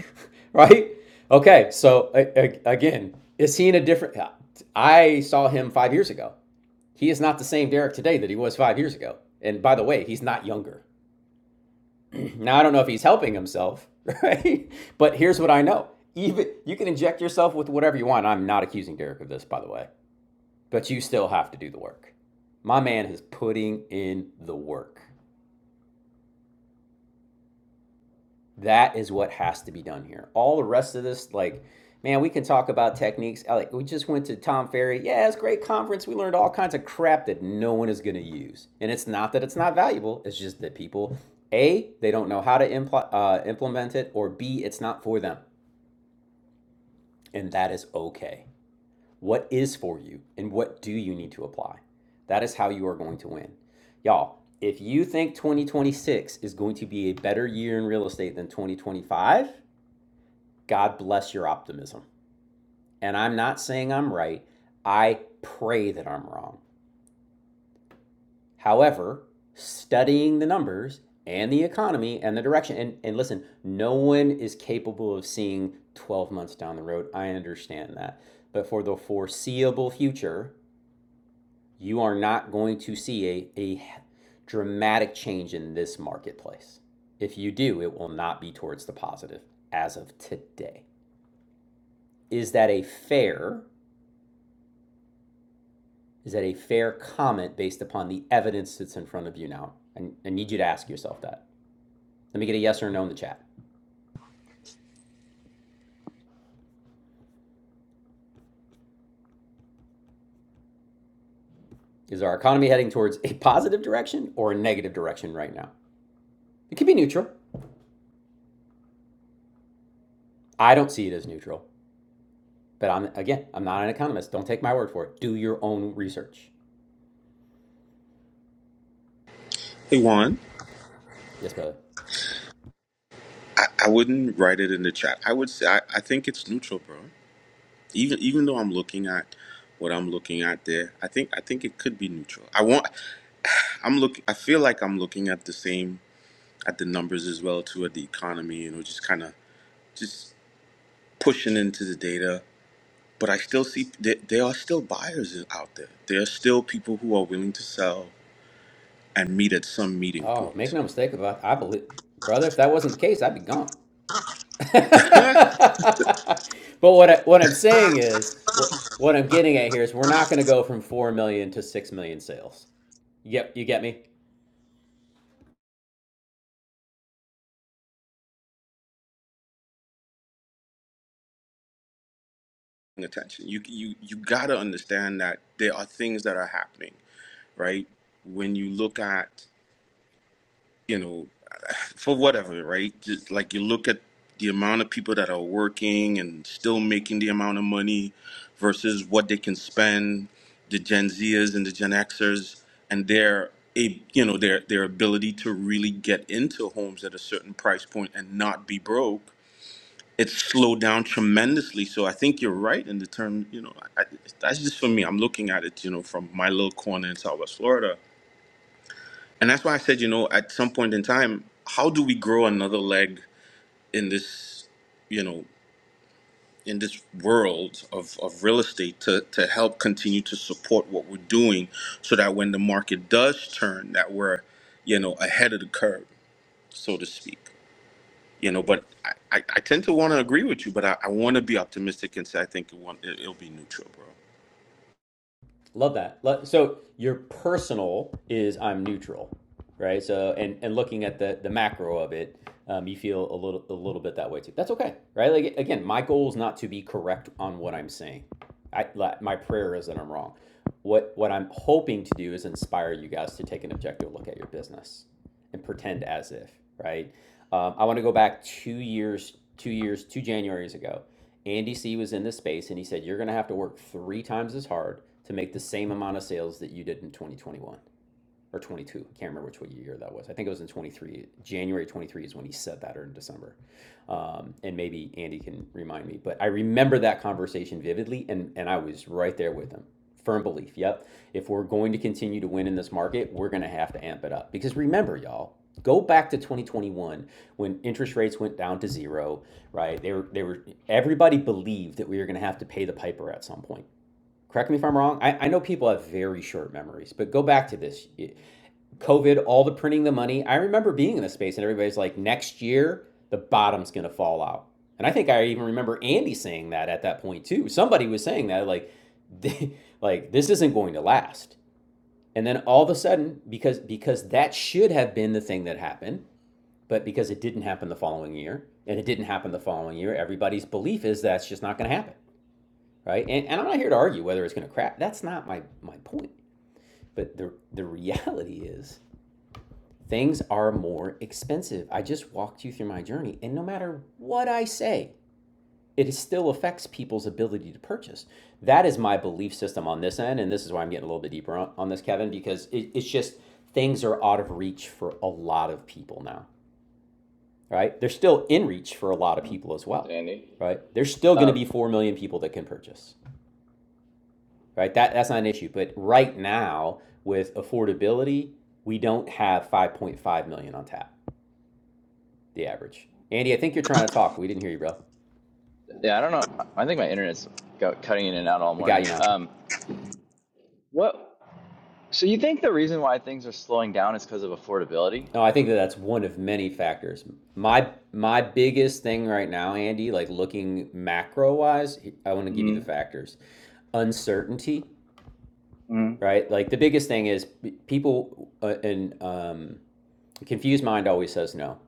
right? Okay, so again, is he in a different? I saw him five years ago. He is not the same Derek today that he was five years ago. And by the way, he's not younger. (clears throat) Now I don't know if he's helping himself, (laughs) right? But here's what I know: even you can inject yourself with whatever you want. I'm not accusing Derek of this, by the way, but you still have to do the work. My man is putting in the work. That is what has to be done here. All the rest of this, like, man, we can talk about techniques. Like, we just went to Tom Ferry. Yeah, it's a great conference. We learned all kinds of crap that no one is going to use. And it's not that it's not valuable. It's just that people, a, they don't know how to impl- uh, implement it, or b, it's not for them, and that is okay. What is for you, and what do you need to apply? That is how you are going to win. Y'all, if you think 2026 is going to be a better year in real estate than 2025, God bless your optimism. And I'm not saying I'm right. I pray that I'm wrong. However, studying the numbers and the economy and the direction, and, and listen, no one is capable of seeing 12 months down the road. I understand that. But for the foreseeable future, you are not going to see a, a dramatic change in this marketplace. If you do, it will not be towards the positive as of today. Is that a fair Is that a fair comment based upon the evidence that's in front of you now? And I need you to ask yourself that. Let me get a yes or no in the chat. Is our economy heading towards a positive direction or a negative direction right now? It could be neutral. I don't see it as neutral. But I'm again, I'm not an economist. Don't take my word for it. Do your own research. Hey, Juan. Yes, brother. I, I wouldn't write it in the chat. I would say I, I think it's neutral, bro. Even even though I'm looking at what I'm looking at there, I think I think it could be neutral. I want (sighs) I'm look I feel like I'm looking at the same at the numbers as well too at the economy, you know, just kind of just pushing into the data. But I still see there, there are still buyers out there. There are still people who are willing to sell and meet at some meeting Oh, make point. no mistake about it. I believe brother, if that wasn't the case, I'd be gone. (laughs) (laughs) but what I, what I'm saying is what what I'm getting at here is we're not going to go from four million to six million sales. Yep, you get me. attention. You you you gotta understand that there are things that are happening. right? When you look at, you know, for whatever, right? Just like you look at the amount of people that are working and still making the amount of money versus what they can spend, the Gen Zers and the Gen Xers, and their a you know their their ability to really get into homes at a certain price point and not be broke. It's slowed down tremendously. So I think you're right in the term. You know, I, I- that's just for me. I'm looking at it, you know, from my little corner in Southwest Florida And that's why I said, you know, at some point in time, how do we grow another leg in this, you know, in this world of, of real estate to, to help continue to support what we're doing so that when the market does turn that we're, you know, ahead of the curve, so to speak. You know, but I, I, I tend to want to agree with you, but I, I want to be optimistic and say I think it won't, it, it'll be neutral, bro. Love that. So your personal is I'm neutral, right? So and and looking at the the macro of it, um, you feel a little a little bit that way too. That's okay, right? Like again, my goal is not to be correct on what I'm saying. I like, my prayer is that I'm wrong. What what I'm hoping to do is inspire you guys to take an objective look at your business and pretend as if, right? Um, I want to go back two years, two years, two Januaries ago. Andy C was in this space and he said, You're going to have to work three times as hard to make the same amount of sales that you did in 2021 or 22. I can't remember which year that was. I think it was in 23. January 23 is when he said that, or in December. Um, and maybe Andy can remind me, but I remember that conversation vividly, and and I was right there with him. Firm belief. Yep. If we're going to continue to win in this market, we're going to have to amp it up. Because remember, y'all, go back to 2021 when interest rates went down to zero. Right? They were they were everybody believed that we were going to have to pay the piper at some point correct me if I'm wrong. I, I know people have very short memories, but go back to this. It, COVID, all the printing the money. I remember being in this space and everybody's like, next year, the bottom's going to fall out. And I think I even remember Andy saying that at that point too. Somebody was saying that like, (laughs) like this isn't going to last. And then all of a sudden, because because that should have been the thing that happened, but because it didn't happen the following year, and it didn't happen the following year, everybody's belief is that's just not going to happen, right? And, and I'm not here to argue whether it's going to crash. That's not my my point. But the the reality is things are more expensive. I just walked you through my journey, and no matter what I say, it still affects people's ability to purchase. That is my belief system on this end, and this is why I'm getting a little bit deeper on, on this, Kevin, because it, it's just things are out of reach for a lot of people now, right? They're still in reach for a lot of people as well, Andy. right? There's still going to Um, be four million people that can purchase, right? That that's not an issue, but right now with affordability, we don't have 5.5 million on tap the average. Andy, I think you're trying to talk. We didn't hear you, bro. yeah, I don't know. I think my internet's go- cutting in and out all The guy you morning. know. Um, what? So you think the reason why things are slowing down is because of affordability? No, I think that that's one of many factors. My my biggest thing right now, Andy, like looking macro wise, I want to give you the hmm factors. Uncertainty, hmm right? Like the biggest thing is people uh, and um, confused mind always says no.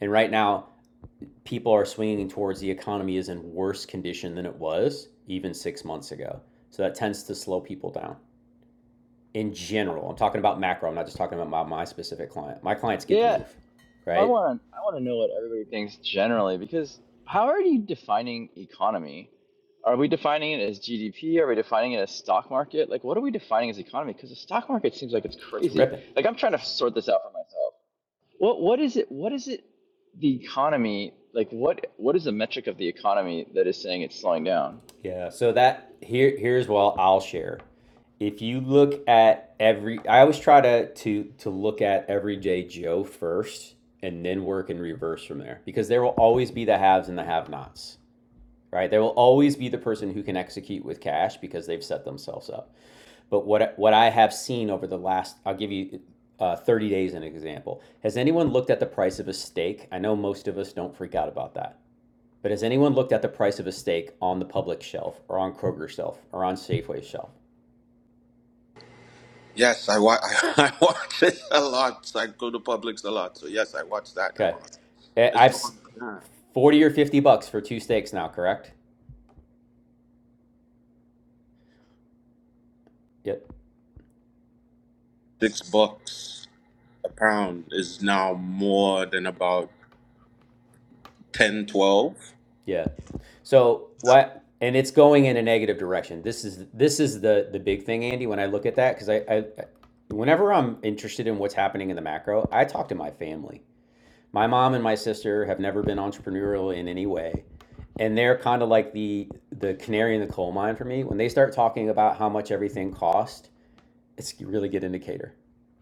And right now, people are swinging towards the economy is in worse condition than it was even six months ago. So that tends to slow people down. in general, I'm talking about macro, I'm not just talking about my, my specific client. My clients get the Yeah, move, I right? want I want to know what everybody thinks generally because how are you defining economy? Are we defining it as GDP? Are we defining it as stock market? Like, what are we defining as economy? Because the stock market seems like it's It's crazy. ripping. Like, I'm trying to sort this out for myself. What what is it? What is it? The economy, like what what is the metric of the economy that is saying it's slowing down? Yeah. So that here here's what I'll share. If you look at every I always try to to to look at everyday Joe first and then work in reverse from there because there will always be the haves and the have-nots, right? There will always be the person who can execute with cash because they've set themselves up But what what I have seen over the last, I'll give you uh, 30 days an example. Has anyone looked at the price of a steak? I know most of us don't freak out about that. But has anyone looked at the price of a steak on the public shelf or on Kroger shelf or on Safeway shelf? Yes, I, wa- (laughs) I, watch it a lot. I go to Publix a lot. So, yes, I watch that now. Okay. I- It's have going on. 40 or 50 bucks for two steaks now, correct? Yep. six bucks a pound is now more than about 10, 12. Yeah. So what? And it's going in a negative direction. This is this is the the big thing, Andy. When I look at that, because I, I, whenever I'm interested in what's happening in the macro, I talk to my family. My mom and my sister have never been entrepreneurial in any way, and they're kind of like the the canary in the coal mine for me. When they start talking about how much everything cost it's a really good indicator,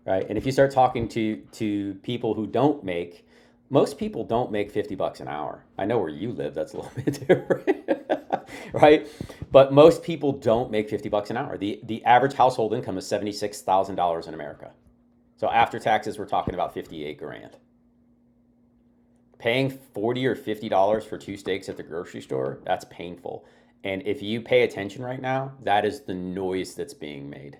right? And if you start talking to to people who don't make, most people don't make fifty bucks an hour. I know where you live; that's a (laughs) little bit different, (laughs) right? But most people don't make fifty bucks an hour. the The average household income is seventy six thousand dollars in America. So after taxes, we're talking about fifty eight grand. Paying forty or fifty dollars for two steaks at the grocery store—that's painful. And if you pay attention right now, that is the noise that's being made.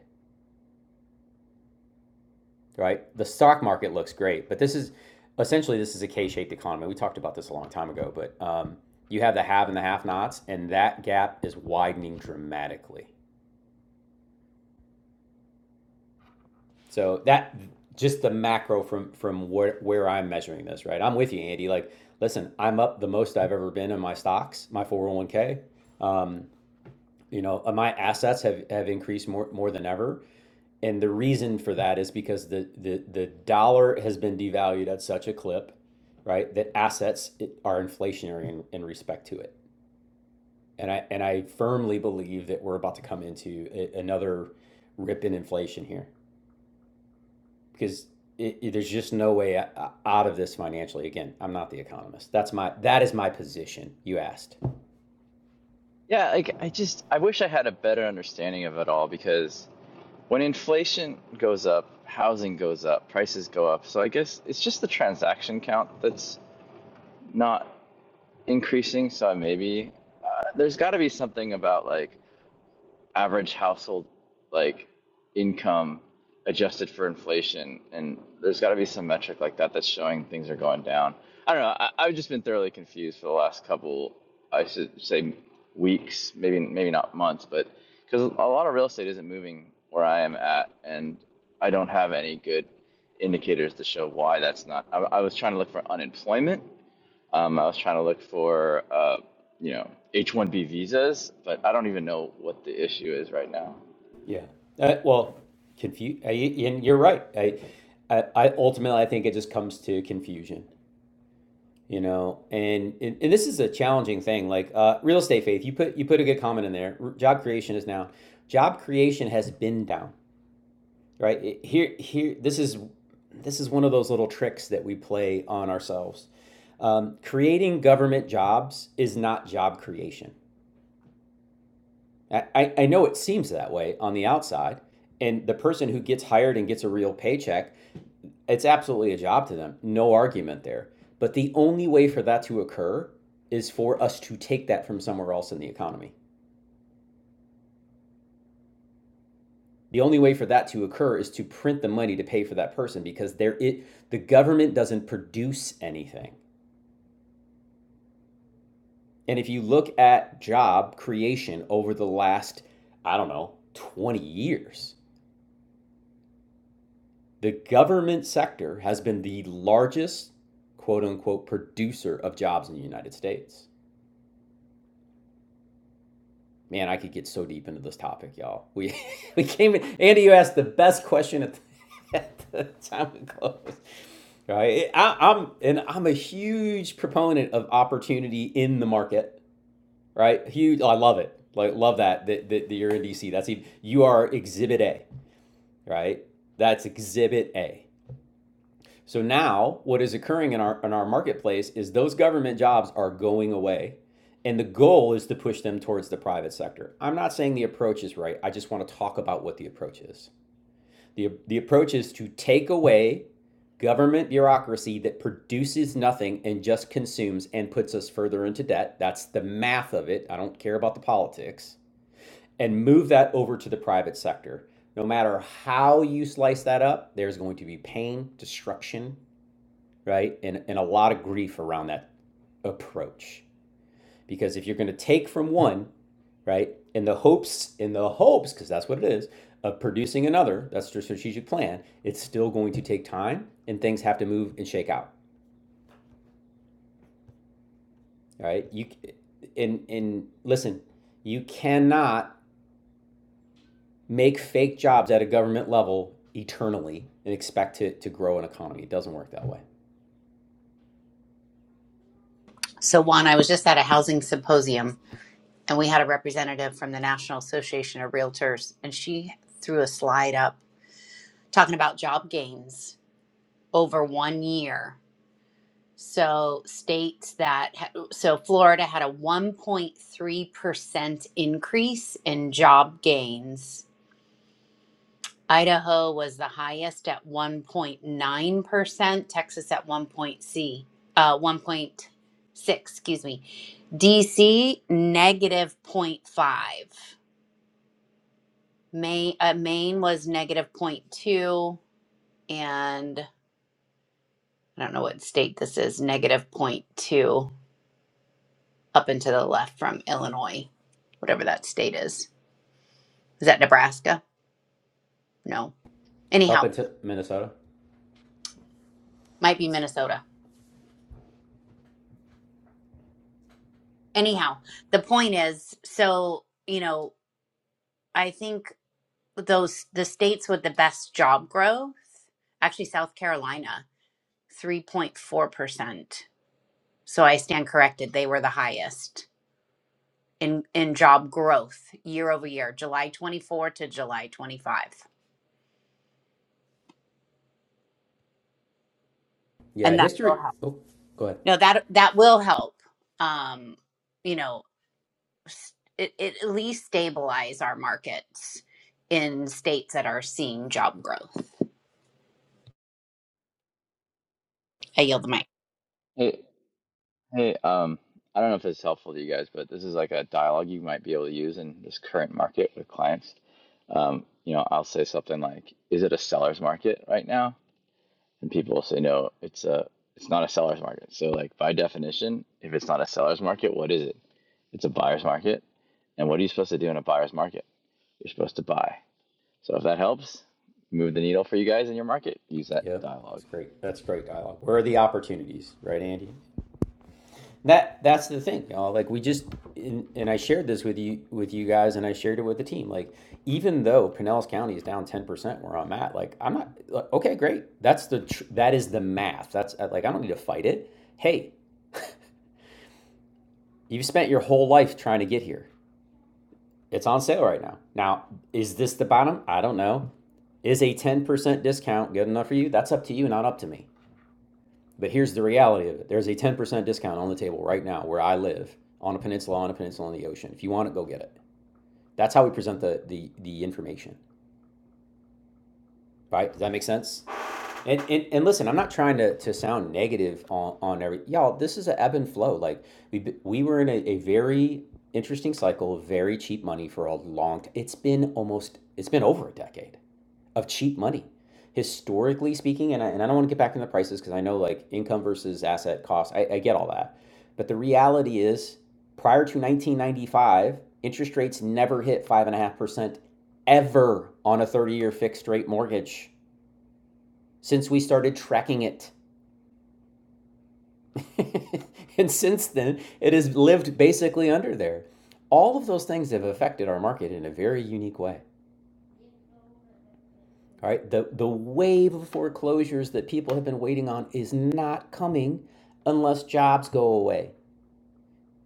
right? The stock market looks great, but this is essentially this is a K-shaped economy. We talked about this a long time ago, but um, you have the have and the have-nots, and that gap is widening dramatically. So that just the macro from from where where I'm measuring this, right? I'm with you, Andy. Like, listen, I'm up the most I've ever been in my stocks, my 401k. Um, you know, uh, my assets have have increased more more than ever. and the reason for that is because the, the, the dollar has been devalued at such a clip, right, that assets are inflationary in, in respect to it. And I, and I firmly believe that we're about to come into a, another rip in inflation here because it, it- there's just no way out of this financially. Again, I'm not the economist. That's my, that is my position. You asked. Yeah, like I just I wish I had a better understanding of it all because when inflation goes up, housing goes up, prices go up. So I guess it's just the transaction count that's not increasing. So maybe uh, there's got to be something about like average household like income adjusted for inflation, and there's got to be some metric like that that's showing things are going down. I don't know. I, I've just been thoroughly confused for the last couple, I should say, weeks, maybe maybe not months, but because a lot of real estate isn't moving where I am at, and I don't have any good indicators to show why that's not. I, I was trying to look for unemployment um, I was trying to look for, uh, you know, H-1B visas, but I don't even know what the issue is right now. Yeah. Uh, well, confuse. Uh, and you're right. I, I, I ultimately I think it just comes to confusion. you know and, and and this is a challenging thing like uh, real estate faith you put you put a good comment in there R- job creation is down job creation has been down right It- here here this is this is one of those little tricks that we play on ourselves um, creating government jobs is not job creation I, I I know it seems that way on the outside and the person who gets hired and gets a real paycheck It's absolutely a job to them. No argument there. But the only way for that to occur is for us to take that from somewhere else in the economy. The only way for that to occur is to print the money to pay for that person because there it the government doesn't produce anything. And if you look at job creation over the last, I don't know, 20 years, the government sector has been the largest quote unquote producer of jobs in the United States. Man, I could get so deep into this topic, y'all. We (laughs) we came in. Andy, you asked the best question at the, (laughs) at the time we closed. Right? I, I'm and I'm a huge proponent of opportunity in the market. Right? Huge. Oh, I love it. Like love that that, that, that you're in DC. That's even, you are Exhibit A. Right? That's Exhibit A. So now what is occurring in our in our marketplace is those government jobs are going away and the goal is to push them towards the private sector. I'm not saying the approach is right. I just want to talk about what the approach is. The the approach is to take away government bureaucracy that produces nothing and just consumes and puts us further into debt. That's the math of it. I don't care about the politics. And move that over to the private sector. No matter how you slice that up, there's going to be pain, destruction, right? And, and a lot of grief around that approach. Because if you're going to take from one, right, in the hopes, in the hopes, because that's what it is, of producing another, that's your strategic plan, it's still going to take time and things have to move and shake out, right? You, and, and listen, you cannot make fake jobs at a government level eternally and expect to, to grow an economy. It doesn't work that way. So Juan, I was just at a housing symposium and we had a representative from the National Association of Realtors and she threw a slide up talking about job gains over 1 year So states that ha- so Florida had a 1.3% increase in job gains. Idaho was the highest at 1.9%, Texas at one point C, uh 1.6, excuse me. DC negative negative point five. Maine, uh, Maine was negative negative point two, and I don't know what state this is, negative Negative point two. up and to the left from Illinois, whatever that state is. Is that Nebraska? No. Up Anyhow, into Minnesota. might be Minnesota. Anyhow, the point is so, you know, I think those the states with the best job growth, actually South Carolina, 3.4%. So I stand corrected, they were the highest in in job growth year over year, July 24 to July 25. Yeah, And that will history. help. Oh, go ahead. No, that that will help. Um, you know, it, it at least stabilize our markets in states that are seeing job growth. I yield the mic. Hey, hey, um, I don't know if it's helpful to you guys, but this is like a dialogue you might be able to use in this current market with clients. Um, you know, I'll say something like, "Is it a seller's market right now?" And people will say, "No, it's a, it's not a seller's market." So, like by definition, if it's not a seller's market, what is it? It's a buyer's market. And what are you supposed to do in a buyer's market? You're supposed to buy. So if that helps move the needle for you guys in your market, use that Yeah, dialogue. that's great. That's great dialogue. Where are the opportunities, right, Andy? That that's the thing, y'all. Like we just and, and I shared this with you with you guys, and I shared it with the team. Like even though Pinellas County is down ten percent where I'm at, like I'm not like, okay. Great, that's the tr- that is the math. That's uh, like I don't need to fight it. Hey, you've spent your whole life trying to get here. It's on sale right now. Now, is this the bottom? I don't know. Is a ten percent discount good enough for you? That's up to you, not up to me. But here's the reality of it there's a 10% discount on the table right now where I live on a peninsula, on a peninsula in the ocean. If you want it, go get it. That's how we present the, the, the information, right? Does that make sense? And, and, and listen, I'm not trying to, to sound negative on, on every, y'all, this is an ebb and flow. Like we, we were in a, a very interesting cycle of very cheap money for a long, t- it's been almost, it's been over a decade. of cheap money historically speaking and I, and I don't want to get back into the prices because i know like income versus asset cost I, I get all that but the reality is prior to 1995 interest rates never hit 5.5% ever on a 30-year fixed rate mortgage since we started tracking it (laughs) and since then it has lived basically under there all of those things have affected our market in a very unique way All right, the, the wave of foreclosures that people have been waiting on is not coming unless jobs go away.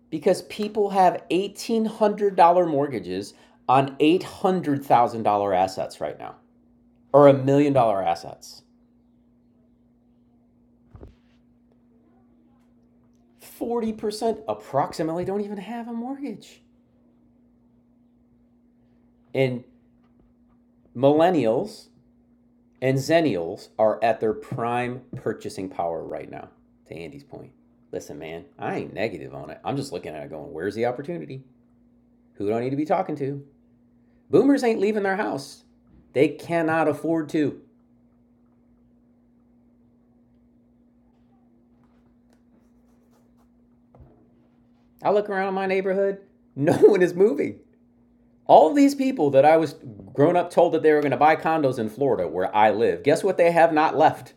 Because people have $1,800 mortgages on $800,000 assets right now, or a million dollar assets. 40% approximately don't even have a mortgage. And millennials and zennials are at their prime purchasing power right now, to Andy's point. Listen, man, I ain't negative on it. I'm just looking at it going, where's the opportunity? who do I need to be talking to? Boomers ain't leaving their house. They cannot afford to. I look around my neighborhood, (laughs) no one is moving. All these people that I was grown up told that they were going to buy condos in Florida where I live, guess what they have not left?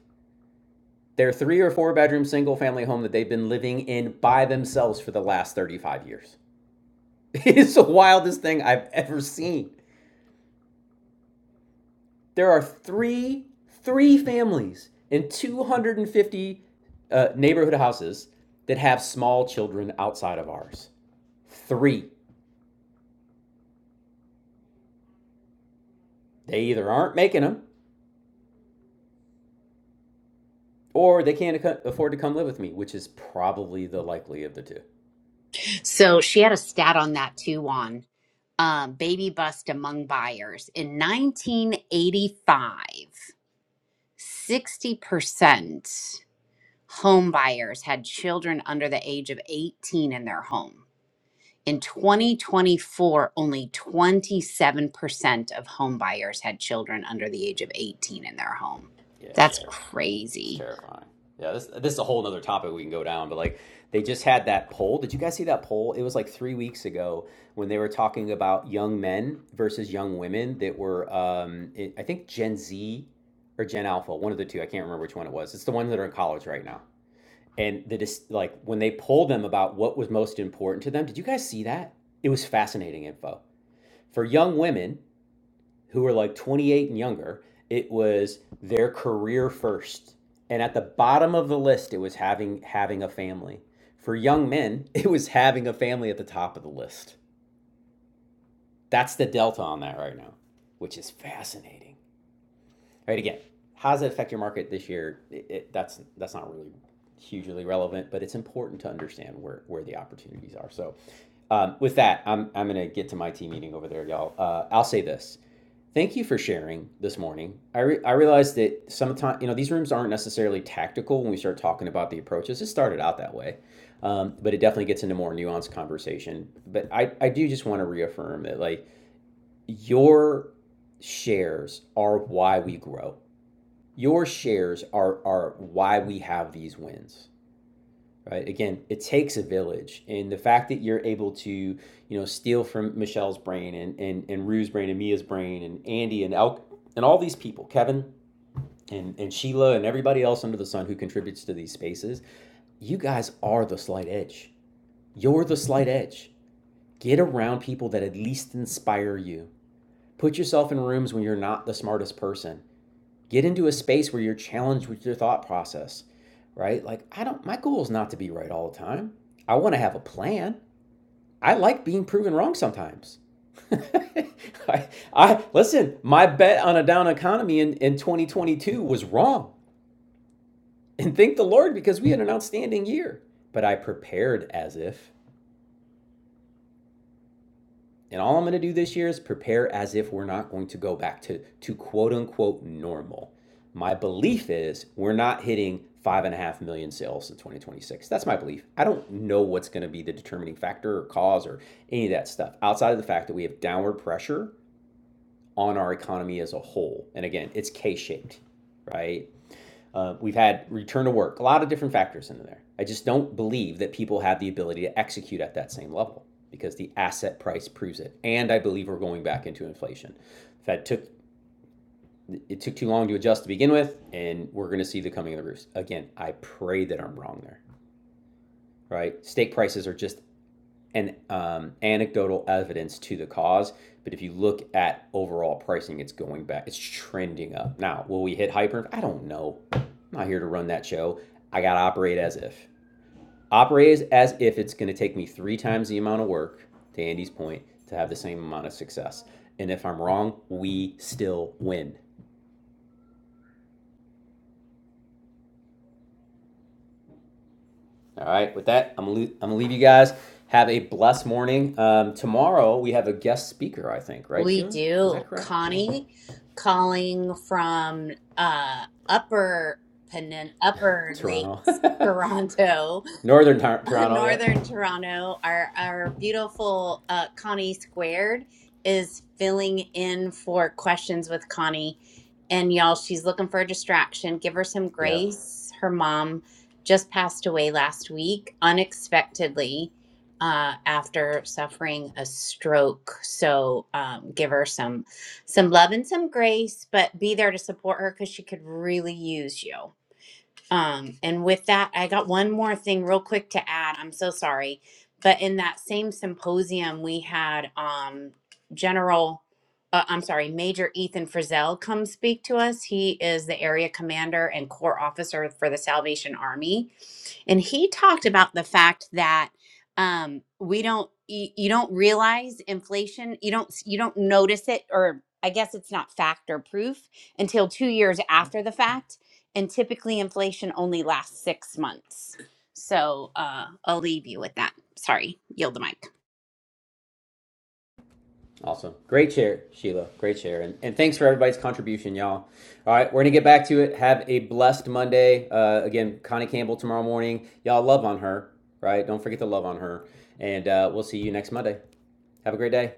Their three or four bedroom single family home that they've been living in by themselves for the last 35 years. (laughs) It is the wildest thing I've ever seen. there are three three families in 250 uh, neighborhood houses that have small children outside of ours. Three. They either aren't making them or they can't afford to come live with me, which is probably the likely of the two. So she had a stat on that too, on um, baby bust among buyers. In 1985, 60% home buyers had children under the age of 18 in their home. In 2024, only 27% of home buyers had children under the age of 18 in their home. Yeah, it's That's terrible. It's crazy. terrifying. Yeah, this this is a whole other topic we can go down, but like they just had that poll. Did you guys see that poll? It was like three weeks ago when they were talking about young men versus young women that were, um, it, I think Gen Z or Gen Alpha, one of the two. I can't remember which one it was. It's the ones that are in college right now. And the like when they polled them about what was most important to them. Did you guys see that? It was fascinating info for young women who were like 28 and younger, it was their career first. And at the bottom of the list, it was having having a family. For young men, (laughs) it was having a family at the top of the list. That's the delta on that right now, which is fascinating. All right again how does it affect your market this year it, it, that's that's not really hugely relevant but it's important to understand where where the opportunities are so um, with that i'm i'm going to get to my team meeting over there y'all uh, i'll say this thank you for sharing this morning i, re- I realized that sometimes you know these rooms aren't necessarily tactical when we start talking about the approaches it started out that way um, but it definitely gets into more nuanced conversation but i, I do just want to reaffirm that like your shares are why we grow your shares are are why we have these wins right again it takes a village and the fact that you're able to you know steal from michelle's brain and and, and rue's brain and mia's brain and andy and elk and all these people kevin and, and sheila and everybody else under the sun who contributes to these spaces you guys are the slight edge you're the slight edge get around people that at least inspire you put yourself in rooms when you're not the smartest person Get into a space where you're challenged with your thought process, right? Like, I don't, my goal is not to be right all the time. I want to have a plan. I like being proven wrong sometimes. (laughs) I, I listen, my bet on a down economy in, in 2022 was wrong. And thank the Lord because we had an outstanding year. But I prepared as if. And all I'm going to do this year is prepare as if we're not going to go back to, to quote unquote normal. My belief is we're not hitting five and a half million sales in 2026. That's my belief. I don't know what's going to be the determining factor or cause or any of that stuff outside of the fact that we have downward pressure on our economy as a whole. And again, it's K shaped, right? Uh, we've had return to work, a lot of different factors in there. I just don't believe that people have the ability to execute at that same level because the asset price proves it. And I believe we're going back into inflation. The Fed took it took too long to adjust to begin with, and we're going to see the coming of the roofs again. I pray that I'm wrong there. Right? Steak prices are just an um, anecdotal evidence to the cause. But if you look at overall pricing, it's going back. It's trending up. Now, will we hit hyper? I don't know. I'm not here to run that show. I gotta operate as if. Operate as, if it's gonna take me three times the amount of work, to Andy's point, to have the same amount of success. And if I'm wrong, we still win. All right, with that, I'm gonna, I'm gonna leave you guys. Have a blessed morning. Um, tomorrow we have a guest speaker, I think, right, We Sheila? Is do. that correct? Hold on. Connie calling from uh upper Penin upper Toronto. lakes, (laughs) (laughs) Toronto. Northern Tar- (laughs) Toronto, yep. Northern Toronto, our our beautiful uh, Connie Squared is filling in for questions with Connie, and y'all, she's looking for a distraction. Give her some Yep. grace. Her mom just passed away last week unexpectedly uh, after suffering a stroke. So um, give her some some love and some grace, but be there to support her because she could really use you. Um, and with that, I got one more thing real quick to add. I'm so sorry. But in that same symposium, we had um, General, uh, I'm sorry, Major Ethan Frizzell come speak to us. He is the area commander and corps officer for the Salvation Army. And he talked about the fact that um, we don't, y- you don't realize inflation, you don't, you don't notice it, or I guess it's not factor proof until two years after the fact and typically, inflation only lasts six months. So uh, I'll leave you with that. Sorry, yield the mic. Awesome. Great chair, Sheila. Great chair. And, and thanks for everybody's contribution, y'all. All right, we're going to get back to it. Have a blessed Monday. Uh, again, Connie Campbell tomorrow morning. Y'all love on her, right? Don't forget to love on her. And uh, we'll see you next Monday. Have a great day.